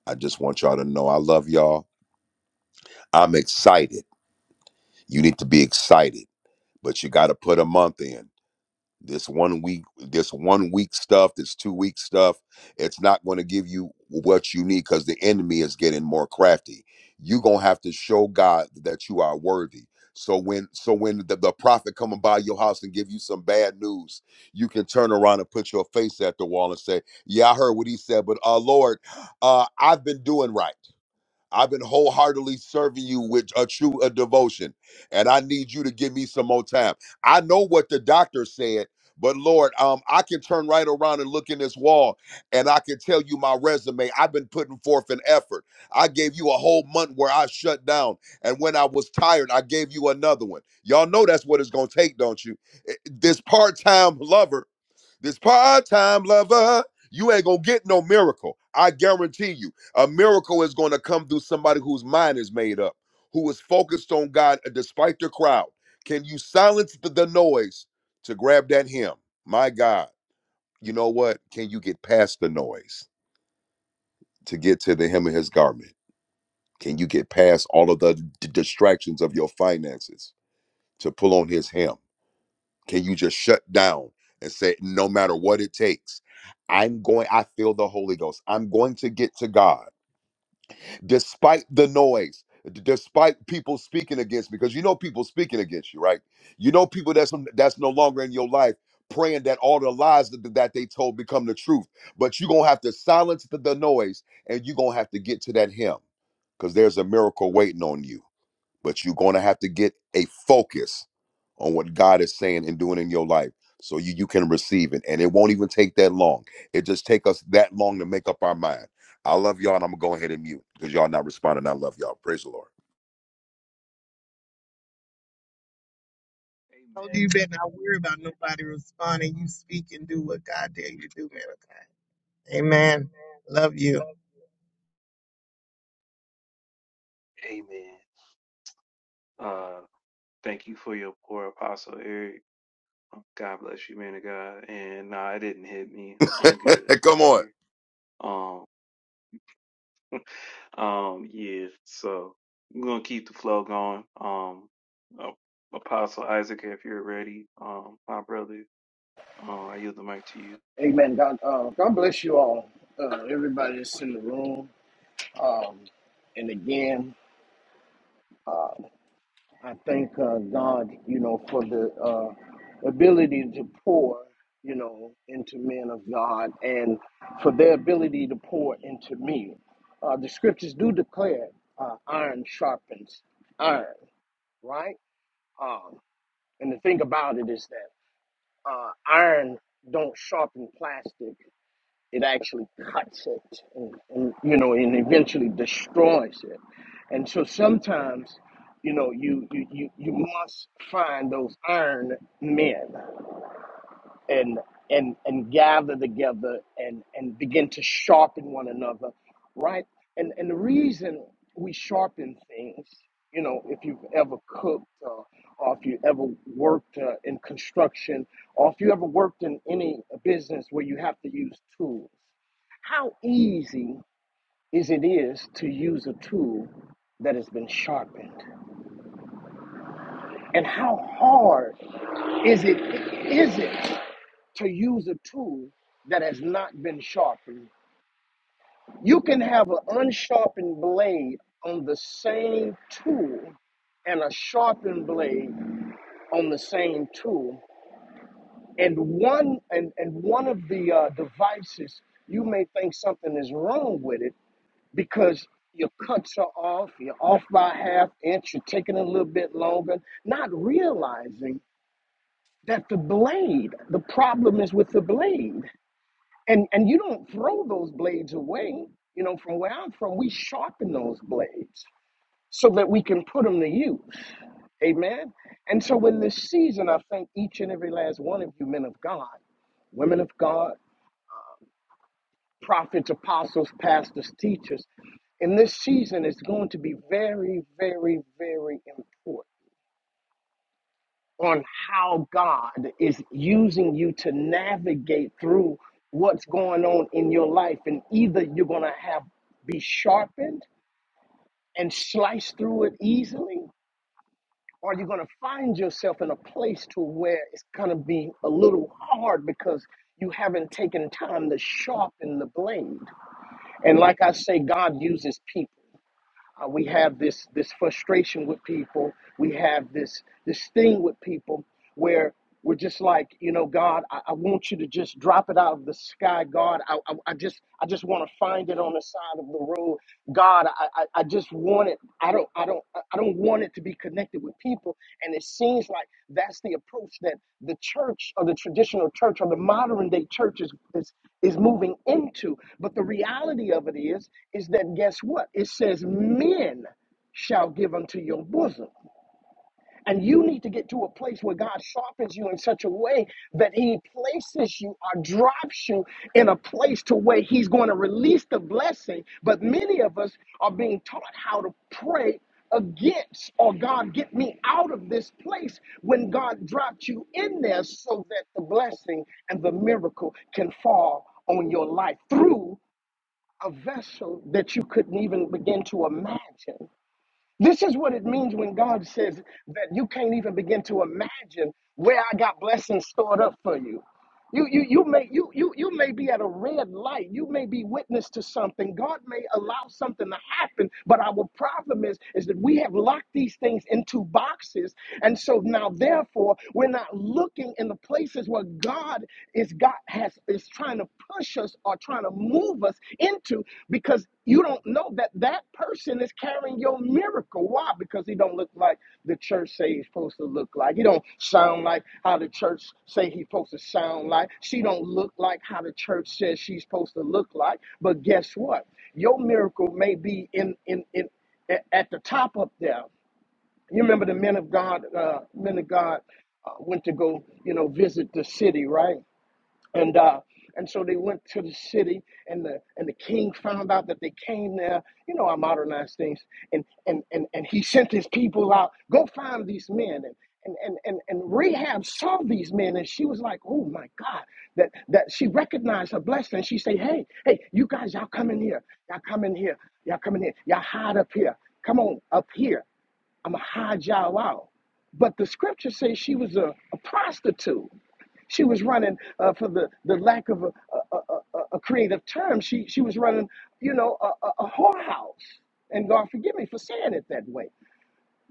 I just want y'all to know I love y'all. I'm excited. You need to be excited, but you got to put a month in. this one week this one week stuff this two week stuff it's not going to give you what you need because the enemy is getting more crafty you're going to have to show god that you are worthy so when so when the, the prophet coming by your house and give you some bad news you can turn around and put your face at the wall and say yeah i heard what he said but uh lord uh i've been doing right I've been wholeheartedly serving you with a true a devotion, and I need you to give me some more time. I know what the doctor said, but Lord, um, I can turn right around and look in this wall, and I can tell you my resume. I've been putting forth an effort. I gave you a whole month where I shut down, and when I was tired, I gave you another one. Y'all know that's what it's gonna take, don't you? Eh, This part-time lover this part-time lover, you ain't gonna get no miracle. I guarantee you. A miracle is gonna come through somebody whose mind is made up, who is focused on God uh, despite the crowd. Can you silence the, the noise to grab that hymn? My God, you know what? Can you get past the noise to get to the hem of his garment? Can you get past all of the d- distractions of your finances to pull on his hem? Can you just shut down and say, no matter what it takes, I'm going, I feel the Holy Ghost. I'm going to get to God despite the noise, d- despite people speaking against me, because you know people speaking against you, right? You know people that's that's no longer in your life praying that all the lies that, that they told become the truth. But you're gonna have to silence the, the noise and you're gonna have to get to that hymn because there's a miracle waiting on you but you're going to have to get a focus on what God is saying and doing in your life so you, you can receive it. And it won't even take that long. It just take us that long to make up our mind. I love y'all, and I'm gonna go ahead and mute because y'all not responding. I love y'all. Praise the told you you better not worry about nobody responding. You speak and do what God dare you to do, man. of God. Amen. Love you. Amen. Amen. Uh, thank you for your poor Apostle Eric. God bless you, man of God. And nah, it didn't hit me. I'm Lord. good over Come on. here. Um, Um, yes. Amen. God, uh, God bless you all. Uh, everybody that's in the room. Um, and again, uh, I thank uh, God, you know, for the uh, ability to pour, you know, into men of God and for their ability to pour into me. Uh, the scriptures do declare uh, iron sharpens iron, right? Um, and the thing about it is that uh, iron don't sharpen plastic It actually cuts it, and, and you know, and eventually destroys it. And so sometimes, you know, you you you, you must find those iron men and and and gather together and and begin to sharpen one another, right? And and the reason we sharpen things, you know, if you've ever cooked or, or if you ever worked uh, in construction or if you ever worked in any business where you have to use tools how easy is it is to use a tool that has been sharpened? And how hard is it is it to use a tool that has not been sharpened? You can have an unsharpened blade on the same tool and a sharpened blade on the same tool. And one and, and one of the uh, devices, you may think something is wrong with it, because your cuts are off, you're off by a half inch, you're taking a little bit longer, not realizing that the blade, the problem is with the blade. And and you don't throw those blades away. You know, from where I'm from, we sharpen those blades so that we can put them to use. Amen. And so in this season, I thank each and every last one of you, men of God, women of God, prophets, apostles, pastors, teachers. And this season is going to be very, very, very important on how God is using you to navigate through what's going on in your life. And either you're going to have be sharpened and slice through it easily, or you're going to find yourself in a place to where it's going to be a little hard because you haven't taken time to sharpen the blade. And like I say, God uses people. Uh, we have this this frustration with people. We have this this thing with people where we're just like, you know, God, I, I want you to just drop it out of the sky, God. I, I, I just I just want to find it on the side of the road, God. I, I, I just want it. I don't I don't don't I don't want it to be connected with people. And it seems like that's the approach that the church or the traditional church or the modern day church is is, is moving into. But the reality of it is, is that guess what? It says men shall give unto your bosom. And you need to get to a place where God softens you in such a way that He places you or drops you in a place to where He's going to release the blessing. But many of us are being taught how to pray against or God get me out of this place when God dropped you in there so that the blessing and the miracle can fall on your life through a vessel that you couldn't even begin to imagine. This is what it means when God says that you can't even begin to imagine where I got blessings stored up for you. You, you, you may you, you you may be at a red light. You may be witness to something. God may allow something to happen, but our problem is is that we have locked these things into boxes, and so now therefore we're not looking in the places where God is God has is trying to push us or trying to move us into because you don't know that that person is carrying your miracle. Why? Because he don't look like the church say he's supposed to look like. He don't sound like how the church say he's supposed to sound like. She don't look like how the church says she's supposed to look like. But guess what? Your miracle may be in in in a- at the top up there. You remember the men of God, uh, men of God uh, went to go, you know, visit the city, right? and uh, and so they went to the city, and the and the king found out that they came there. You know, I modernize things, and and and and he sent his people out. Go find these men, and and and and, and Rahab saw these men, and she was like, oh my God, that that she recognized her blessing. She said, hey, hey, you guys, y'all come in here, y'all come in here, y'all come in here, y'all hide up here. Come on up here. I'm going to hide y'all out. But the scripture says she was a, a prostitute. She was running, uh, for the, the lack of a, a, a, a creative term, she, she was running, you know, a, a, a whorehouse. And God forgive me for saying it that way.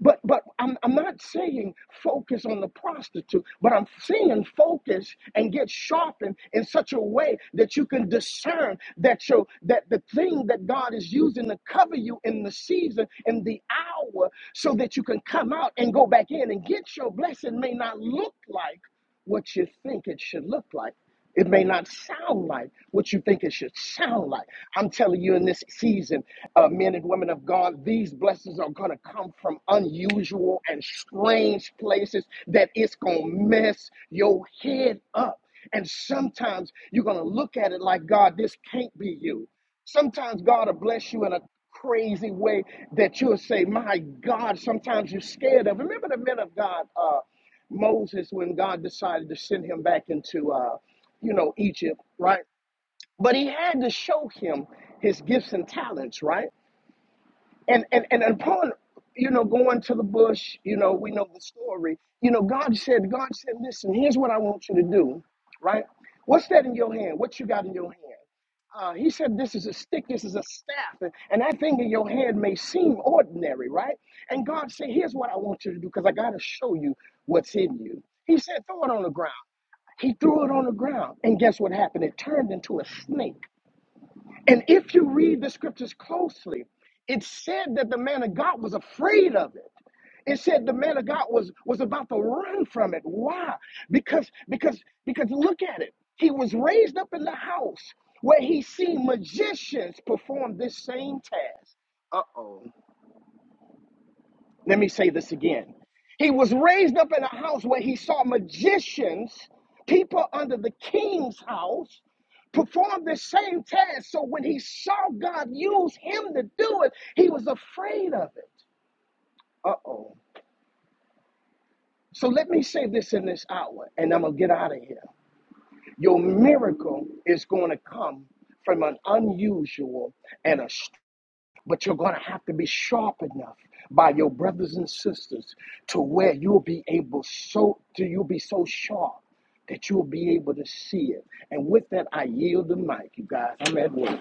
But but I'm I'm not saying focus on the prostitute, but I'm saying focus and get sharpened in such a way that you can discern that your that the thing that God is using to cover you in the season in the hour so that you can come out and go back in and get your blessing may not look like what you think it should look like. It may not sound like what you think it should sound like. I'm telling you, in this season, uh, men and women of God, these blessings are going to come from unusual and strange places that it's going to mess your head up. And sometimes you're going to look at it like, God, this can't be you. Sometimes God will bless you in a crazy way that you'll say, My God, sometimes you're scared of. Remember the men of God. Uh, Moses when God decided to send him back into, uh, you know, Egypt, right? But he had to show him his gifts and talents, right? and and and upon you know going to the bush you know we know the story you know god said god said listen here's what i want you to do right what's that in your hand what you got in your hand uh, he said this is a stick this is a staff and, and that thing in your hand may seem ordinary right and god said here's what i want you to do because i got to show you what's in you he said throw it on the ground he threw it on the ground and guess what happened it turned into a snake and if you read the scriptures closely, it said that the man of God was afraid of it. It said the man of God was was about to run from it. Why? Because because because look at it. He was raised up in the house where he seen magicians perform this same task. Uh-oh. Let me say this again. He was raised up in a house where he saw magicians, people under the king's house, perform the same task. So when he saw God use him to do it, he was afraid of it. Uh oh. So let me say this in this hour, and I'm going to get out of here. Your miracle is going to come from an unusual and a But you're going to have to be sharp enough by your brothers and sisters to where you'll be able so to you'll be so sharp that you'll be able to see it. And with that, I yield the mic, you guys. I'm at work.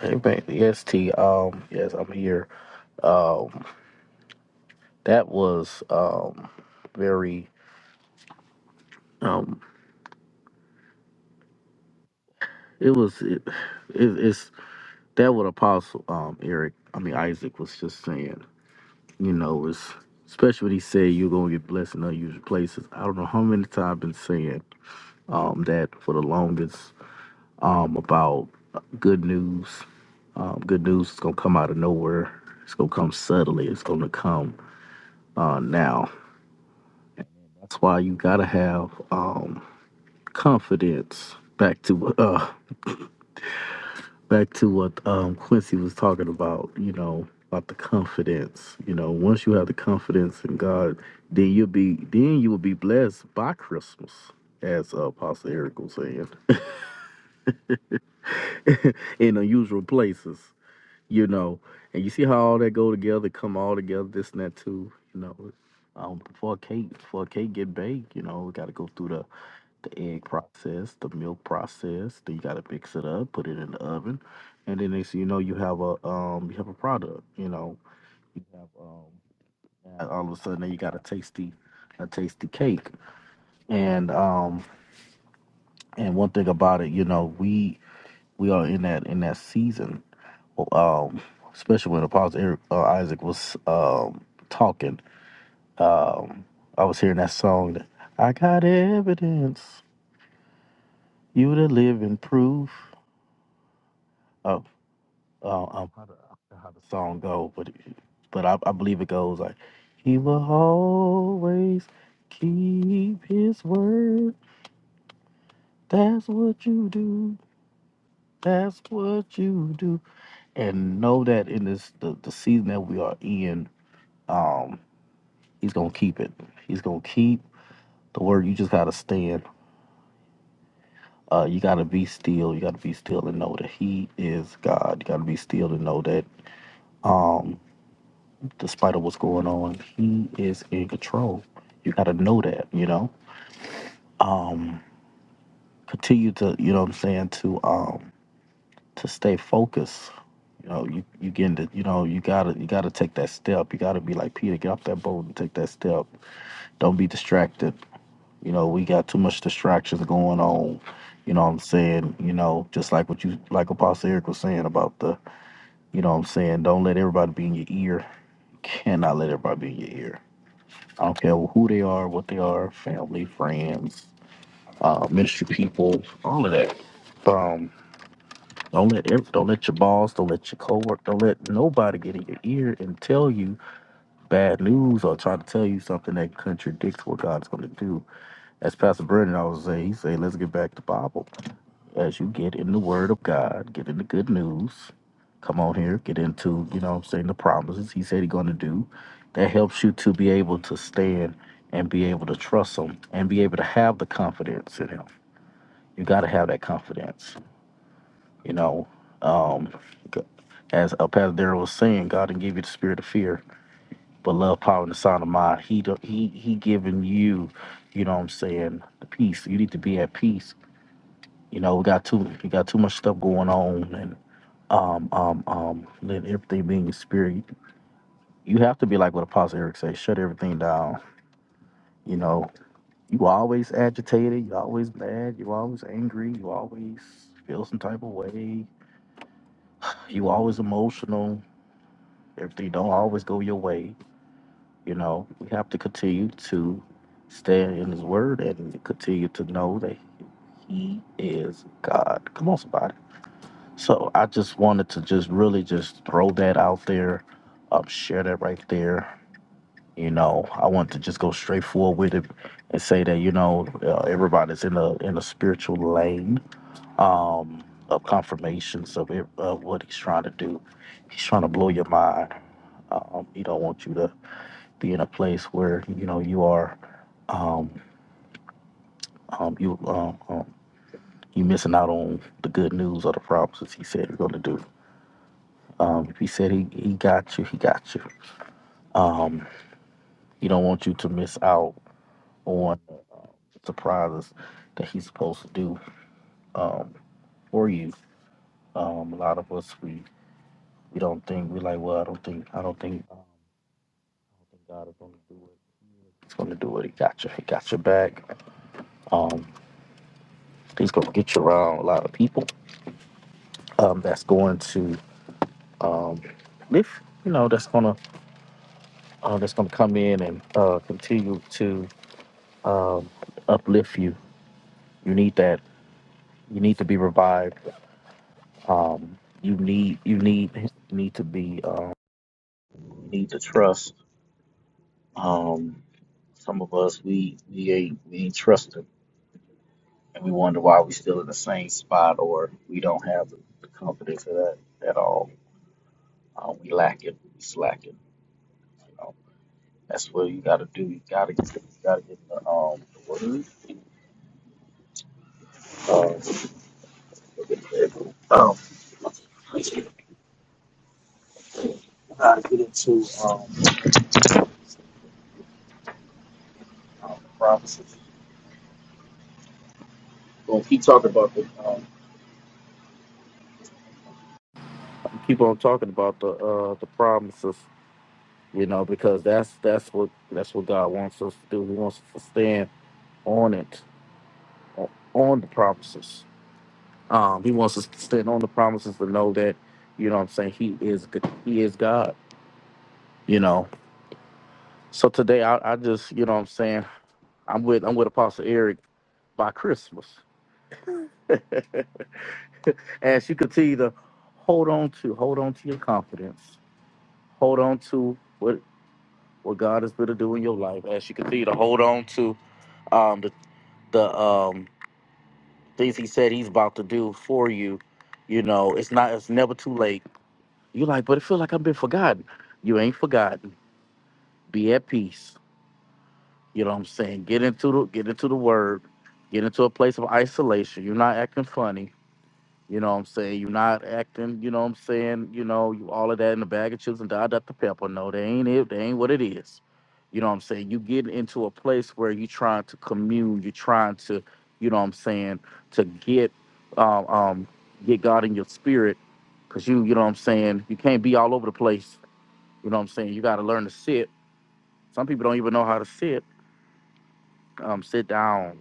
Hey, man. Yes, T. Um, yes, I'm here. Um, that was um very um. It was it, it it's that what Apostle um Eric. I mean Isaac was just saying. You know, it's especially when he said you're gonna get blessed in unusual places. I don't know how many times I've been saying um that for the longest. um, about good news. Um, good news is gonna come out of nowhere. It's gonna come subtly. It's gonna come uh, now. That's why you gotta have um, confidence. Back to uh, back to what um, Quincy was talking about. You know about the confidence. You know once you have the confidence in God, then you'll be then you will be blessed by Christmas, as uh, Apostle Eric was saying, in unusual places. you know, and you see how all that go together, come all together, this and that too, you know. Um, before cake, before cake get baked, you know, we got to go through the the egg process, the milk process. Then you got to mix it up, put it in the oven, and then next thing you know, you have a um, you have a product. You know, you have um, and all of a sudden then you got a tasty, a tasty cake. And um, and one thing about it, you know, we we are in that in that season um, especially when Apostle Eric, uh, Isaac was um, talking. Um, I was hearing that song. That, I got evidence. You the living proof. Of, uh, um, how, the, how the song go, but but I, I believe it goes like, He will always keep His word. That's what you do. That's what you do. And know that in this the, the season that we are in, um, He's gonna keep it. He's gonna keep the word. You just gotta stand. Uh, you gotta be still. You gotta be still and know that He is God. You gotta be still to know that, um, despite of what's going on, He is in control. You gotta know that. You know. Um, continue to. You know what I'm saying. To um, to stay focused. You know, you you getting to. You know, you gotta you gotta take that step. You gotta be like Peter. Get off that boat and take that step. Don't be distracted. You know, we got too much distractions going on. You know what I'm saying? You know, just like what you like Apostle Eric was saying about the, you know what I'm saying, don't let everybody be in your ear. Cannot let everybody be in your ear. I don't care who they are, what they are, family, friends, uh, ministry people, all of that. Um, don't let ev- don't let your boss, don't let your coworker, don't let nobody get in your ear and tell you bad news or try to tell you something that contradicts what God's going to do as Pastor Brendan always say, he say, let's get back to Bible. as you get in the Word of God, get in the good news, come on here, get into, you know what I'm saying, the promises He said He's going to do. That helps you to be able to stand and be able to trust Him and be able to have the confidence in Him. You got to have that confidence, you know. Um, g- as uh, Pastor Darrell was saying, God didn't give you the spirit of fear, but love, power, and the sound of mind. He, do- he, he giving you, you know what I'm saying, the peace. You need to be at peace you know, we got too we got too much stuff going on and. um, um, um, let everything be in your spirit. You have to be like what Apostle Eric says, shut everything down. You know, you always agitated, you always mad, you always angry, you always feel some type of way, you always emotional, everything don't always go your way. You know, we have to continue to stand in his word and continue to know that he is God. Come on, somebody. So I just wanted to just really just throw that out there, um, share that right there You know, I want to just go straight forward with it and say that you know uh, everybody's in a in a spiritual lane um, of confirmations of, it, of what he's trying to do. He's trying to blow your mind. Um, he don't want you to be in a place where you know you are um, um, you um, um, you missing out on the good news or the promises he said he's going to do. Um, if he said he, he got you, he got you. Um, he don't want you to miss out on. surprises that he's supposed to do um, for you. Um, a lot of us we we don't think we like. Well, I don't think I don't think, um, I don't think God is going to do it. He's going to do it. He got you. He got your back. Um, he's going to get you around a lot of people um, that's going to um, live. You know, that's going to uh, that's going to come in and uh, continue to um, uplift you. You need that. You need to be revived. Um, you need you need you need to be um, you need to trust. Um, some of us we we ain't we ain't trusting, and we wonder why we still in the same spot or we don't have the, the confidence of that at all. Uh, we lack it, we slacking. You know, that's what you got to do. You got to get you got to get in the um the word. Uh, so that you- um, got to get into um, um the promises. Gonna keep talking about the um, keep on talking about the uh the promises, you know, because that's that's what that's what God wants us to do. He wants us to stand on it, o- on the promises. Um, he wants us to stand on the promises to know that, you know what I'm saying, he is g- he is God, you know. So today I, I just, you know what I'm saying, I'm with I'm with Apostle Eric by Christmas. As you continue to hold on to, hold on to your confidence. Hold on to what what God is going to do in your life. As you continue to hold on to um the the um things he said he's about to do for you, you know, it's not it's never too late You're like, but it feels like I've been forgotten. You ain't forgotten. Be at peace. You know what I'm saying? Get into the get into the word. Get into a place of isolation. You're not acting funny. You know what I'm saying? You're not acting, you know what I'm saying, you know, you all of that in the bag of chips and da da the pepper. No, they ain't it, they ain't what it is. You know what I'm saying? You get into a place where you're trying to commune, you're trying to, you know what I'm saying, to get um, um get God in your spirit. Cause you, you know what I'm saying, you can't be all over the place you know what I'm saying? You got to learn to sit. Some people don't even know how to sit. Um, sit down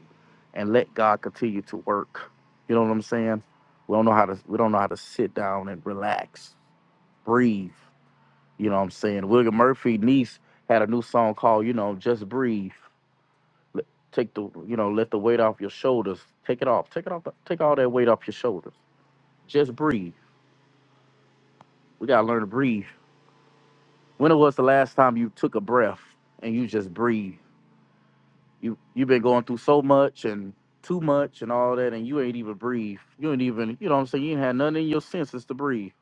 and let God continue to work. You know what I'm saying? We don't know how to. We don't know how to sit down and relax, breathe. You know what I'm saying? William Murphy niece had a new song called, you know, just breathe. Let- Take the, you know, let the weight off your shoulders. Take it off. Take it off. the- Take all that weight off your shoulders. Just breathe. We gotta learn to breathe. When was the last time you took a breath and you just breathe? You you've been going through so much and too much and all that, and you ain't even breathe. You ain't even you know what I'm saying. You ain't had nothing in your senses to breathe.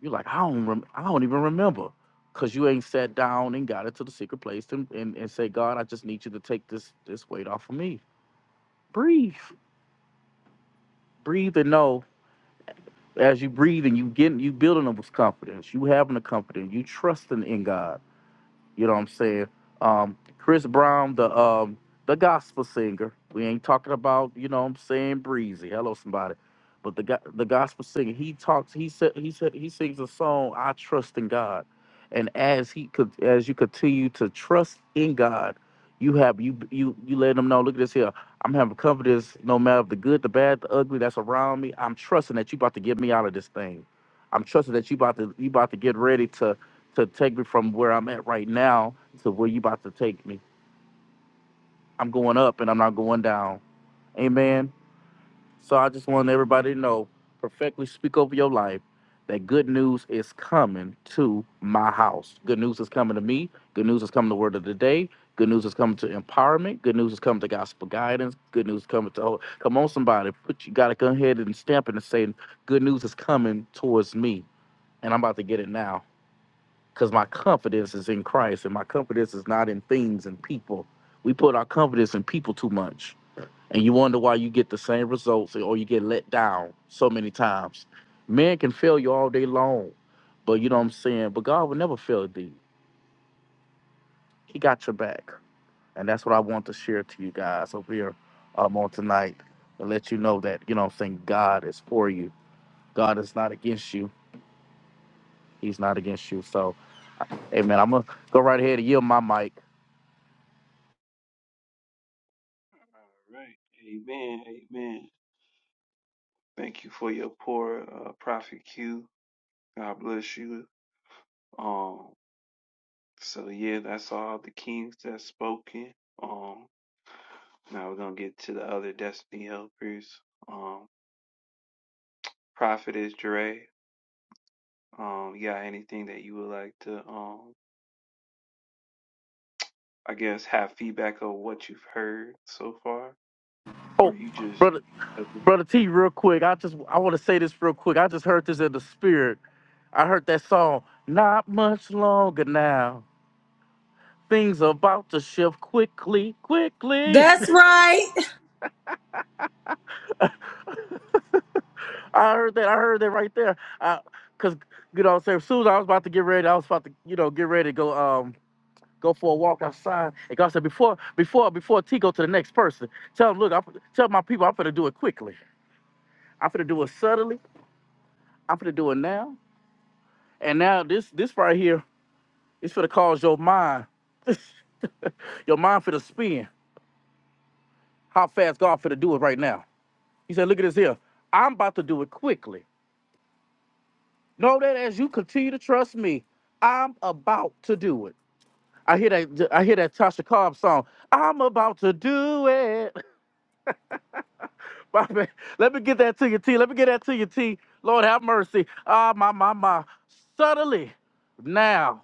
You're like I don't rem- I don't even remember. Cause you ain't sat down and got it to the secret place and, and, and say, God, I just need you to take this this weight off of me. Breathe. Breathe and know as you breathe and you getting you building up with confidence. You having the confidence. You trusting in God You know what I'm saying? Um, Chris Brown, the um, the gospel singer. We ain't talking about you know what I'm saying breezy. Hello, somebody. But the go- the gospel singer, he talks. He said he said he sings a song. I trust in God, and as he could as you continue to trust in God, you have you you you let him know. Look at this here. I'm having confidence, no matter the good, the bad, the ugly that's around me. I'm trusting that you about to get me out of this thing. I'm trusting that you about to you about to get ready to to take me from where I'm at right now to where you about to take me. I'm going up and I'm not going down. Amen. So I just want everybody to know, perfectly speak over your life, that good news is coming to my house. Good news is coming to me. Good news is coming to Word of the Day. Good news is coming to empowerment. Good news is coming to gospel guidance. Good news is coming to come on somebody. Put you gotta go ahead and stamp it and say, good news is coming towards me. And I'm about to get it now. because my confidence is in Christ and my confidence is not in things and people. We put our confidence in people too much, and you wonder why you get the same results or you get let down so many times. Men can fail you all day long, but you know what I'm saying? But God will never fail thee. He got your back. And that's what I want to share to you guys over here um, on tonight to let you know that, you know what I'm saying, God is for you. God is not against you. He's not against you. So, hey, man, I'm going to go right ahead and yield my mic. All right. Amen. Amen. Thank you for your poor uh, Prophet Q. God bless you. Um, so yeah, that's all the kings that's spoken. Um, now we're gonna get to the other destiny helpers. Um, Prophet is Dre. Um, you got anything that you would like to um, I guess have feedback of what you've heard so far, or Oh, you just brother, agree? Brother T, real quick, I just I want to say this real quick. I just heard this in the spirit. I heard that song. Not much longer now. Things are about to shift quickly, quickly. That's right. I heard that. I heard that right there. I, cause you know, what I'm saying, as soon as I was about to get ready, I was about to, you know, get ready to go, um, go for a walk outside. And God said, before, before, before T go to the next person, tell him, look, I, tell my people, I'm gonna do it quickly. I'm gonna do it subtly. I'm gonna do it now. And now this, this right here. It's for to cause your mind, your mind for to spin. How fast God for to do it right now? He said, "Look at this here. I'm about to do it quickly. Know that as you continue to trust me, I'm about to do it." I hear that. I hear that Tasha Cobb song. I'm about to do it. My man, let me get that to you, T. Let me get that to you, T. Lord have mercy. Ah, my, my, my. Suddenly, now,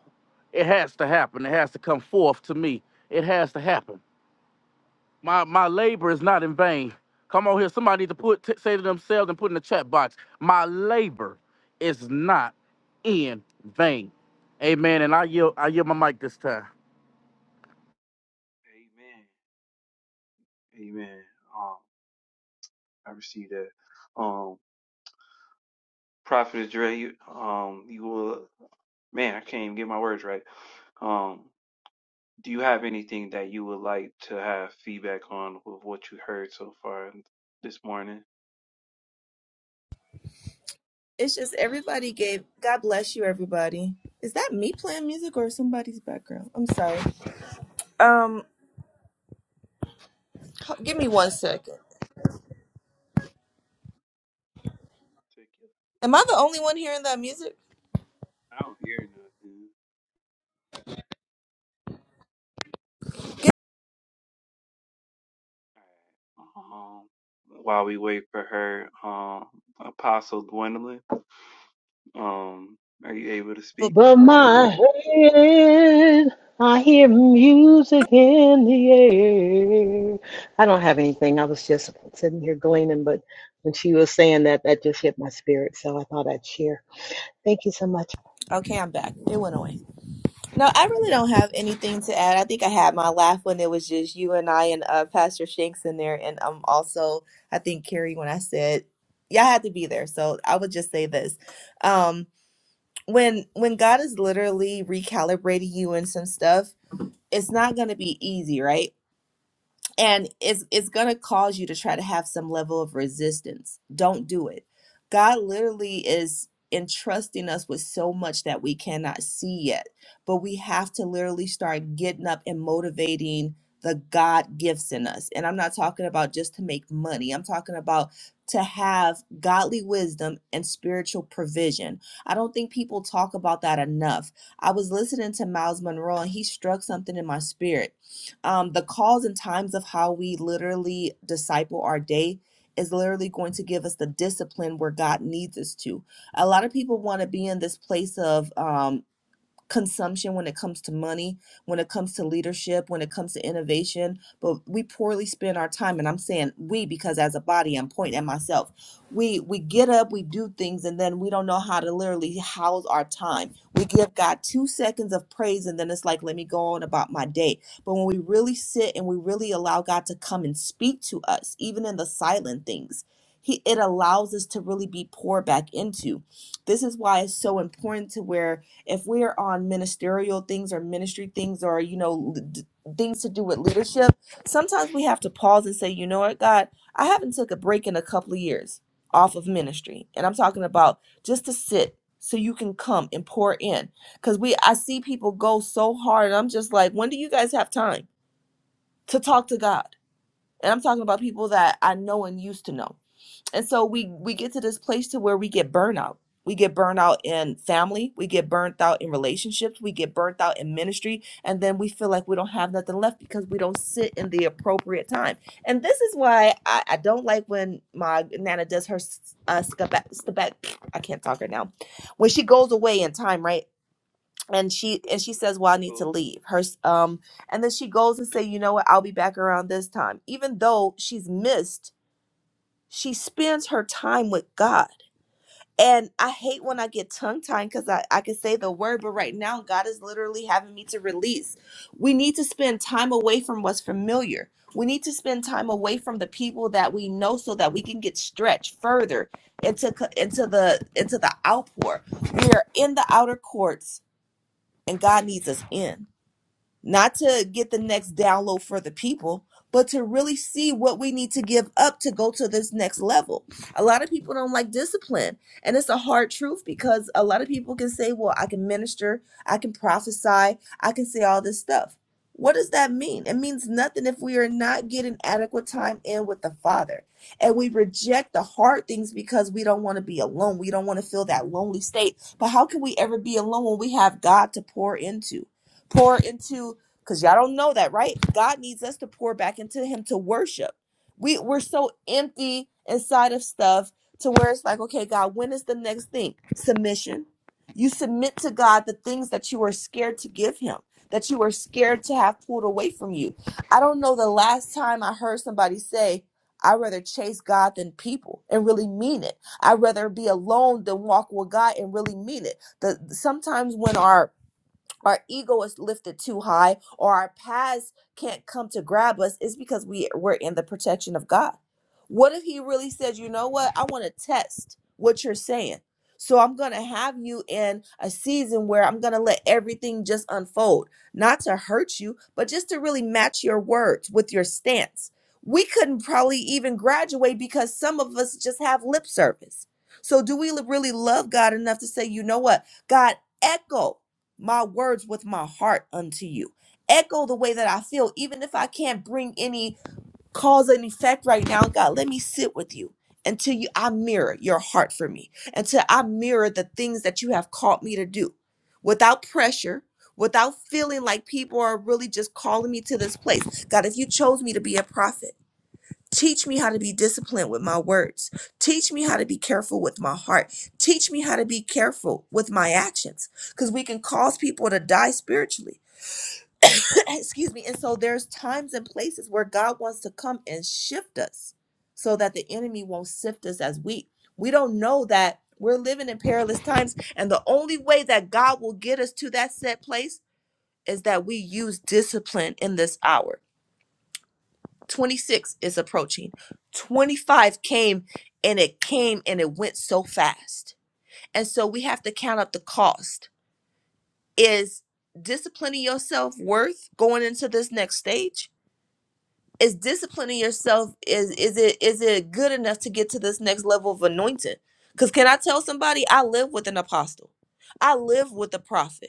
it has to happen. It has to come forth to me. It has to happen. My my labor is not in vain. Come on here. Somebody need to put t- say to themselves and put in the chat box, my labor is not in vain. Amen. And I yield I yield my mic this time. Amen. Amen. Um, I received that. Um. Prophet Dre, you, um, you will, man, I can't even get my words right. Um, do you have anything that you would like to have feedback on with what you heard so far this morning? It's just everybody gave. God bless you, everybody. Is that me playing music or somebody's background? I'm sorry. Um, h- give me one second. Check it. Am I the only one hearing that music? I don't hear nothing. Um, li- um, amen. but my head, I hear music in the air. I don't have anything. I was just sitting here gleaning, but when she was saying that, that just hit my spirit. So I thought I'd share. Thank you so much. Okay, I'm back. It went away. No, I really don't have anything to add. I think I had my laugh when it was just you and I and uh, Pastor Shanks in there, and um, also I think Carrie when I said, "Yeah, I had to be there." So I would just say this. um. when when God is literally recalibrating you and some stuff, it's not going to be easy, right? and it's it's going to cause you to try to have some level of resistance don't do it god literally is entrusting us with so much that we cannot see yet but we have to literally start getting up and motivating the god gifts in us and i'm not talking about just to make money i'm talking about to have godly wisdom and spiritual provision i don't think people talk about that enough i was listening to miles monroe and he struck something in my spirit um, the calls and times of how we literally disciple our day is literally going to give us the discipline where God needs us to. A lot of people want to be in this place of um, consumption when it comes to money, when it comes to leadership, when it comes to innovation, but we poorly spend our time and I'm saying we because as a body I'm pointing at myself. We we get up, we do things and then we don't know how to literally house our time. We give God 2 seconds of praise and then it's like let me go on about my day. But when we really sit and we really allow God to come and speak to us even in the silent things, he it allows us to really be poured back into. This is why it's so important to where if we're on ministerial things or ministry things or you know l- d- things to do with leadership sometimes we have to pause and say you know what god i haven't took a break in a couple of years off of ministry and i'm talking about just to sit so you can come and pour in because we i see people go so hard and i'm just like when do you guys have time to talk to god and i'm talking about people that i know and used to know and so we we get to this place to where we get burnout we get burnt out in family we get burnt out in relationships we get burnt out in ministry and then we feel like we don't have nothing left because we don't sit in the appropriate time and this is why i, I don't like when my nana does her uh step back, step back i can't talk right now when she goes away in time right and she and she says well i need to leave her um and then she goes and say you know what i'll be back around this time even though she's missed she spends her time with God. And I hate when I get tongue tied because I, I can say the word, but right now, God is literally having me to release. We need to spend time away from what's familiar. We need to spend time away from the people that we know so that we can get stretched further into, co- into the into the outpour. We are in the outer courts and God needs us in not to get the next download for the people, but to really see what we need to give up to go to this next level. A lot of people don't like discipline, and it's a hard truth because a lot of people can say, Well, I can minister, I can prophesy, I can say all this stuff. What does that mean? It means nothing if we are not getting adequate time in with the Father. And we reject the hard things because we don't want to be alone. We don't want to feel that lonely state. But how can we ever be alone when we have God to pour into? pour into because y'all don't know that right god needs us to pour back into him to worship we we're so empty inside of stuff to where it's like okay god when is the next thing submission you submit to god the things that you are scared to give him that you are scared to have pulled away from you i don't know the last time i heard somebody say i'd rather chase god than people and really mean it i'd rather be alone than walk with god and really mean it the sometimes when our our ego is lifted too high or our past can't come to grab us is because we we're in the protection of God. What if he really said, "You know what? I want to test what you're saying." So I'm going to have you in a season where I'm going to let everything just unfold, not to hurt you, but just to really match your words with your stance. We couldn't probably even graduate because some of us just have lip service. So do we li- really love God enough to say, "You know what? God, echo my words with my heart unto you. Echo the way that I feel, even if I can't bring any cause and effect right now. God, let me sit with you until you I mirror your heart for me, until I mirror the things that you have called me to do without pressure. Without feeling like people are really just calling me to this place. God, if you chose me to be a prophet, Teach me how to be disciplined with my words. Teach me how to be careful with my heart. Teach me how to be careful with my actions because we can cause people to die spiritually. Excuse me. And so there's times and places where God wants to come and shift us so that the enemy won't sift us as wheat. We don't know that we're living in perilous times. And the only way that God will get us to that set place is that we use discipline in this hour 26 is approaching. 25 came and it came and it went so fast. And so we have to count up the cost. Is disciplining yourself worth going into this next stage? Is disciplining yourself is is it is it good enough to get to this next level of anointing? Cuz can I tell somebody I live with an apostle. I live with a prophet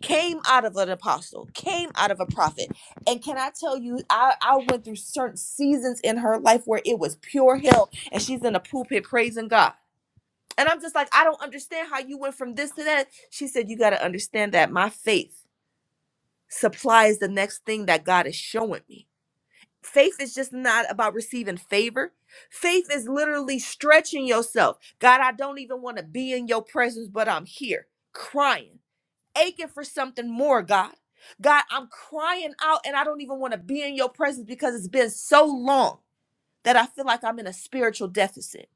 came out of an apostle, came out of a prophet. And can I tell you, I, I went through certain seasons in her life where it was pure hell and she's in a pulpit praising God. And I'm just like, I don't understand how you went from this to that. She said, You got to understand that my faith supplies the next thing that God is showing me. Faith is just not about receiving favor. Faith is literally stretching yourself. God, I don't even want to be in your presence, but I'm here crying aching for something more, God. God, I'm crying out and I don't even want to be in your presence because it's been so long that I feel like I'm in a spiritual deficit.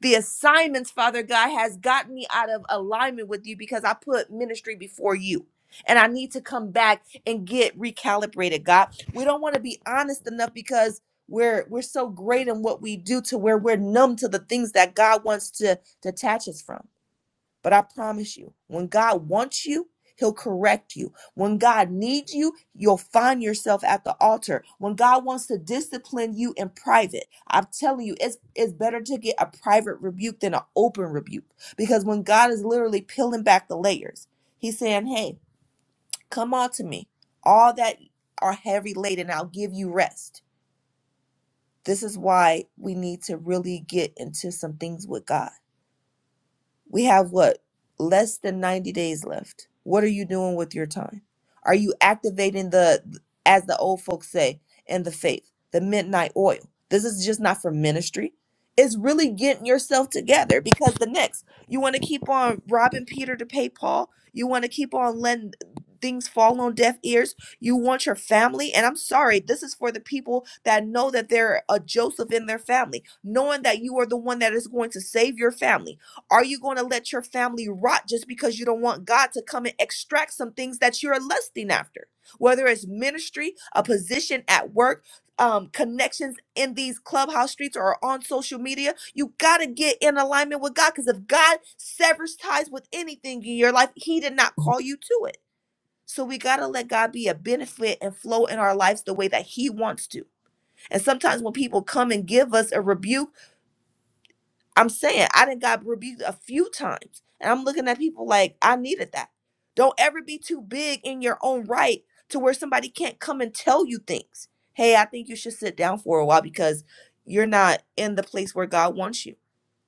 The assignments, Father God, has gotten me out of alignment with you because I put ministry before you. And I need to come back and get recalibrated, God. We don't want to be honest enough because we're we're so great in what we do to where we're numb to the things that God wants to detach us from. But I promise you, when God wants you, He'll correct you. When God needs you, you'll find yourself at the altar. When God wants to discipline you in private, I'm telling you, it's, it's better to get a private rebuke than an open rebuke. Because when God is literally peeling back the layers, He's saying, Hey, come on to me. All that are heavy laden, I'll give you rest. This is why we need to really get into some things with God We have what? Less than 90 days left. What are you doing with your time? Are you activating the, as the old folks say, in the faith, the midnight oil? This is just not for ministry. It's really getting yourself together because the next, you want to keep on robbing Peter to pay Paul. You want to keep on letting things fall on deaf ears. You want your family. And I'm sorry, this is for the people that know that they're a Joseph in their family, knowing that you are the one that is going to save your family are you going to let your family rot just because you don't want God to come and extract some things that you're lusting after? Whether it's ministry, a position at work, um, connections in these clubhouse streets or on social media, you got to get in alignment with God because if God severs ties with anything in your life, He did not call you to it. So we got to let God be a benefit and flow in our lives the way that He wants to. And sometimes when people come and give us a rebuke, I'm saying I didn't got rebuked a few times. And I'm looking at people like I needed that. Don't ever be too big in your own right to where somebody can't come and tell you things. Hey, I think you should sit down for a while because you're not in the place where God wants you.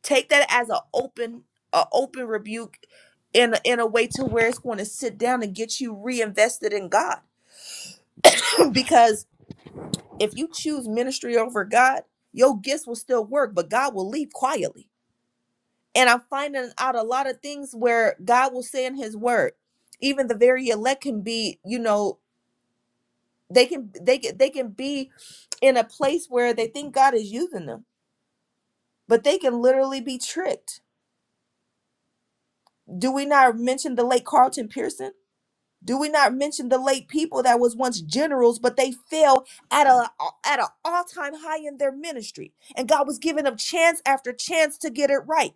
Take that as an open, a open rebuke in a, in a way to where it's going to sit down and get you reinvested in God. because if you choose ministry over God, your gifts will still work, but God will leave quietly And I'm finding out a lot of things where God will say in his word, even the very elect can be, you know, they can they can they can be in a place where they think God is using them, but they can literally be tricked. Do we not mention the late Carlton Pearson? Do we not mention the late people that was once generals, but they fell at a at an all time high in their ministry, and God was giving them chance after chance to get it right,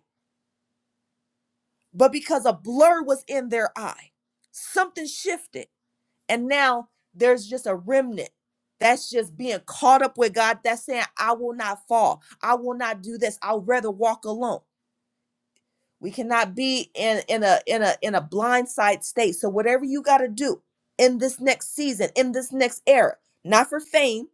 but because a blur was in their eye, something shifted And now there's just a remnant that's just being caught up with God that's saying, I will not fall. I will not do this. I'll rather walk alone. We cannot be in, in a in a in a blindside state. So whatever you gotta do in this next season, in this next era, not for fame,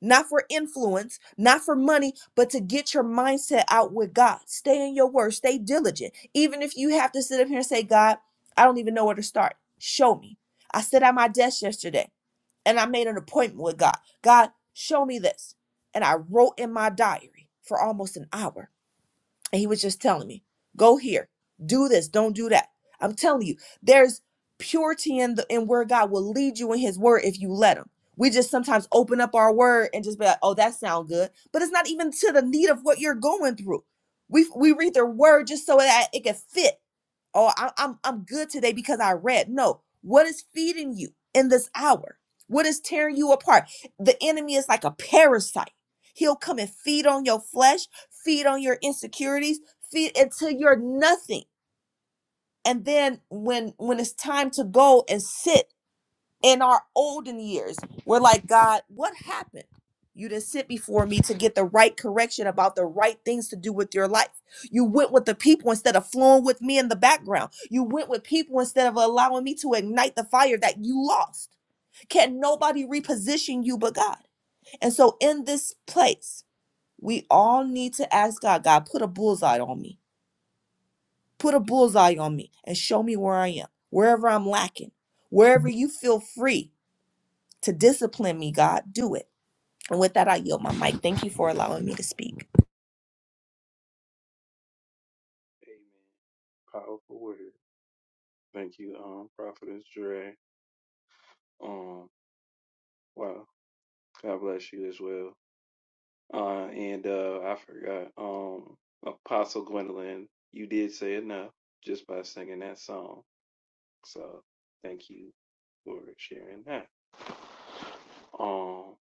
not for influence, not for money, but to get your mindset out with God. Stay in your word, stay diligent. Even if you have to sit up here and say, God, I don't even know where to start. Show me. I sat at my desk yesterday and I made an appointment with God. God, show me this. And I wrote in my diary for almost an hour. And he was just telling me, go here, do this, don't do that. I'm telling you, there's purity in the in where God will lead you in his word if you let him. We just sometimes open up our word and just be like, oh, that sounds good. But it's not even to the need of what you're going through. We we read the word just so that it can fit oh I, i'm i'm good today because i read no what is feeding you in this hour what is tearing you apart the enemy is like a parasite he'll come and feed on your flesh feed on your insecurities feed until you're nothing and then when when it's time to go and sit in our olden years we're like god what happened you didn't sit before me to get the right correction about the right things to do with your life you went with the people instead of flowing with me in the background you went with people instead of allowing me to ignite the fire that you lost can nobody reposition you but god and so in this place we all need to ask god god put a bullseye on me put a bullseye on me and show me where i am wherever i'm lacking wherever you feel free to discipline me, God, do it. And with that, I yield my mic. Thank you for allowing me to speak. Powerful word. Thank you, um, Prophet Dre. Um, wow. God bless you as well. Uh, and uh, I forgot. Um, Apostle Gwendolyn, you did say enough just by singing that song. So thank you for sharing that. Um,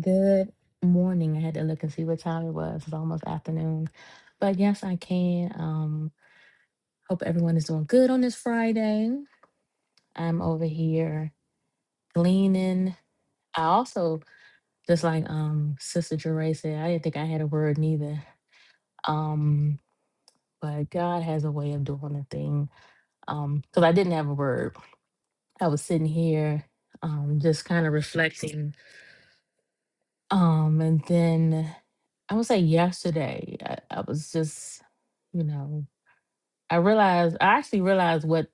Good morning. I had to look and see what time it was. It's almost afternoon. But yes, I can. Um, hope everyone is doing good on this Friday. I'm over here gleaning. I also, just like um Sister Jeray said, I didn't think I had a word neither. Um, but God has a way of doing a thing. Um, because I didn't have a word. I was sitting here um just kind of reflecting Um, and then I would say yesterday, I, I was just, you know, I realized I actually realized what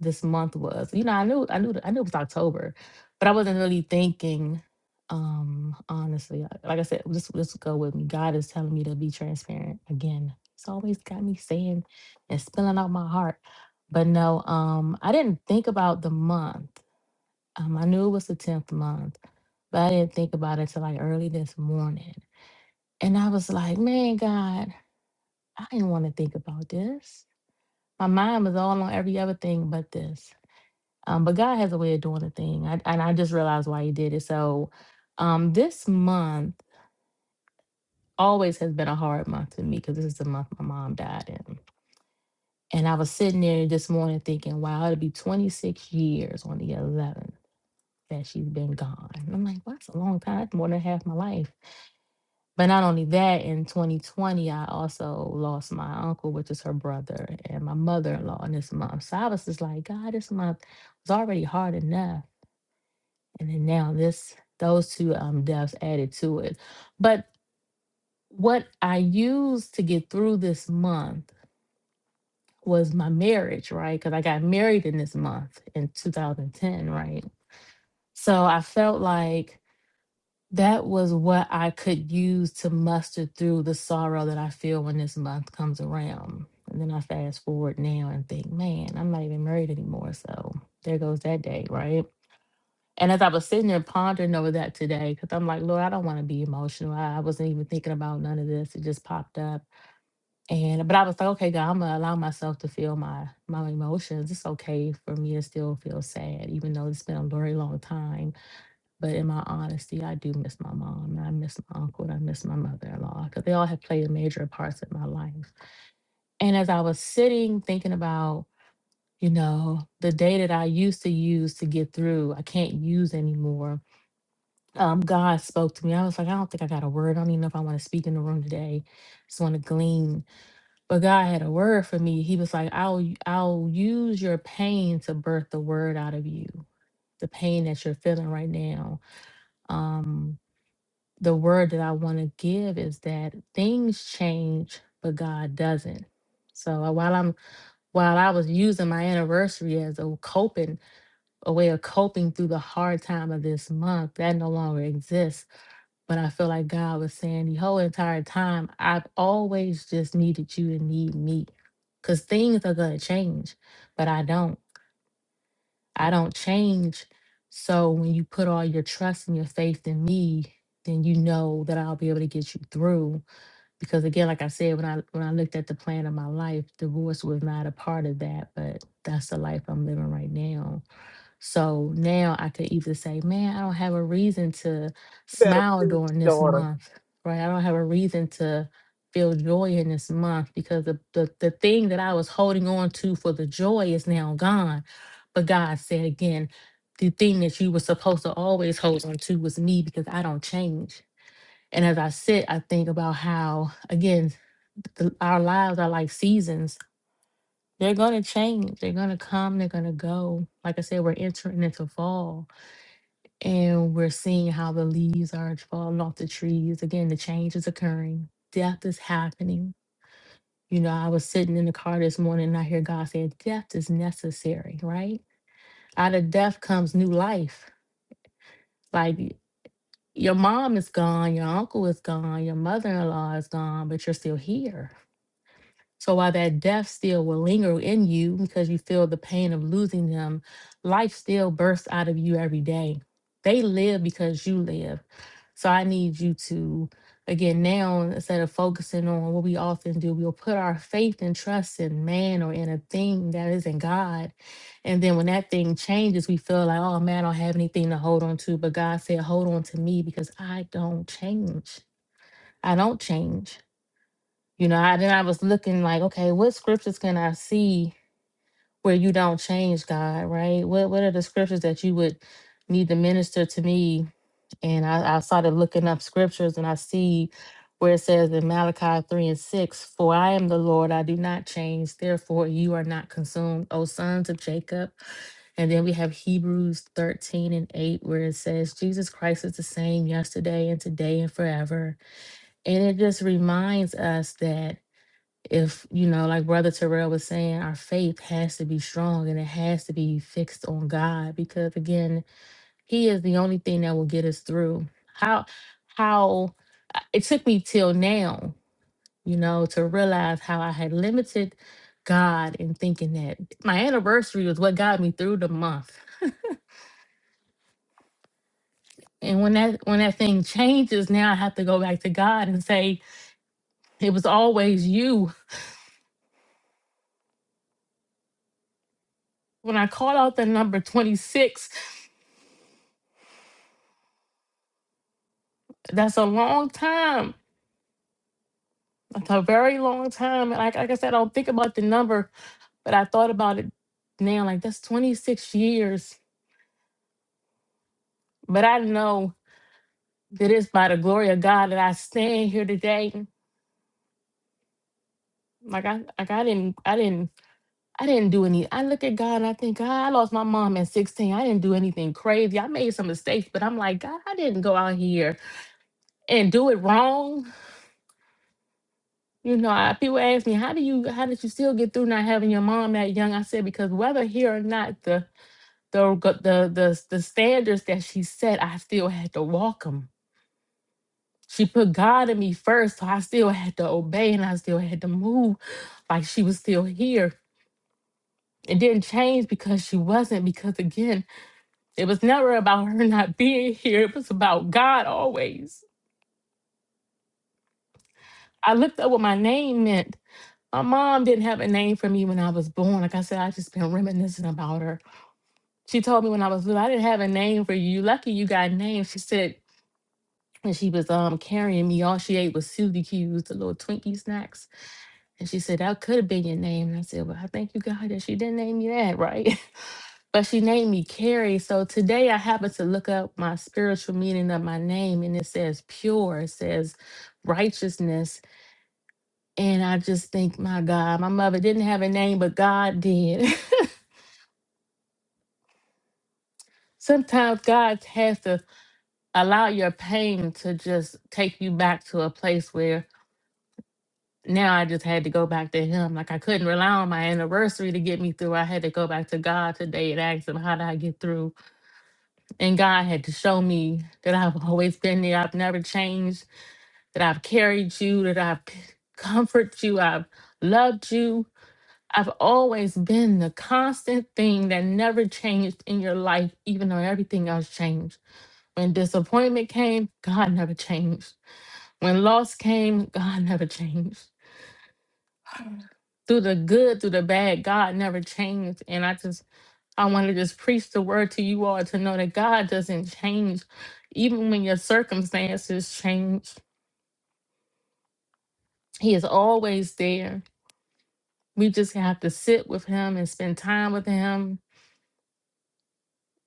this month was. You know, I knew I knew I knew it was October, but I wasn't really thinking. Um, honestly, I- like I said, just just go with me. God is telling me to be transparent again. It's always got me saying and spilling out my heart. But no, um, I didn't think about the month. Um, I knew it was the tenth month, but I didn't think about it till like early this morning. And I was like, man, God, I didn't want to think about this. My mind was all on every other thing but this. Um, but God has a way of doing a thing. I, and I just realized why He did it. So um, this month always has been a hard month for me because this is the month my mom died in. And I was sitting there this morning thinking, wow, it'll be 26 years on the 11th that she's been gone. And I'm like, well, that's a long time. That's more than half my life. But not only that, in 2020, I also lost my uncle, which is her brother, and my mother in law in this month. So I was just like, God, this month was already hard enough. And then now this, those two um, deaths added to it. But what I used to get through this month was my marriage, right? Because I got married in this month in 2010, right? So I felt like That was what I could use to muster through the sorrow that I feel when this month comes around. And then I fast forward now and think, man, I'm not even married anymore. So there goes that day, right? And as I was sitting there pondering over that today, because I'm like, Lord, I don't want to be emotional. I, I wasn't even thinking about none of this. It just popped up. And but I was like, okay, God, I'm gonna allow myself to feel my my emotions. It's okay for me to still feel sad, even though it's been a very long time but in my honesty, I do miss my mom. and I miss my uncle. And I miss my mother in law because they all have played major parts in my life. And as I was sitting thinking about, you know, the day that I used to use to get through, I can't use anymore. Um, God spoke to me. I was like, I don't think I got a word. I don't even know if I want to speak in the room today. Just want to glean. But God had a word for me. He was like, I'll I'll use your pain to birth the word out of you. The pain that you're feeling right now. Um, the word that I want to give is that things change, but God doesn't. So uh, while I'm while I was using my anniversary as a coping a way of coping through the hard time of this month, that no longer exists. But I feel like God was saying the whole entire time, I've always just needed you to need me. Cause things are gonna change, but I don't. I don't change. So when you put all your trust and your faith in me, then you know that I'll be able to get you through. Because again, like I said, when I when I looked at the plan of my life, divorce was not a part of that, but that's the life I'm living right now. So now I could either say, man, I don't have a reason to better smile preach, during this daughter. month, right? I don't have a reason to feel joy in this month because the, the, the thing that I was holding on to for the joy is now gone. But God said again, the thing that you were supposed to always hold on to was me because I don't change. And as I sit, I think about how, again, the, our lives are like seasons they're going to change. They're going to come. They're going to go. Like I said, we're entering into fall and we're seeing how the leaves are falling off the trees. Again, the change is occurring. Death is happening. You know, I was sitting in the car this morning and I hear God say, Death is necessary, right? Out of death comes new life. Like y- your mom is gone, your uncle is gone, your mother in law is gone, but you're still here So while that death still will linger in you because you feel the pain of losing them, life still bursts out of you every day. They live because you live. So I need you to, again, now instead of focusing on what we often do, we'll put our faith and trust in man or in a thing that isn't God. And then when that thing changes, we feel like, oh man, I don't have anything to hold on to. But God said, hold on to me because I don't change. I don't change. You know, I then I was looking like, okay, what scriptures can I see where you don't change God, right? What what are the scriptures that you would need to minister to me? And I, I started looking up scriptures and I see where it says in Malachi 3 and 6, For I am the Lord, I do not change, therefore you are not consumed, O sons of Jacob. And then we have Hebrews 13 and 8, where it says, Jesus Christ is the same yesterday and today and forever. And it just reminds us that if you know like brother terrell was saying our faith has to be strong and it has to be fixed on god because again he is the only thing that will get us through how how I- it took me till now you know to realize how i had limited god in thinking that my anniversary was what got me through the month and when that when that thing changes now i have to go back to god and say it was always you when i called out the number 26 that's a long time It's a very long time. Like, like I said, I don't think about the number, but I thought about it now. Like, that's 26 years. But I know that it's by the glory of God that I stand here today. Like I like I didn't I didn't I didn't do any I look at God and I think God I lost my mom at 16. I didn't do anything crazy. I made some mistakes, but I'm like, God, I didn't go out here and do it wrong. You know, I, people ask me, how do you how did you still get through not having your mom that young? I said, because whether here or not, the. the g- the the the standards that she set, I still had to walk them. She put God in me first, so I still had to obey and I still had to move like she was still here. It didn't change because she wasn't, because again, it was never about her not being here. It was about God always. I looked up what my name meant. My mom didn't have a name for me when I was born. Like I said, I just been reminiscing about her. She told me when I was little, I didn't have a name for you. Lucky you got a name. She said, and she was um carrying me. All she ate was Suzy Q's, the little Twinkie snacks. And she said, That could have been your name. And I said, Well, I thank you God that she didn't name me that, right? but she named me Carrie. So today I happened to look up my spiritual meaning of my name and it says pure, it says righteousness. And I just think, my God, my mother didn't have a name, but God did. Sometimes God has to allow your pain to just take you back to a place where now I just had to go back to him. Like I couldn't rely on my anniversary to get me through. I had to go back to God today and ask him, how did I get through? And God had to show me that I've always been there. I've never changed, that I've carried you, that I've c- comforted you, I've loved you. I've always been the constant thing that never changed in your life, even though everything else changed. When disappointment came, God never changed. When loss came, God never changed. through the good, through the bad, God never changed. And I just, I want to just preach the word to you all to know that God doesn't change. Even when your circumstances change, He is always there. We just have to sit with Him and spend time with Him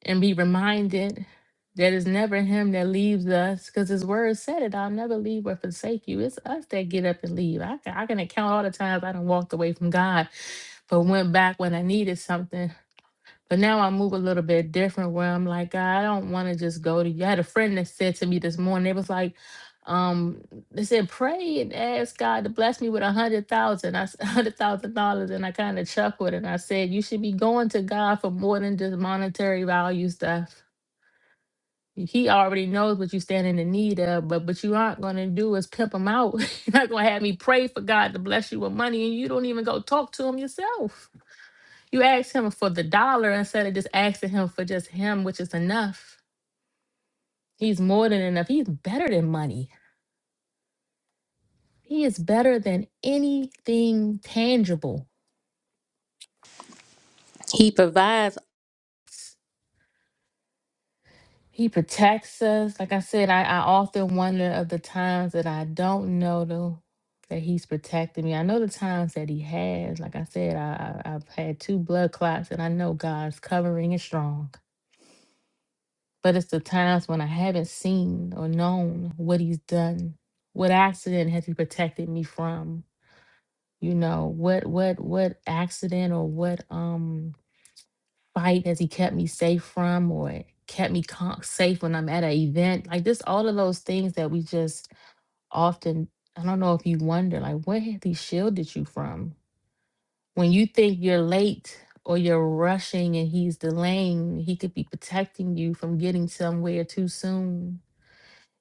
and be reminded that it's never Him that leaves us because His word said it I'll never leave or forsake you. It's us that get up and leave. I, can- I can account all the times I done walked away from God but went back when I needed something But now I move a little bit different where I'm like, "God, I don't want to just go to you. I had a friend that said to me this morning, it was like, um, they said, pray and ask God to bless me with a hundred thousand. I s- a hundred thousand dollars. And I kind of chuckled and I said, You should be going to God for more than just monetary value stuff. He already knows what you stand in the need of, but what you aren't gonna do is pimp him out. You're not gonna have me pray for God to bless you with money and you don't even go talk to him yourself. You ask him for the dollar instead of just asking him for just him, which is enough. He's more than enough. He's better than money. He is better than anything tangible. He provides. He protects us. Like I said, I, I often wonder of the times that I don't know though that he's protecting me. I know the times that he has. Like I said, I, I I've had two blood clots and I know God's covering is strong. But it's the times when I haven't seen or known what he's done. What accident has he protected me from? You know, what what what accident or what um fight has he kept me safe from or kept me con- safe when I'm at an event? Like this all of those things that we just often I don't know if you wonder like what has he shielded you from? When you think you're late or you're rushing and he's delaying, he could be protecting you from getting somewhere too soon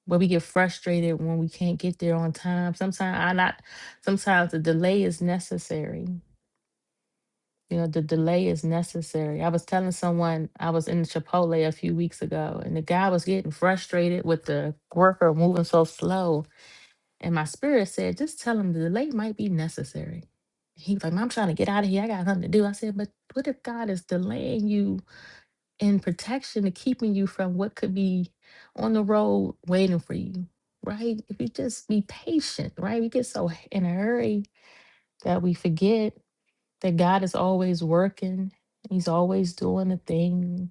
But we get frustrated when we can't get there on time. Sometimes I not sometimes the delay is necessary. You know, the delay is necessary. I was telling someone I was in Chipotle a few weeks ago and the guy was getting frustrated with the worker moving so slow. And my spirit said, just tell him the delay might be necessary. He was like, "Mom, I'm trying to get out of here. I got nothing to do. I said, but what if God is delaying you and protection to keeping you from what could be on the road waiting for you, right? If you just be patient, right? We get so h- in a hurry that we forget that God is always working. He's always doing a thing.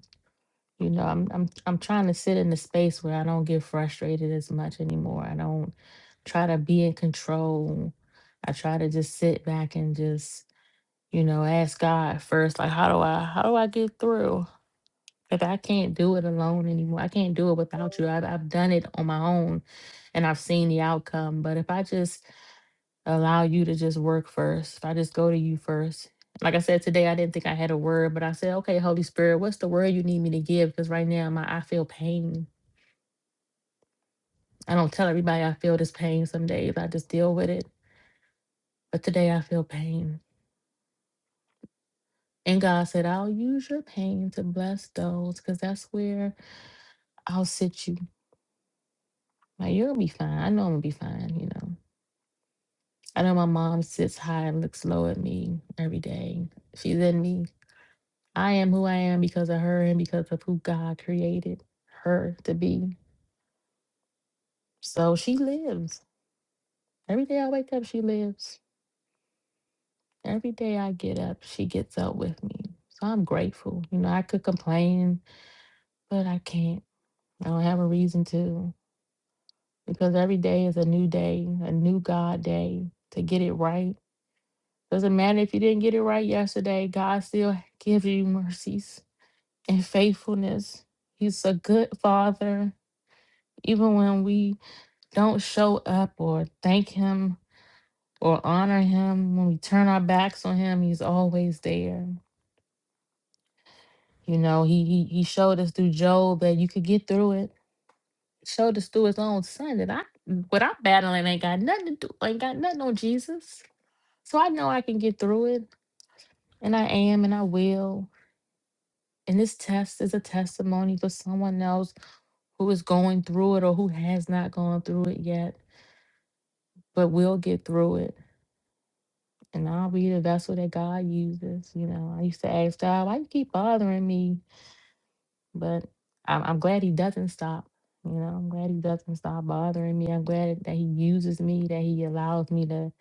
You know, I'm I'm I'm trying to sit in a space where I don't get frustrated as much anymore. I don't try to be in control. I try to just sit back and just, you know, ask God first, like how do I how do I get through? If I can't do it alone anymore, I can't do it without you. I've, I've done it on my own and I've seen the outcome. But if I just allow you to just work first, if I just go to you first, like I said today, I didn't think I had a word, but I said, okay, Holy Spirit, what's the word you need me to give? Because right now my, I feel pain. I don't tell everybody I feel this pain some days. I just deal with it. But today I feel pain. And God said, I'll use your pain to bless those because that's where I'll sit you. Like, you'll be fine. I know I'm going to be fine, you know. I know my mom sits high and looks low at me every day. She's in me. I am who I am because of her and because of who God created her to be. So she lives. Every day I wake up, she lives. Every day I get up, she gets up with me. So I'm grateful. You know, I could complain, but I can't. I don't have a reason to because every day is a new day, a new God day to get it right. Doesn't matter if you didn't get it right yesterday, God still gives you mercies and faithfulness. He's a good father, even when we don't show up or thank him or honor him. When we turn our backs on him, he's always there. You know, he he, he showed us through Job that you could get through it. Showed us through his own son that I what I'm battling ain't got nothing to do, ain't got nothing on Jesus. So I know I can get through it, and I am, and I will. And this test is a testimony for someone else who is going through it or who has not gone through it yet, but will get through it. And I'll be the vessel that God uses. You know, I used to ask God, why you keep bothering me? But I'm, I'm glad he doesn't stop. You know, I'm glad he doesn't stop bothering me. I'm glad that he uses me, that he allows me to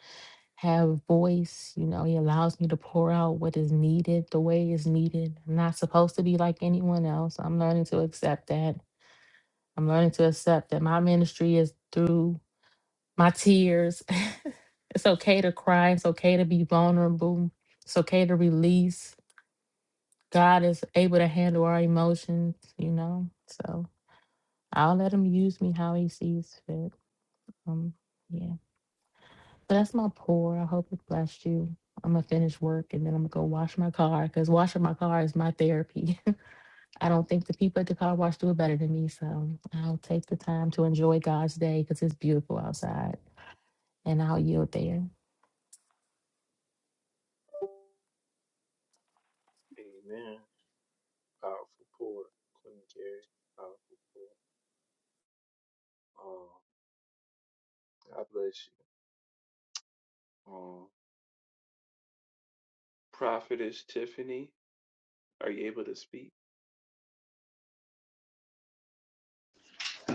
have a voice. You know, he allows me to pour out what is needed the way it's needed. I'm not supposed to be like anyone else. I'm learning to accept that. I'm learning to accept that my ministry is through my tears. it's okay to cry. It's okay to be vulnerable. It's okay to release. God is able to handle our emotions, you know? So I'll let him use me how he sees fit. Um, yeah. But that's my pour. I hope it blessed you. I'm gonna finish work and then I'm gonna go wash my car because washing my car is my therapy. I don't think the people at the car wash do it better than me. So I'll take the time to enjoy God's day because it's beautiful outside and I'll yield there.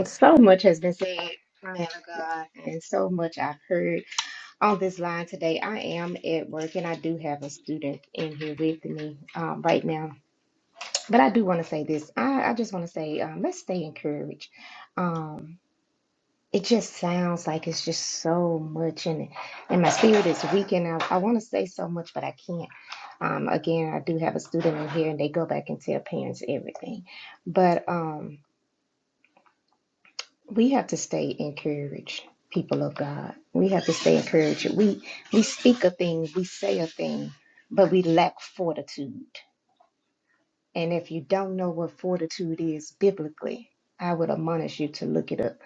So much has been said, man of God, and so much I've heard on this line today. I am at work and I do have a student in here with me um, right now. But I do want to say this. I, I just want to say, um, let's stay encouraged. Um, it just sounds like it's just so much, and and my spirit is weak, and I, I want to say so much, but I can't. Um, again, I do have a student in here, and they go back and tell parents everything. But um, we have to stay encouraged people of god we have to stay encouraged we we speak a thing we say a thing but we lack fortitude and if you don't know what fortitude is biblically i would admonish you to look it up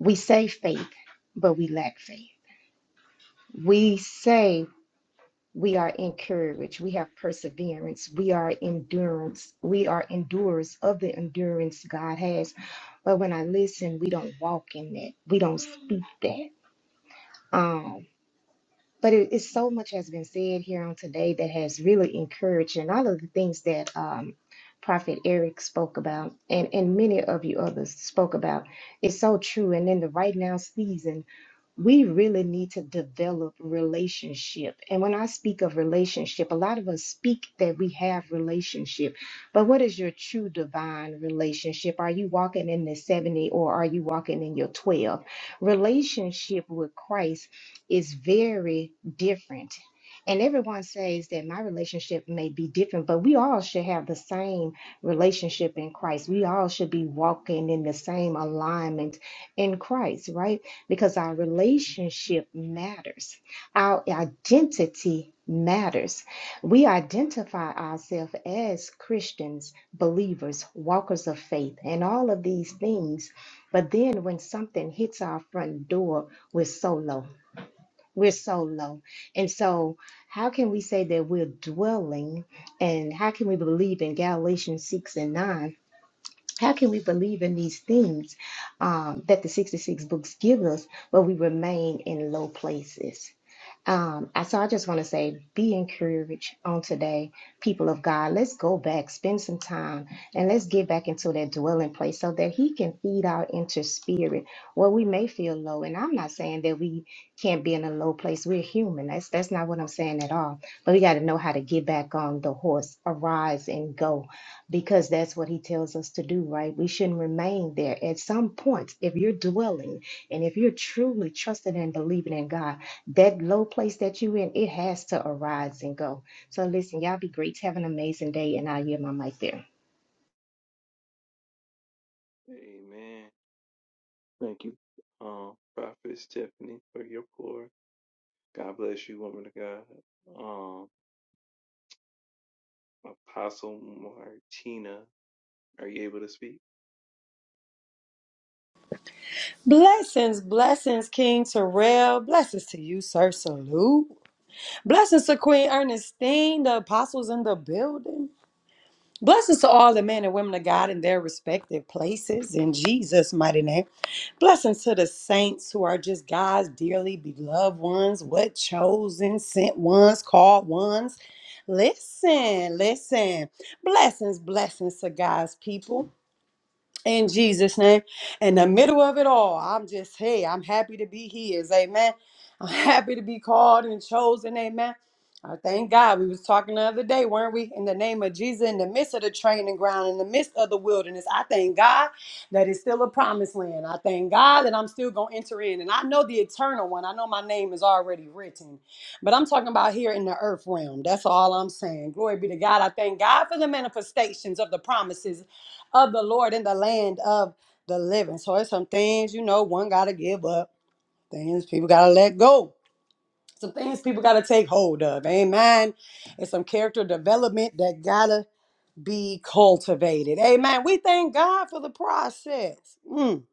we say faith but we lack faith we say we are encouraged we have perseverance we are endurance we are endurers of the endurance god has but when i listen we don't walk in that we don't speak that Um, but it, it's so much has been said here on today that has really encouraged, and all of the things that um, Prophet Eric spoke about, and and many of you others spoke about, is so true. And in the right now season we really need to develop relationship. And when I speak of relationship, a lot of us speak that we have relationship. But what is your true divine relationship? Are you walking in the 70 or are you walking in your 12? Relationship with Christ is very different. And everyone says that my relationship may be different, but we all should have the same relationship in Christ. We all should be walking in the same alignment in Christ, right? because our relationship matters. Our identity matters. We identify ourselves as Christians, believers, walkers of faith, and all of these things. But then when something hits our front door, we're so low. We're so low. And so, how can we say that we're dwelling and how can we believe in Galatians 6 and 9 how can we believe in these things um, that the 66 books give us, but we remain in low places? Um, I- so I just want to say, be encouraged on today, people of God. Let's go back, spend some time, and let's get back into that dwelling place so that He can feed our inner spirit. Well, we may feel low, and I'm not saying that we can't be in a low place. We're human. That's that's not what I'm saying at all. But we got to know how to get back on the horse, arise and go, because that's what He tells us to do. Right? We shouldn't remain there. At some point, if you're dwelling and if you're truly trusting and believing in God that low place that you in, it has to arise and go. So listen, y'all be great. Have an amazing day, and I'll yield my mic there. Blessings, blessings, King Terrell. Blessings to you, Sir Salute. Blessings to Queen Ernestine, the apostles in the building. Blessings to all the men and women of God in their respective places in Jesus' mighty name. Blessings to the saints who are just God's dearly beloved ones, what chosen, sent ones, called ones. Listen, listen. Blessings, blessings to God's people. in Jesus' name. In the middle of it all, I'm just, hey, I'm happy to be his. Amen. I'm happy to be called and chosen. Amen. I thank God. We was talking the other day, weren't we? In the name of Jesus, in the midst of the training ground, in the midst of the wilderness, I thank God that it's still a promised land. I thank God that I'm still gonna enter in, and I know the eternal one. I know my name is already written, but I'm talking about here in the earth realm. That's all I'm saying. Glory be to God. I thank God for the manifestations of the promises of the Lord in the land of the living. So it's some things, you know, one gotta give up, things people gotta let go, some things people gotta take hold of. Amen. And some character development that gotta be cultivated. Amen. We thank God for the process. Mm.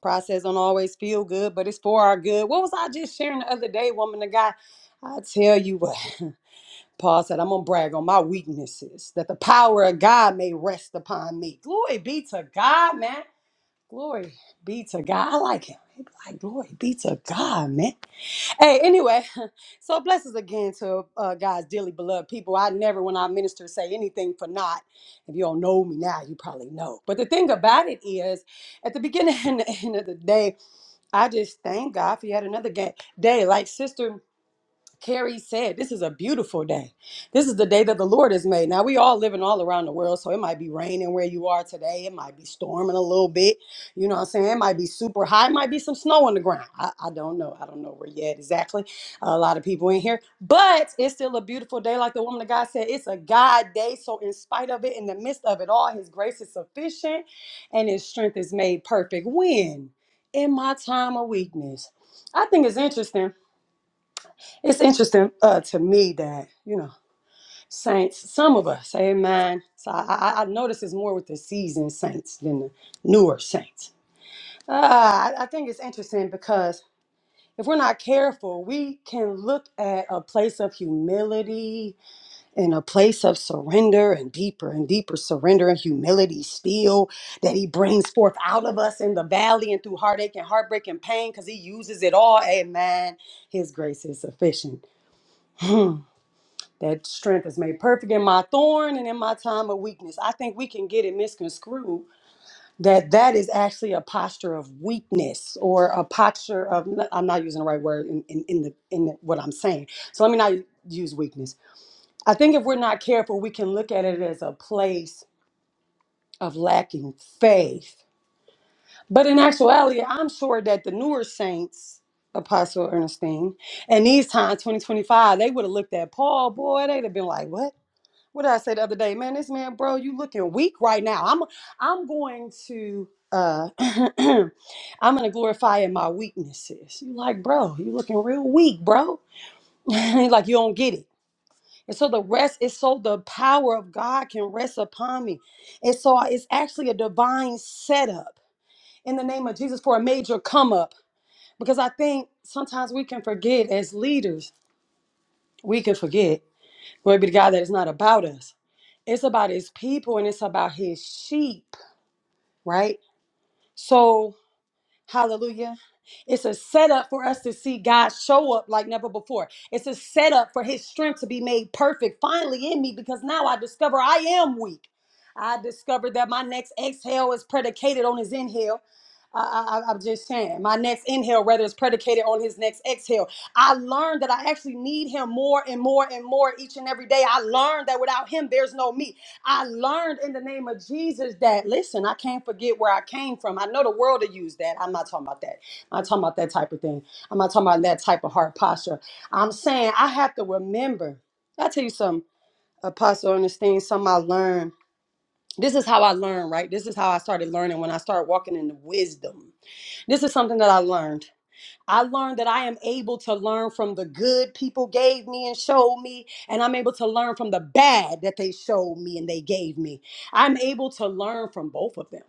Process don't always feel good, but it's for our good. What was I just sharing the other day, woman? The guy, I tell you what. Paul said, I'm gonna brag on my weaknesses, that the power of God may rest upon me. Glory be to God, man. Glory be to God. I like him. He be like, glory be to God, man. Hey, anyway, so blessings again to uh, God's dearly beloved people. I never, when I minister, say anything for not. If you don't know me now, you probably know. But the thing about it is, at the beginning and the end of the day, I just thank God for yet another ga- day. Like sister Carrie said, This is a beautiful day. This is the day that the Lord has made. Now, we all living all around the world, so it might be raining where you are today. It might be storming a little bit. You know what I'm saying? It might be super high. It might be some snow on the ground. I, I don't know. I don't know where yet exactly. A lot of people in here, but it's still a beautiful day. Like the woman of God said, it's a God day. So, in spite of it, in the midst of it all, His grace is sufficient and His strength is made perfect. When? In my time of weakness. I think it's interesting it's interesting uh, to me that, you know, saints, some of us, amen. So I, I, I notice it's more with the seasoned saints than the newer saints. Uh, I, I think it's interesting because if we're not careful, we can look at a place of humility and a place of surrender and deeper and deeper surrender and humility still that he brings forth out of us in the valley and through heartache and heartbreak and pain because he uses it all. Amen. His grace is sufficient. Hmm. that strength is made perfect in my thorn and in my time of weakness. I think we can get it misconstrued that that is actually a posture of weakness or a posture of I'm not using the right word in, in, in the in the, what I'm saying. So let me not use weakness. I think if we're not careful, we can look at it as a place of lacking faith. But in actuality, I'm sure that the newer saints, Apostle Ernestine, and these times, 2025, they would have looked at Paul, boy, they'd have been like, what? what did I say the other day? Man, this man, bro, you looking weak right now. I'm I'm going to uh I'm gonna glorify in my weaknesses. You like, bro, you looking real weak, bro. like you don't get it. And so the rest is so the power of God can rest upon me. And so it's actually a divine setup in the name of Jesus for a major come up. Because I think sometimes we can forget as leaders, we can forget Glory be to God that it's not about us. It's about his people and it's about his sheep, right? So Hallelujah. It's a setup for us to see God show up like never before. It's a setup for his strength to be made perfect finally in me because now I discover I am weak. I discovered that my next exhale is predicated on his inhale. I, I, I'm just saying, my next inhale rather is predicated on his next exhale. I learned that I actually need him more and more and more each and every day. I learned that without him, there's no me. I learned in the name of Jesus that listen, I can't forget where I came from. I know the world will use that. I'm not talking about that. I'm not talking about that type of thing. I'm not talking about that type of heart posture. I'm saying I have to remember. I tell you some apostle understanding something I learned. This is how I learned, right? This is how I started learning when I started walking in the wisdom. This is something that I learned. I learned that I am able to learn from the good people gave me and showed me, and I'm able to learn from the bad that they showed me and they gave me. I'm able to learn from both of them.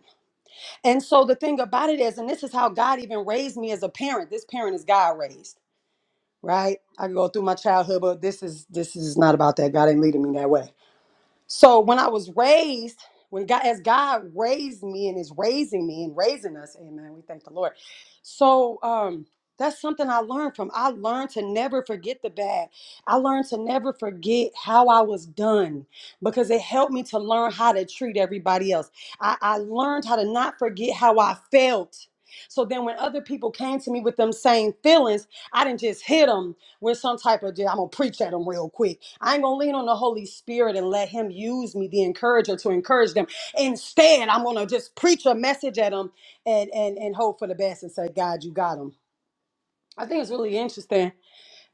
And so the thing about it is, and this is how God even raised me as a parent. This parent is God raised, right? I can go through my childhood, but this is this is not about that. God ain't leading me that way so when I was raised, when God, as God raised me and is raising me and raising us, amen, we thank the Lord. So um, that's something I learned from. I learned to never forget the bad. I learned to never forget how I was done because it helped me to learn how to treat everybody else. I, I learned how to not forget how I felt. So then when other people came to me with them same feelings, I didn't just hit them with some type of, "Yeah, I'm going to preach at them real quick i ain't gonna lean on the Holy Spirit and let Him use me, the encourager, to encourage them. Instead, I'm gonna just preach a message at them and and and hope for the best and say, God, you got them. I think it's really interesting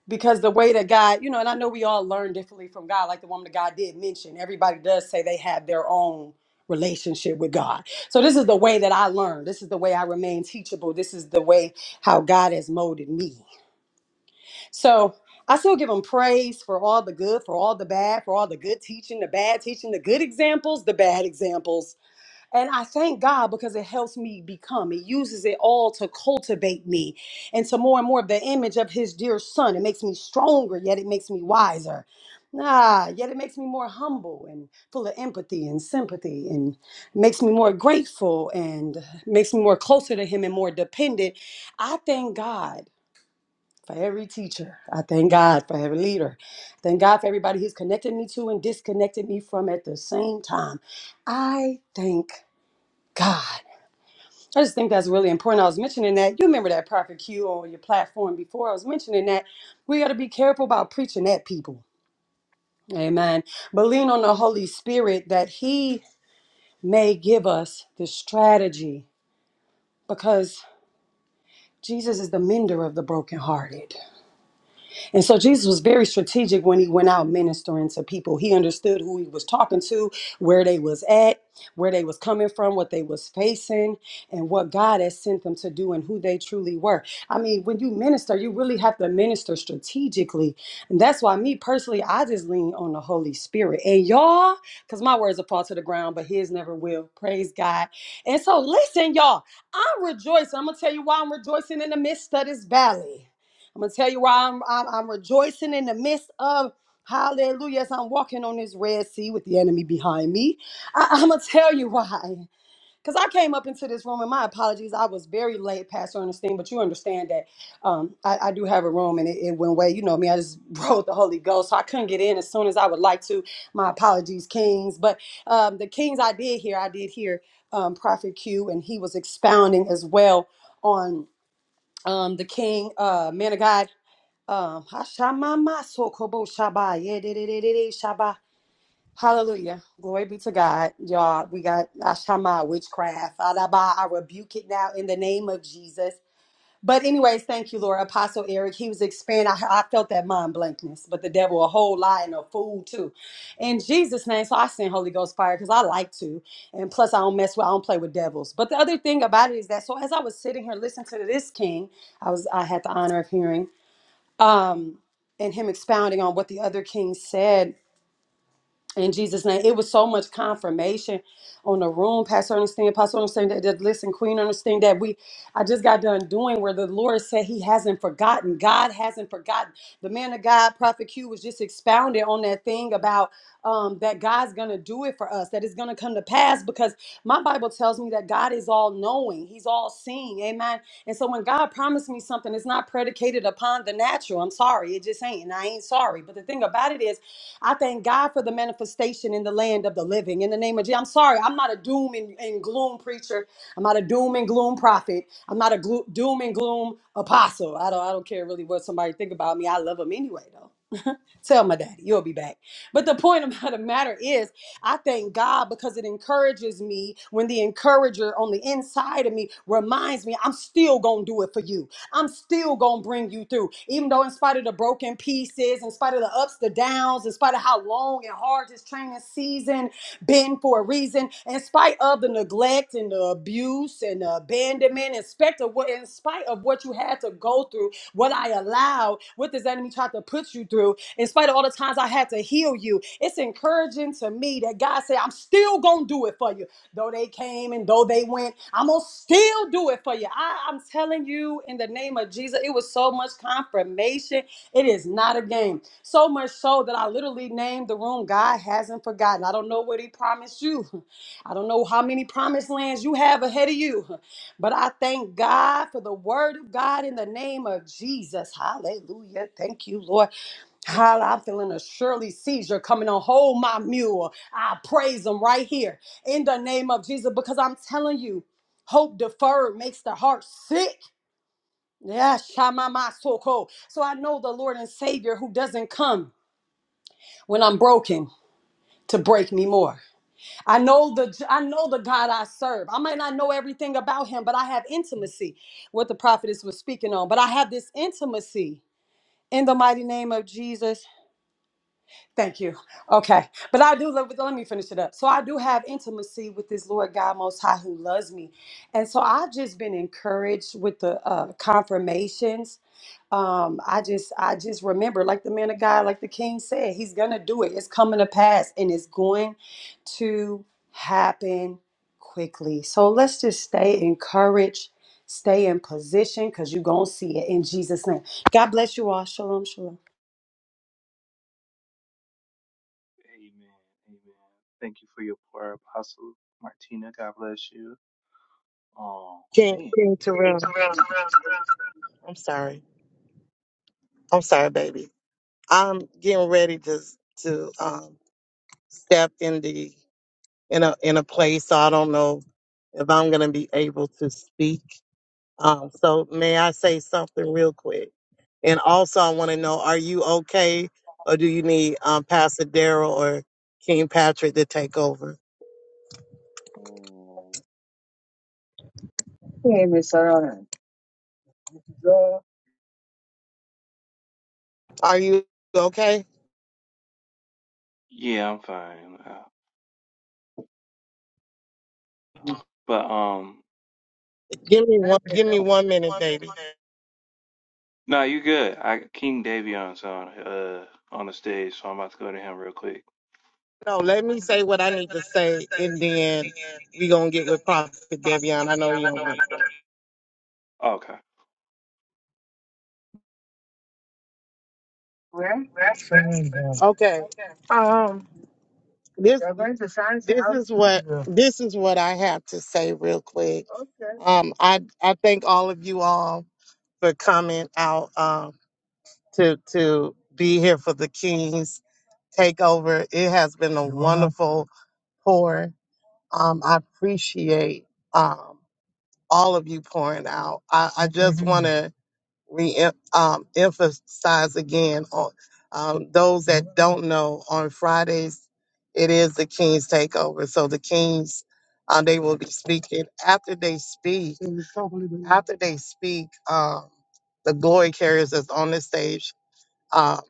because the way that God, you know, and I know we all learn differently from God, like the woman of God did mention. Everybody does say they have their own relationship with God. So this is the way that I learned. This is the way I remain teachable. This is the way how God has molded me. So I still give them praise for all the good, for all the bad, for all the good teaching, the bad teaching, the good examples, the bad examples. And I thank God because it helps me become. It uses it all to cultivate me into more and more of the image of his dear son. It makes me stronger, yet it makes me wiser. Ah, yet it makes me more humble and full of empathy and sympathy and makes me more grateful and makes me more closer to him and more dependent. I thank God for every teacher. I thank God for every leader. Thank God for everybody He's connected me to and disconnected me from at the same time. I thank God. I just think that's really important. I was mentioning that. You remember that Prophet Q on your platform before. I was mentioning that we got to be careful about preaching at people. Amen. But lean on the Holy Spirit that He may give us the strategy because Jesus is the mender of the brokenhearted. And so Jesus was very strategic when he went out ministering to people. He understood who he was talking to, where they was at, where they was coming from, what they was facing, and what God has sent them to do and who they truly were. I mean, when you minister, you really have to minister strategically. And that's why me personally, I just lean on the Holy Spirit. And y'all, because my words will fall to the ground, but his never will. Praise God. And so listen, y'all, I'm rejoicing. I'm gonna tell you why I'm rejoicing in the midst of this valley. I'm gonna tell you why I'm, I'm I'm rejoicing in the midst of hallelujah as I'm walking on this red sea with the enemy behind me. I, I'm gonna tell you why. Because I came up into this room, and my apologies, I was very late, Pastor Ernestine, but you understand that um, I, I do have a room and it, it went away. You know me, I just rode the Holy Ghost, so I couldn't get in as soon as I would like to. My apologies, Kings. But um, the Kings I did hear, I did hear um, Prophet Q, and he was expounding as well on um, the King, uh, man of God. Um, Hashamama Sokobo Shaba. Yeah, de- de- de- de- de- Shaba. Hallelujah. Glory be to God. Y'all, we got Ashama witchcraft. Adaba, I rebuke it now in the name of Jesus. But anyways, thank you, Lord. Apostle Eric, he was expanding. I, I felt that mind blankness, but the devil a whole lie and a fool too. In Jesus' name, so I send Holy Ghost fire because I like to. And plus I don't mess with I don't play with devils. But the other thing about it is that so as I was sitting here listening to this king, I was I had the honor of hearing um, and him expounding on what the other king said in Jesus' name. It was so much confirmation on the room. Pastor Ernestine, Pastor Ernestine, that, that listen, Queen Ernestine, that we, I just got done doing where the Lord said He hasn't forgotten. God hasn't forgotten. The man of God, Prophet Q, was just expounding on that thing about um, that God's gonna do it for us, that it's gonna come to pass because my Bible tells me that God is all knowing, He's all seeing, amen. And so when God promised me something, it's not predicated upon the natural. I'm sorry, it just ain't, and I ain't sorry. But the thing about it is, I thank God for the manifestation in the land of the living. In the name of Jesus, I'm sorry, I'm not a doom and, and gloom preacher. I'm not a doom and gloom prophet. I'm not a glo- doom and gloom apostle. I don't, I don't care really what somebody think about me. I love them anyway, though. Tell my daddy, you'll be back. But the point about the matter is, I thank God because it encourages me when the encourager on the inside of me reminds me, I'm still going to do it for you. I'm still going to bring you through. Even though, in spite of the broken pieces, in spite of the ups, the downs, in spite of how long and hard this training season been for a reason, in spite of the neglect and the abuse and the abandonment abandonment, in spite of what, in spite of what you had to go through, what I allowed, what this enemy tried to put you through, in spite of all the times I had to heal you. It's encouraging to me that God said, I'm still gonna do it for you. Though they came and though they went, I'm gonna still do it for you. I, I'm telling you, in the name of Jesus, it was so much confirmation. It is not a game. So much so that I literally named the room God hasn't forgotten. I don't know what he promised you. I don't know how many promised lands you have ahead of you. But I thank God for the word of God in the name of Jesus. Hallelujah. Thank you, Lord. Hall- I'm feeling a Shirley seizure coming on. Hold my mule. I praise him right here in the name of Jesus because I'm telling you, hope deferred makes the heart sick. Yeah, shamama soko. So I know the Lord and Savior who doesn't come when I'm broken to break me more. I know the I know the God I serve. I might not know everything about him, but I have intimacy. What the prophetess was speaking on, but I have this intimacy in the mighty name of Jesus. Thank you. Okay. But I do love, let me finish it up. So I do have intimacy with this Lord God Most High who loves me. And so I've just been encouraged with the uh, confirmations. Um, I just, I just remember, like the man of God, like the king said, he's going to do it. It's coming to pass and it's going to happen quickly. So let's just stay encouraged, stay in position because you're going to see it in Jesus' name. God bless you all. Shalom, shalom. Amen. Amen. Thank you for your prayer, Apostle Martina. God bless you. Oh King, man. King Terrell. I'm sorry. I'm sorry, baby. I'm getting ready to to um, step in the in a in a place. So I don't know if I'm gonna be able to speak. Um, so may I say something real quick? And also, I want to know: Are you okay, or do you need um, Pastor Daryl or King Patrick to take over? Um, Hey, Miss Sharon. Are you okay? yeah, I'm fine. Uh, but um, Give me one. Give me one minute, baby. no, you good. I King Davion's on uh on the stage, so I'm about to go to him real quick. No, let me say what I need to say, and then we gonna get with Prophet Devion. I know you don't want. Where? Okay. Okay. this They're going to sign this out. is what Yeah. this is what I have to say real quick. Okay. Um, I I thank all of you all for coming out um, to to be here for the Kings takeover. It has been a You're welcome. wonderful pour. Um, I appreciate um, all of you pouring out. I, I just want Mhm. to re um, emphasize again on um, those that don't know on Fridays, it is the King's Takeover. So the Kings, um, they will be speaking. After they speak, after they speak, um, the glory carriers is on the stage. um,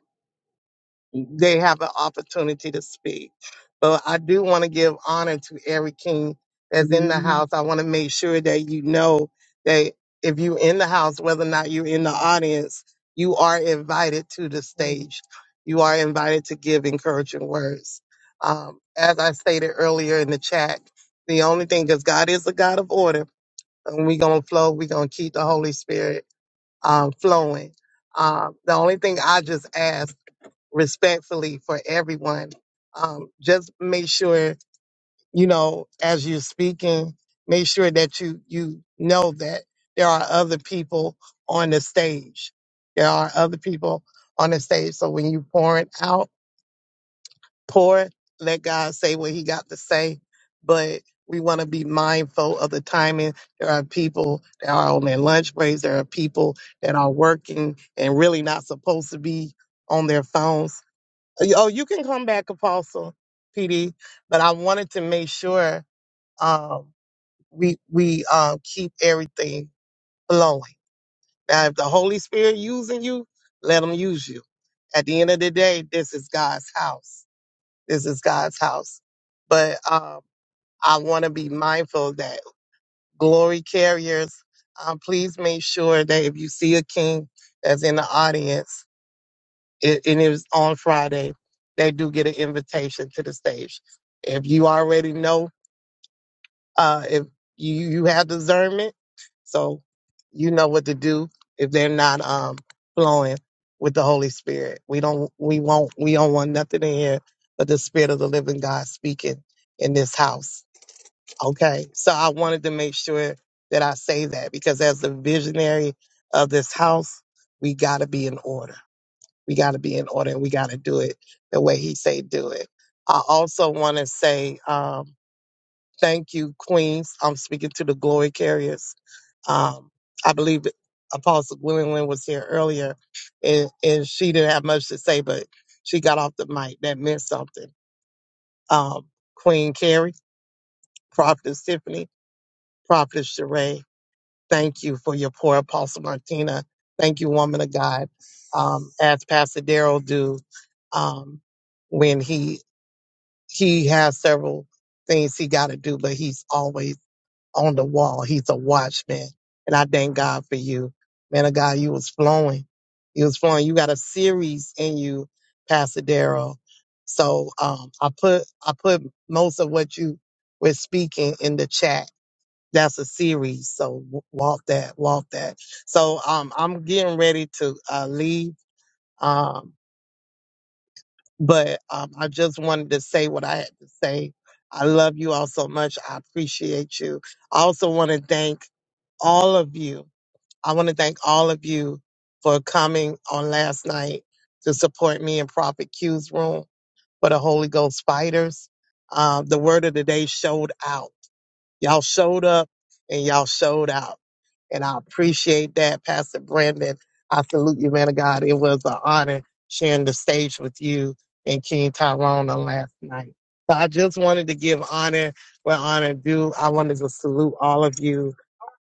they have an opportunity to speak. But I do want to give honor to every king that's in the Mhm. house. I want to make sure that you know that if you're in the house, whether or not you're in the audience, you are invited to the stage. You are invited to give encouraging words. Um, as I stated earlier in the chat, the only thing, because God is a God of order, and we're going to flow, we're going to keep the Holy Spirit um, flowing. Um, the only thing I just ask respectfully for everyone. Um, just make sure, you know, as you're speaking, make sure that you, you know that there are other people on the stage. There are other people on the stage. So when you pour it out, pour, let God say what he got to say. But we want to be mindful of the timing. There are people that are on their lunch breaks. There are people that are working and really not supposed to be on their phones Oh, you can come back, Apostle PD, but I wanted to make sure um, we we uh, keep everything flowing. Now, if the Holy Spirit using you, let Him use you. At the end of the day, this is God's house. This is God's house. But um, I want to be mindful that glory carriers. Um, please make sure that if you see a king that's in the audience, it, and it was on Friday, they do get an invitation to the stage. If you already know, uh, if you you have discernment, so you know what to do if they're not um flowing with the Holy Spirit. We don't we won't we don't want nothing in here but the Spirit of the Living God speaking in this house. Okay, so I wanted to make sure that I say that because as the visionary of this house, we got to be in order we got to be in order and we got to do it the way he say do it. I also want to say um, thank you, Queens. I'm speaking to the glory carriers. Um, I believe Apostle Gwendolyn was here earlier and, and she didn't have much to say, but she got off the mic. That meant something. Um, Queen Carrie, Prophetess Tiffany, Prophetess Sheree. Thank you for your poor Apostle Martina. Thank you, woman of God. Um, as Pastor Daryl do, um, when he he has several things he got to do, but he's always on the wall. He's a watchman, and I thank God for you, man of God. You was flowing, you was flowing. You got a series in you, Pastor Daryl. So um, I put I put most of what you were speaking in the chat that's a series. So w- walk that, walk that. So um, I'm getting ready to uh, leave, um, but um, I just wanted to say what I had to say. I love you all so much. I appreciate you. I also want to thank all of you. I want to thank all of you for coming on last night to support me in Prophet Q's room for the Holy Ghost Fighters. Uh, the word of the day showed out Y'all showed up and y'all showed out. And I appreciate that, Pastor Brandon. I salute you, man of God. It was an honor sharing the stage with you and King Tyrone on last night. So I just wanted to give honor where honor due. I wanted to salute all of you.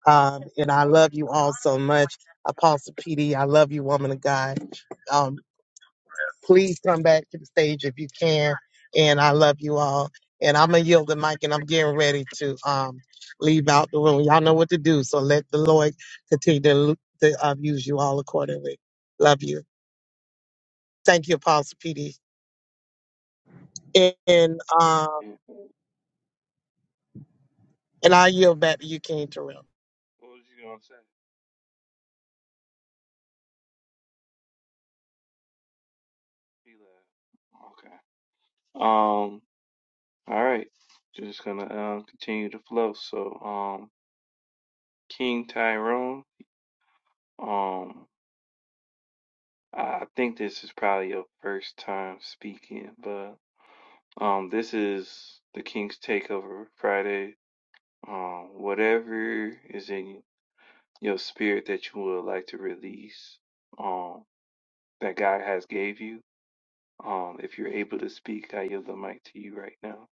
Um, and I love you all so much. Apostle PD, I love you, woman of God. Um, Please come back to the stage if you can. And I love you all. And I'm gonna yield the mic, and I'm getting ready to um leave out the room. Y'all know what to do, so let the Lord continue to, lu- to uh, use you all accordingly. Love you. Thank you, Apostle PD. And uh, Yeah. and I yield back to you, King Terrell. What was you gonna say? He left. Okay. Um, all right, just gonna um continue to flow. So, um, King Tyrone, um, I think this is probably your first time speaking, but um, this is the King's Takeover Friday. Um, whatever is in your spirit that you would like to release, um, that God has gave you, um, if you're able to speak, I yield the mic to you right now.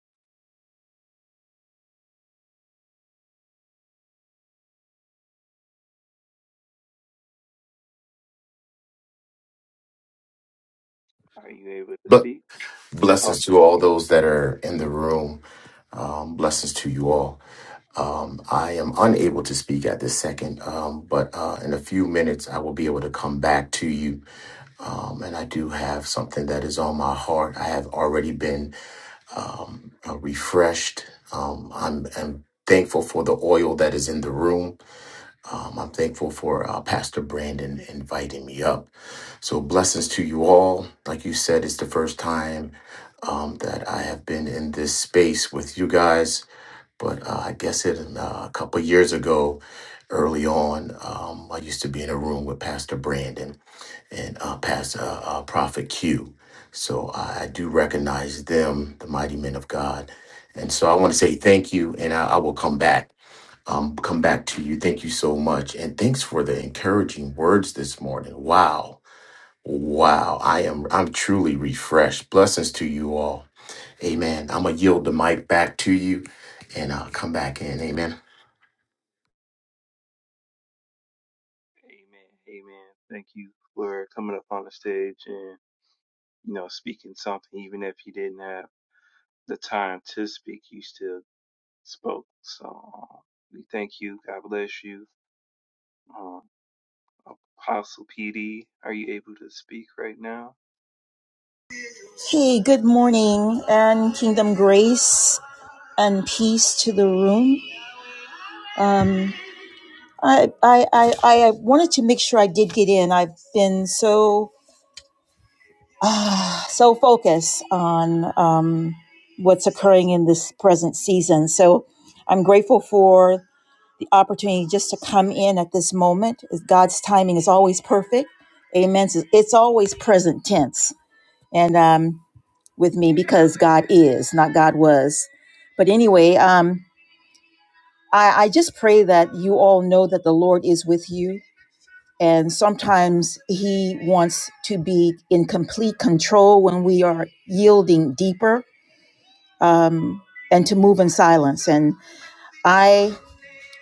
Are you able to But speak? Oh, blessings to cool. all those that are in the room. Um, blessings to you all. Um, I am unable to speak at this second, um, but uh, in a few minutes I will be able to come back to you. Um, and I do have something that is on my heart. I have already been uh, refreshed. Um, I'm, I'm thankful for the oil that is in the room. Um, I'm thankful for uh, Pastor Brandon inviting me up. So, blessings to you all. Like you said, it's the first time um, that I have been in this space with you guys. But uh, I guess it uh, a couple years ago, early on, um, I used to be in a room with Pastor Brandon and uh, Pastor uh, uh, Prophet Q. So I, I do recognize them, the mighty men of God. And so I want to say thank you, and I, I will come back um, come back to you. Thank you so much, and thanks for the encouraging words this morning. Wow, wow, I am I'm truly refreshed. Blessings to you all. Amen. I'm gonna yield the mic back to you, and I'll come back in. Amen. Amen. Amen. Thank you for coming up on the stage and, you know, speaking something. Even if you didn't have the time to speak, you still spoke. So um, we thank you. God bless you. Um, Apostle PD, are you able to speak right now? Hey, good morning and kingdom grace and peace to the room. Um, I, I, I, I wanted to make sure I did get in. I've been so, ah, so focused on, um, what's occurring in this present season. So I'm grateful for the opportunity just to come in at this moment. God's timing is always perfect. Amen. It's it's always present tense. And, um, with me because God is, not God was. But anyway, um, I, I just pray that you all know that the Lord is with you. And sometimes He wants to be in complete control when we are yielding deeper um, and to move in silence. And I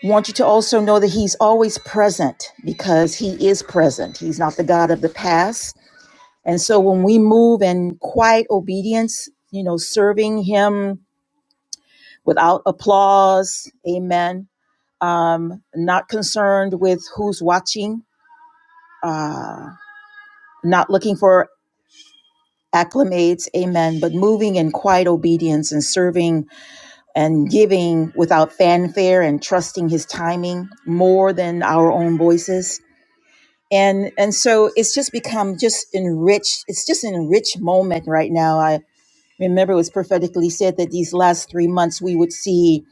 want you to also know that He's always present because He is present. He's not the God of the past. And so when we move in quiet obedience, you know, serving Him without applause. Amen. Um, not concerned with who's watching, uh, not looking for acclimates. Amen. But moving in quiet obedience and serving and giving without fanfare and trusting his timing more than our own voices. And, and so it's just become just enriched. It's just an enriched moment right now. I remember it was prophetically said that these last three months we would see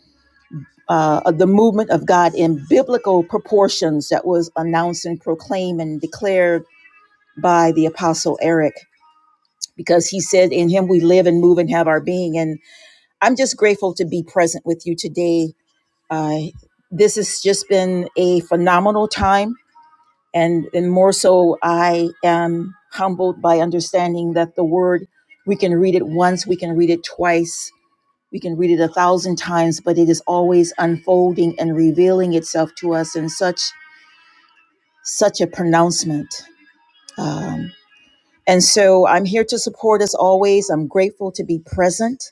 uh, the movement of God in biblical proportions that was announced and proclaimed and declared by the Apostle Eric, because he said, In him we live and move and have our being. And I'm just grateful to be present with you today. Uh, this has just been a phenomenal time. And, and more so, I am humbled by understanding that the word, we can read it once, we can read it twice, we can read it a thousand times, but it is always unfolding and revealing itself to us in such such a pronouncement. Um, and so I'm here to support as always. I'm grateful to be present.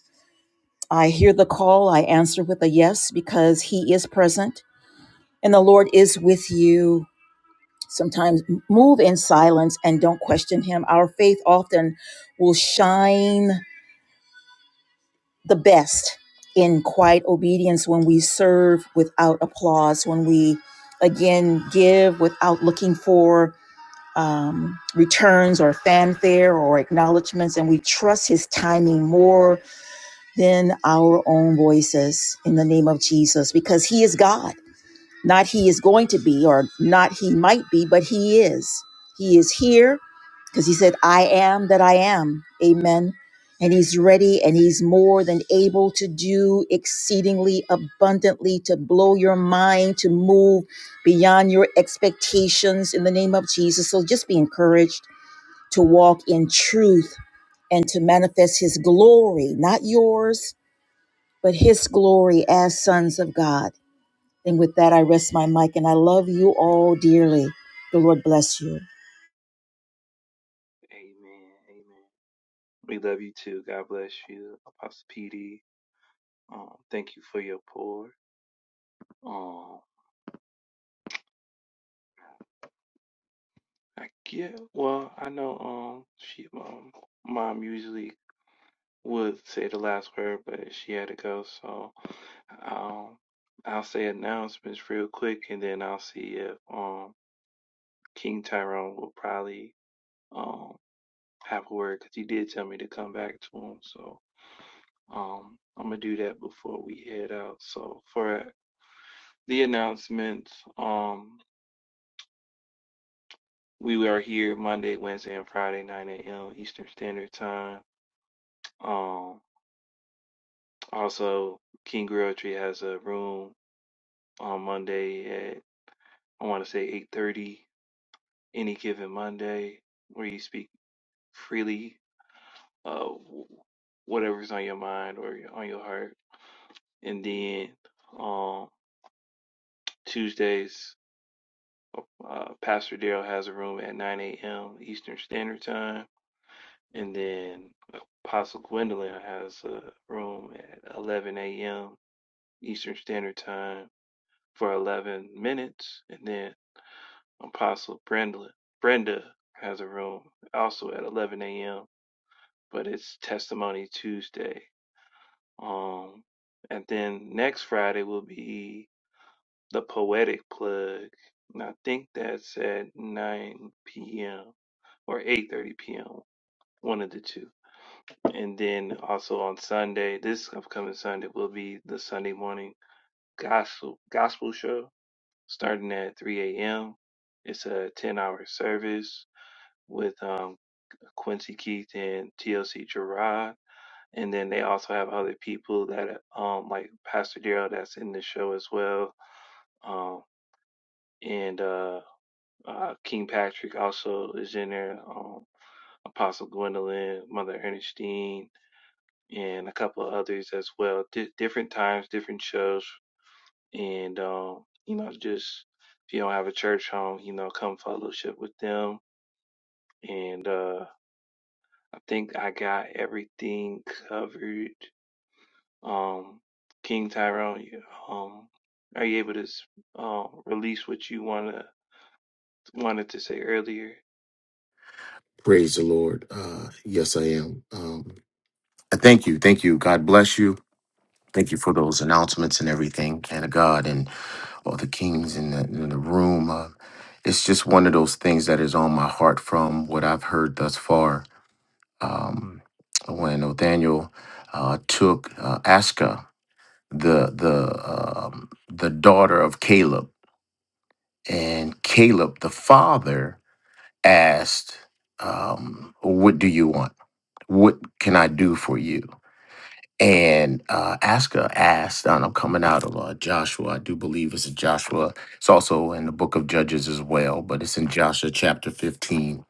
I hear the call. I answer with a yes because He is present and the Lord is with you. Sometimes move in silence and don't question Him. Our faith often will shine the best in quiet obedience when we serve without applause, when we again give without looking for um, returns or fanfare or acknowledgments, and we trust His timing more than our own voices in the name of Jesus because He is God. Not He is going to be or not He might be, but He is. He is here because he said, I am that I am. Amen. And he's ready and he's more than able to do exceedingly abundantly to blow your mind, to move beyond your expectations in the name of Jesus. So just be encouraged to walk in truth and to manifest his glory, not yours, but his glory as sons of God. And with that, I rest my mic and I love you all dearly. The Lord bless you. Amen. Amen. We love you too. God bless you. Apostle PD, um, thank you for your pour. Um, I get, well, I know um, she, um, mom usually would say the last word, but she had to go. So um, I'll say announcements real quick, and then I'll see if um, King Tyrone will probably um, have a word because he did tell me to come back to him. So um, I'm gonna do that before we head out. So for the announcements, um, we are here Monday, Wednesday, and Friday, 9 a.m. Eastern Standard Time. Um, also, King Realtree has a room on Monday at I want to say 8:30 any given Monday where you speak freely uh wh- whatever's on your mind or your- on your heart and then um Tuesdays uh, uh, Pastor Daryl has a room at 9 a.m. Eastern Standard Time and then uh, Apostle Gwendolyn has a room at 11 a.m. Eastern Standard Time for 11 minutes and then Apostle Brenda Brenda has a room also at 11 a.m but it's Testimony Tuesday. Um, and then next Friday will be the Poetic Plug, and I think that's at 9 p.m. or 8:30 p.m. One of the two. And then also on Sunday, this upcoming Sunday will be the Sunday morning gospel gospel show, starting at 3 a.m. It's a 10-hour service with um, Quincy Keith and TLC Gerard And then they also have other people that, um, like Pastor Daryl, that's in the show as well. Um, and uh, uh, King Patrick also is in there. Um, Apostle Gwendolyn, Mother Ernestine, and a couple of others as well. Di different times, different shows, and um, you know, just if you don't have a church home, you know, come fellowship with them. And uh, I think I got everything covered um, King Tyrell, you- um, are you able to s- uh, release what you wanna wanted to say earlier? Praise the Lord. Uh, yes, I am. Um, thank you, thank you. God bless you. Thank you for those announcements and everything, and God and all the kings in the, in the room. Uh, it's just one of those things that is on my heart from what I've heard thus far um, when Nathaniel uh, took uh, Aska, the the um, the daughter of Caleb, and Caleb, the father, asked, um, "What do you want? What can I do for you?" And uh, Aska asked, and I'm coming out of uh, Joshua, I do believe it's in Joshua. It's also in the book of Judges as well, but it's in Joshua chapter 15,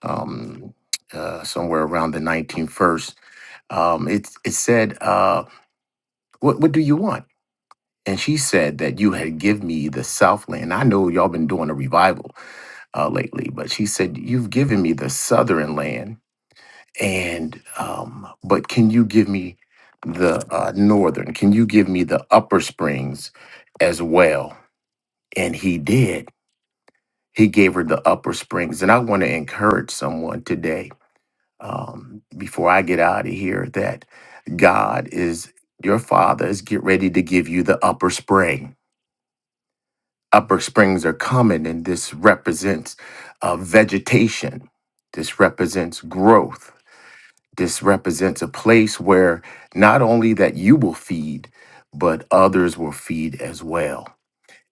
um, uh, somewhere around the 19th verse um, it it said, uh, "What what do you want?" And she said that you had give me the Southland. I know y'all been doing a revival uh, lately, but she said you've given me the Southern land, and um, but can you give me the uh, Northern? Can you give me the Upper Springs as well? And he did. He gave her the Upper Springs, and I want to encourage someone today um, before I get out of here that God is your father is get ready to give you the upper spring. Upper springs are coming, and this represents uh, vegetation. This represents growth. This represents a place where not only that you will feed, but others will feed as well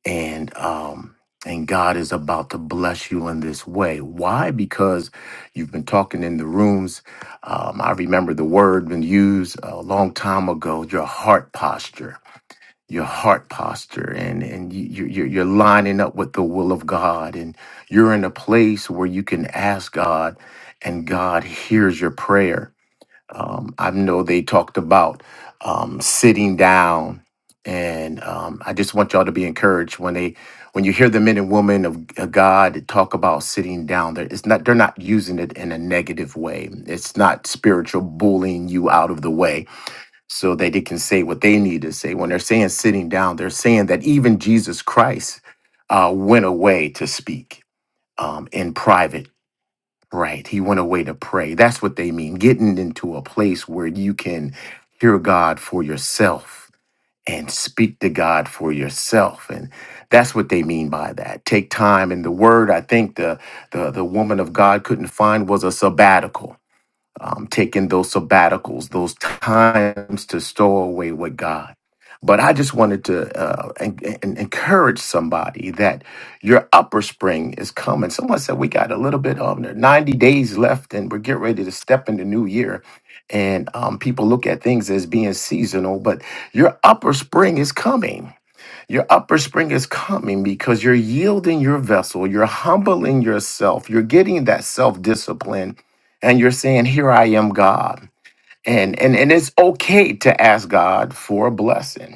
and um and God is about to bless you in this way. Why? Because you've been talking in the rooms. Um, I remember the word been used a long time ago. Your heart posture, your heart posture, and and you, you- you're you're lining up with the will of God, and you're in a place where you can ask God, and God hears your prayer um, I know they talked about um, sitting down, and um, I just want y'all to be encouraged when they when you hear the men and women of, of God talk about sitting down. There, it's not they're not using it in a negative way. It's not spiritual bullying you out of the way so that they can say what they need to say. When they're saying sitting down, they're saying that even Jesus Christ uh, went away to speak um, in private Right. He went away to pray. That's what they mean. Getting into a place where you can hear God for yourself and speak to God for yourself. And that's what they mean by that. Take time. And the word I think the the, the woman of God couldn't find was a sabbatical um, taking those sabbaticals, those times to stow away with God. But I just wanted to uh, en- en- encourage somebody that your upper spring is coming. Someone said we got a little bit of 90 days left and we're getting ready to step into new year. And um, people look at things as being seasonal, but your upper spring is coming your upper spring is coming because you're yielding your vessel, you're humbling yourself, you're getting that self discipline, and you're saying, Here I am, God. And, and, and it's okay to ask God for a blessing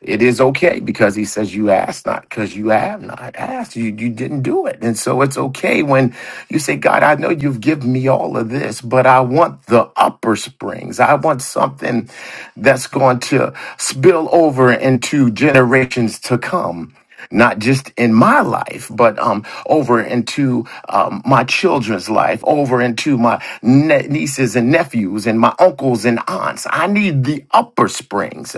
it is okay because he says you asked not because you have not asked you you didn't do it and so it's okay when you say god i know you've given me all of this but i want the upper springs i want something that's going to spill over into generations to come not just in my life, but um, over into um, my children's life, over into my ne- nieces and nephews and my uncles and aunts. I need the upper springs.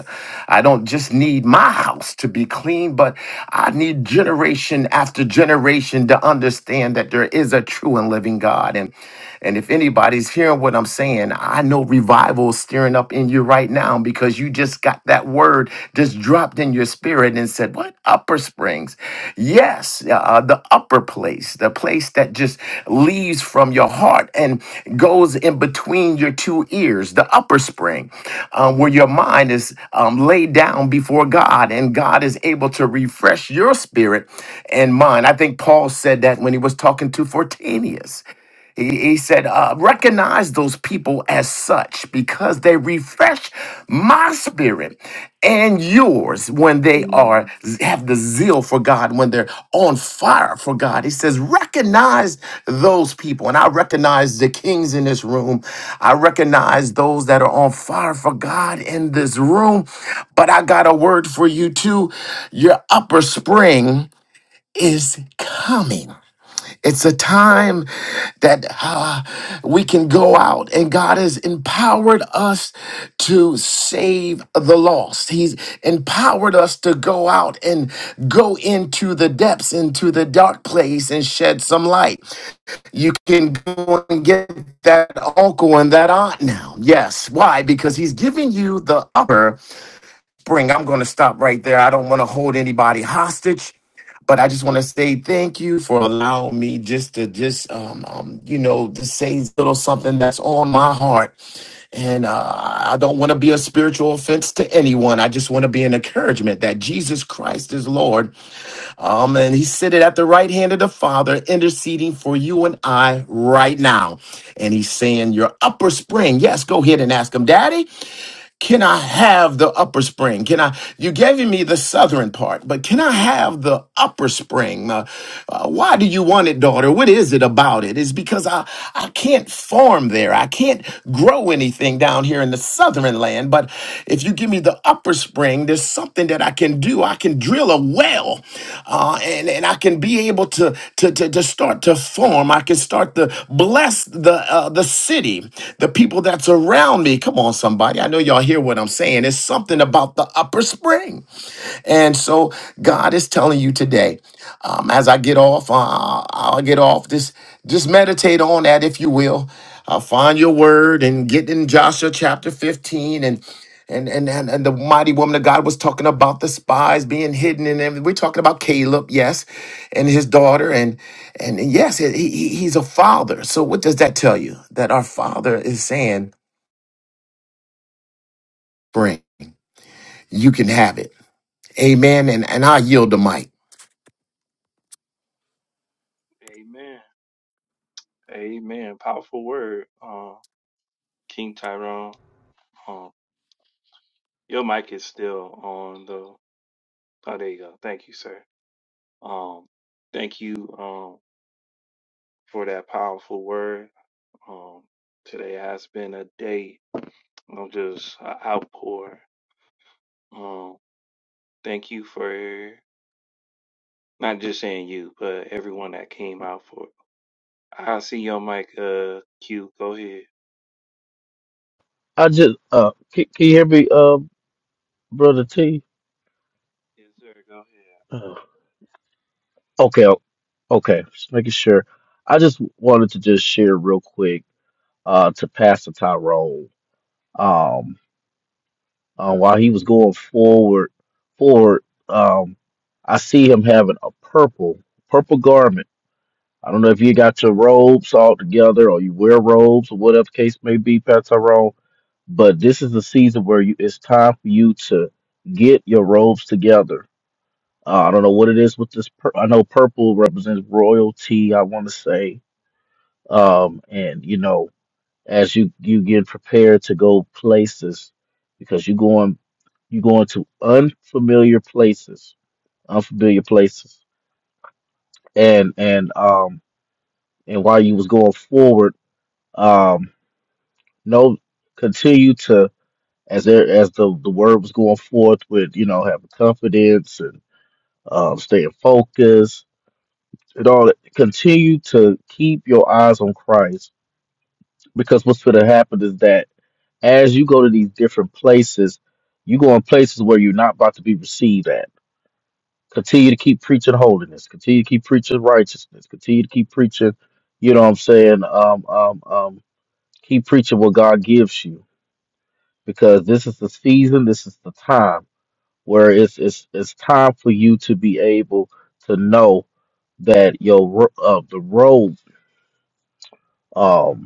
I don't just need my house to be clean, but I need generation after generation to understand that there is a true and living God. and. And if anybody's hearing what I'm saying, I know revival is stirring up in you right now because you just got that word just dropped in your spirit and said, What? Upper Springs. Yes, uh, uh, the upper place, the place that just leaves from your heart and goes in between your two ears, the upper spring, uh, where your mind is um, laid down before God and God is able to refresh your spirit and mind. I think Paul said that when he was talking to Fortanius. He, he said, uh, recognize those people as such because they refresh my spirit and yours when they are have the zeal for God, when they're on fire for God. He says, recognize those people. And I recognize the kings in this room. I recognize those that are on fire for God in this room. But I got a word for you too. Your upper spring is coming. It's a time that uh, we can go out and God has empowered us to save the lost. He's empowered us to go out and go into the depths, into the dark place and shed some light. You can go and get that uncle and that aunt now. Yes. Why? Because he's giving you the upper bring. I'm going to stop right there. I don't want to hold anybody hostage, but I just want to say thank you for allowing me just to just um, um you know to say a little something that's on my heart. And uh, I don't want to be a spiritual offense to anyone. I just want to be an encouragement that Jesus Christ is Lord. Um, and He's sitting at the right hand of the Father, interceding for you and I right now. And He's saying, "Your upper spring, yes, go ahead and ask Him, Daddy." Can I have the upper spring? Can I? You gave me the southern part, but can I have the upper spring? Uh, uh, why do you want it, daughter? What is it about it? It's because I I can't farm there. I can't grow anything down here in the southern land. But if you give me the upper copper spring, there's something that I can do. I can drill a well uh, and, and I can be able to, to, to, to start to form. I can start to bless the, uh, the city, the people that's around me. Come on, somebody. I know y'all hear what I'm saying. It's something about the upper spring. And so God is telling you today, um, as I get off, uh, I'll get off. Just, just meditate on that, if you will. Uh, find your word and get in Joshua chapter 15 and and, and and and the mighty woman of God was talking about the spies being hidden and everything. We're talking about Caleb, yes, and his daughter, and and yes, he, he, he's a father. So what does that tell you? That our father is saying, bring, you can have it. Amen. And and I yield the mic. Amen. Amen. Powerful word, uh, King Tyrone, Um, your mic is still on though. Oh, there you go. Thank you, sir. Um, thank you um, for that powerful word. Um, today has been a day of just a outpour. Um, thank you for not just saying you, but everyone that came out for I see your mic, uh, Q. Go ahead. I just uh, can, can you hear me, uh, brother T? Yes, sir. Go ahead. Uh, okay, o- okay, just making sure. I just wanted to just share real quick, uh, to Pastor Tyrone. Um uh, while he was going forward, forward, um, I see him having a purple, purple garment. I don't know if you got your robes all together or you wear robes or whatever case may be, Pat Tyrone, but this is the season where you, it's time for you to get your robes together. Uh, I don't know what it is with this. Pur- I know purple represents royalty. I want to say, um, and you know, as you you get prepared to go places because you're going you're going to unfamiliar places unfamiliar places and and um and while you was going forward um no continue to as there as the the word was going forth with you know having confidence and um staying focused and all that continue to keep your eyes on christ because what's going to happen is that as you go to these different places, you go in places where you're not about to be received at. Continue to keep preaching holiness. Continue to keep preaching righteousness. Continue to keep preaching, you know what I'm saying? Um, um, um, keep preaching what God gives you because this is the season, this is the time where it's it's it's time for you to be able to know that your ro- uh, the road Um.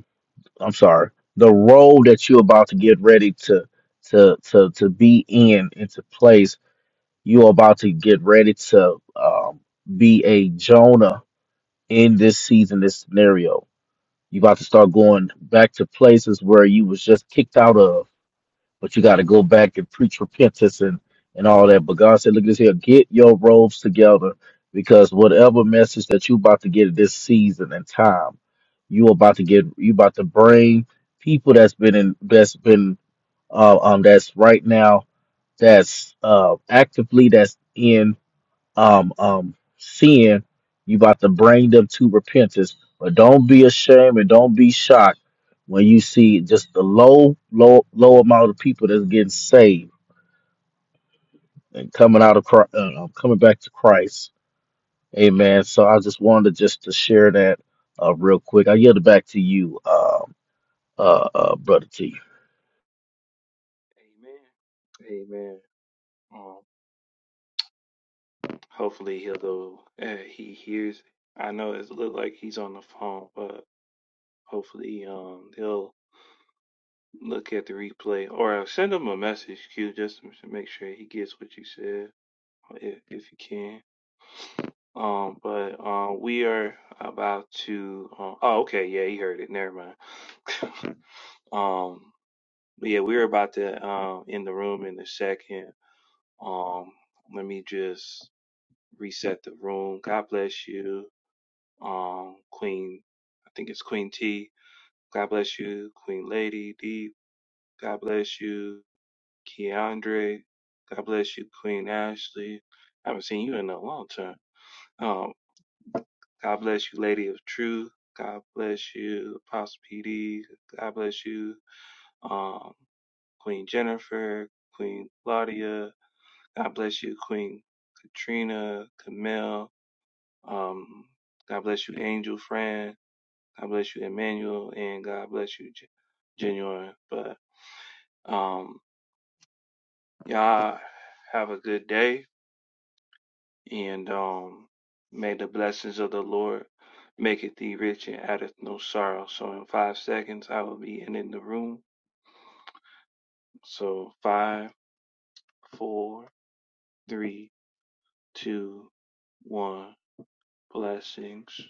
I'm sorry, the role that you're about to get ready to to to to be in into place. You're about to get ready to um, be a Jonah in this season, this scenario. You're about to start going back to places where you was just kicked out of but you got to go back and preach repentance and and all that. But God said, look at this here, get your robes together because whatever message that you about to get at this season and time, you about to get you about to bring people that's been in that's been uh, um that's right now that's uh actively that's in um um sin, you about to bring them to repentance. But don't be ashamed and don't be shocked when you see just the low, low, low amount of people that's getting saved and coming out of Christ, uh, uh, coming back to Christ. Amen. So I just wanted just to share that uh, real quick. I yield it back to you, um uh, uh, brother T. Amen. Amen. Um, hopefully he'll go. Uh, he hears. I know it look like he's on the phone, but hopefully um he'll look at the replay or send him a message, Q, just to make sure he gets what you said, uh, if if you can. Um, but uh, we are about to. Uh, oh, okay, yeah, he heard it. Never mind. um, But yeah, we're about to um in the room in a second. Um, let me just reset the room. God bless you, um, Queen. I think it's Queen T. God bless you, Queen Lady D. God bless you, Keandre. God bless you, Queen Ashley. I haven't seen you in a long time. Um, God bless you, Lady of Truth. God bless you, Apostle PD. God bless you, um, Queen Jennifer, Queen Claudia. God bless you, Queen Katrina, Camille. Um, God bless you, Angel Fran. God bless you, Emmanuel, and God bless you, Gen- Genuine. But um, y'all have a good day, and um, may the blessings of the Lord make it thee rich and addeth no sorrow. So in five seconds, I will be ending the room. So five, four, three, two, one. Blessings.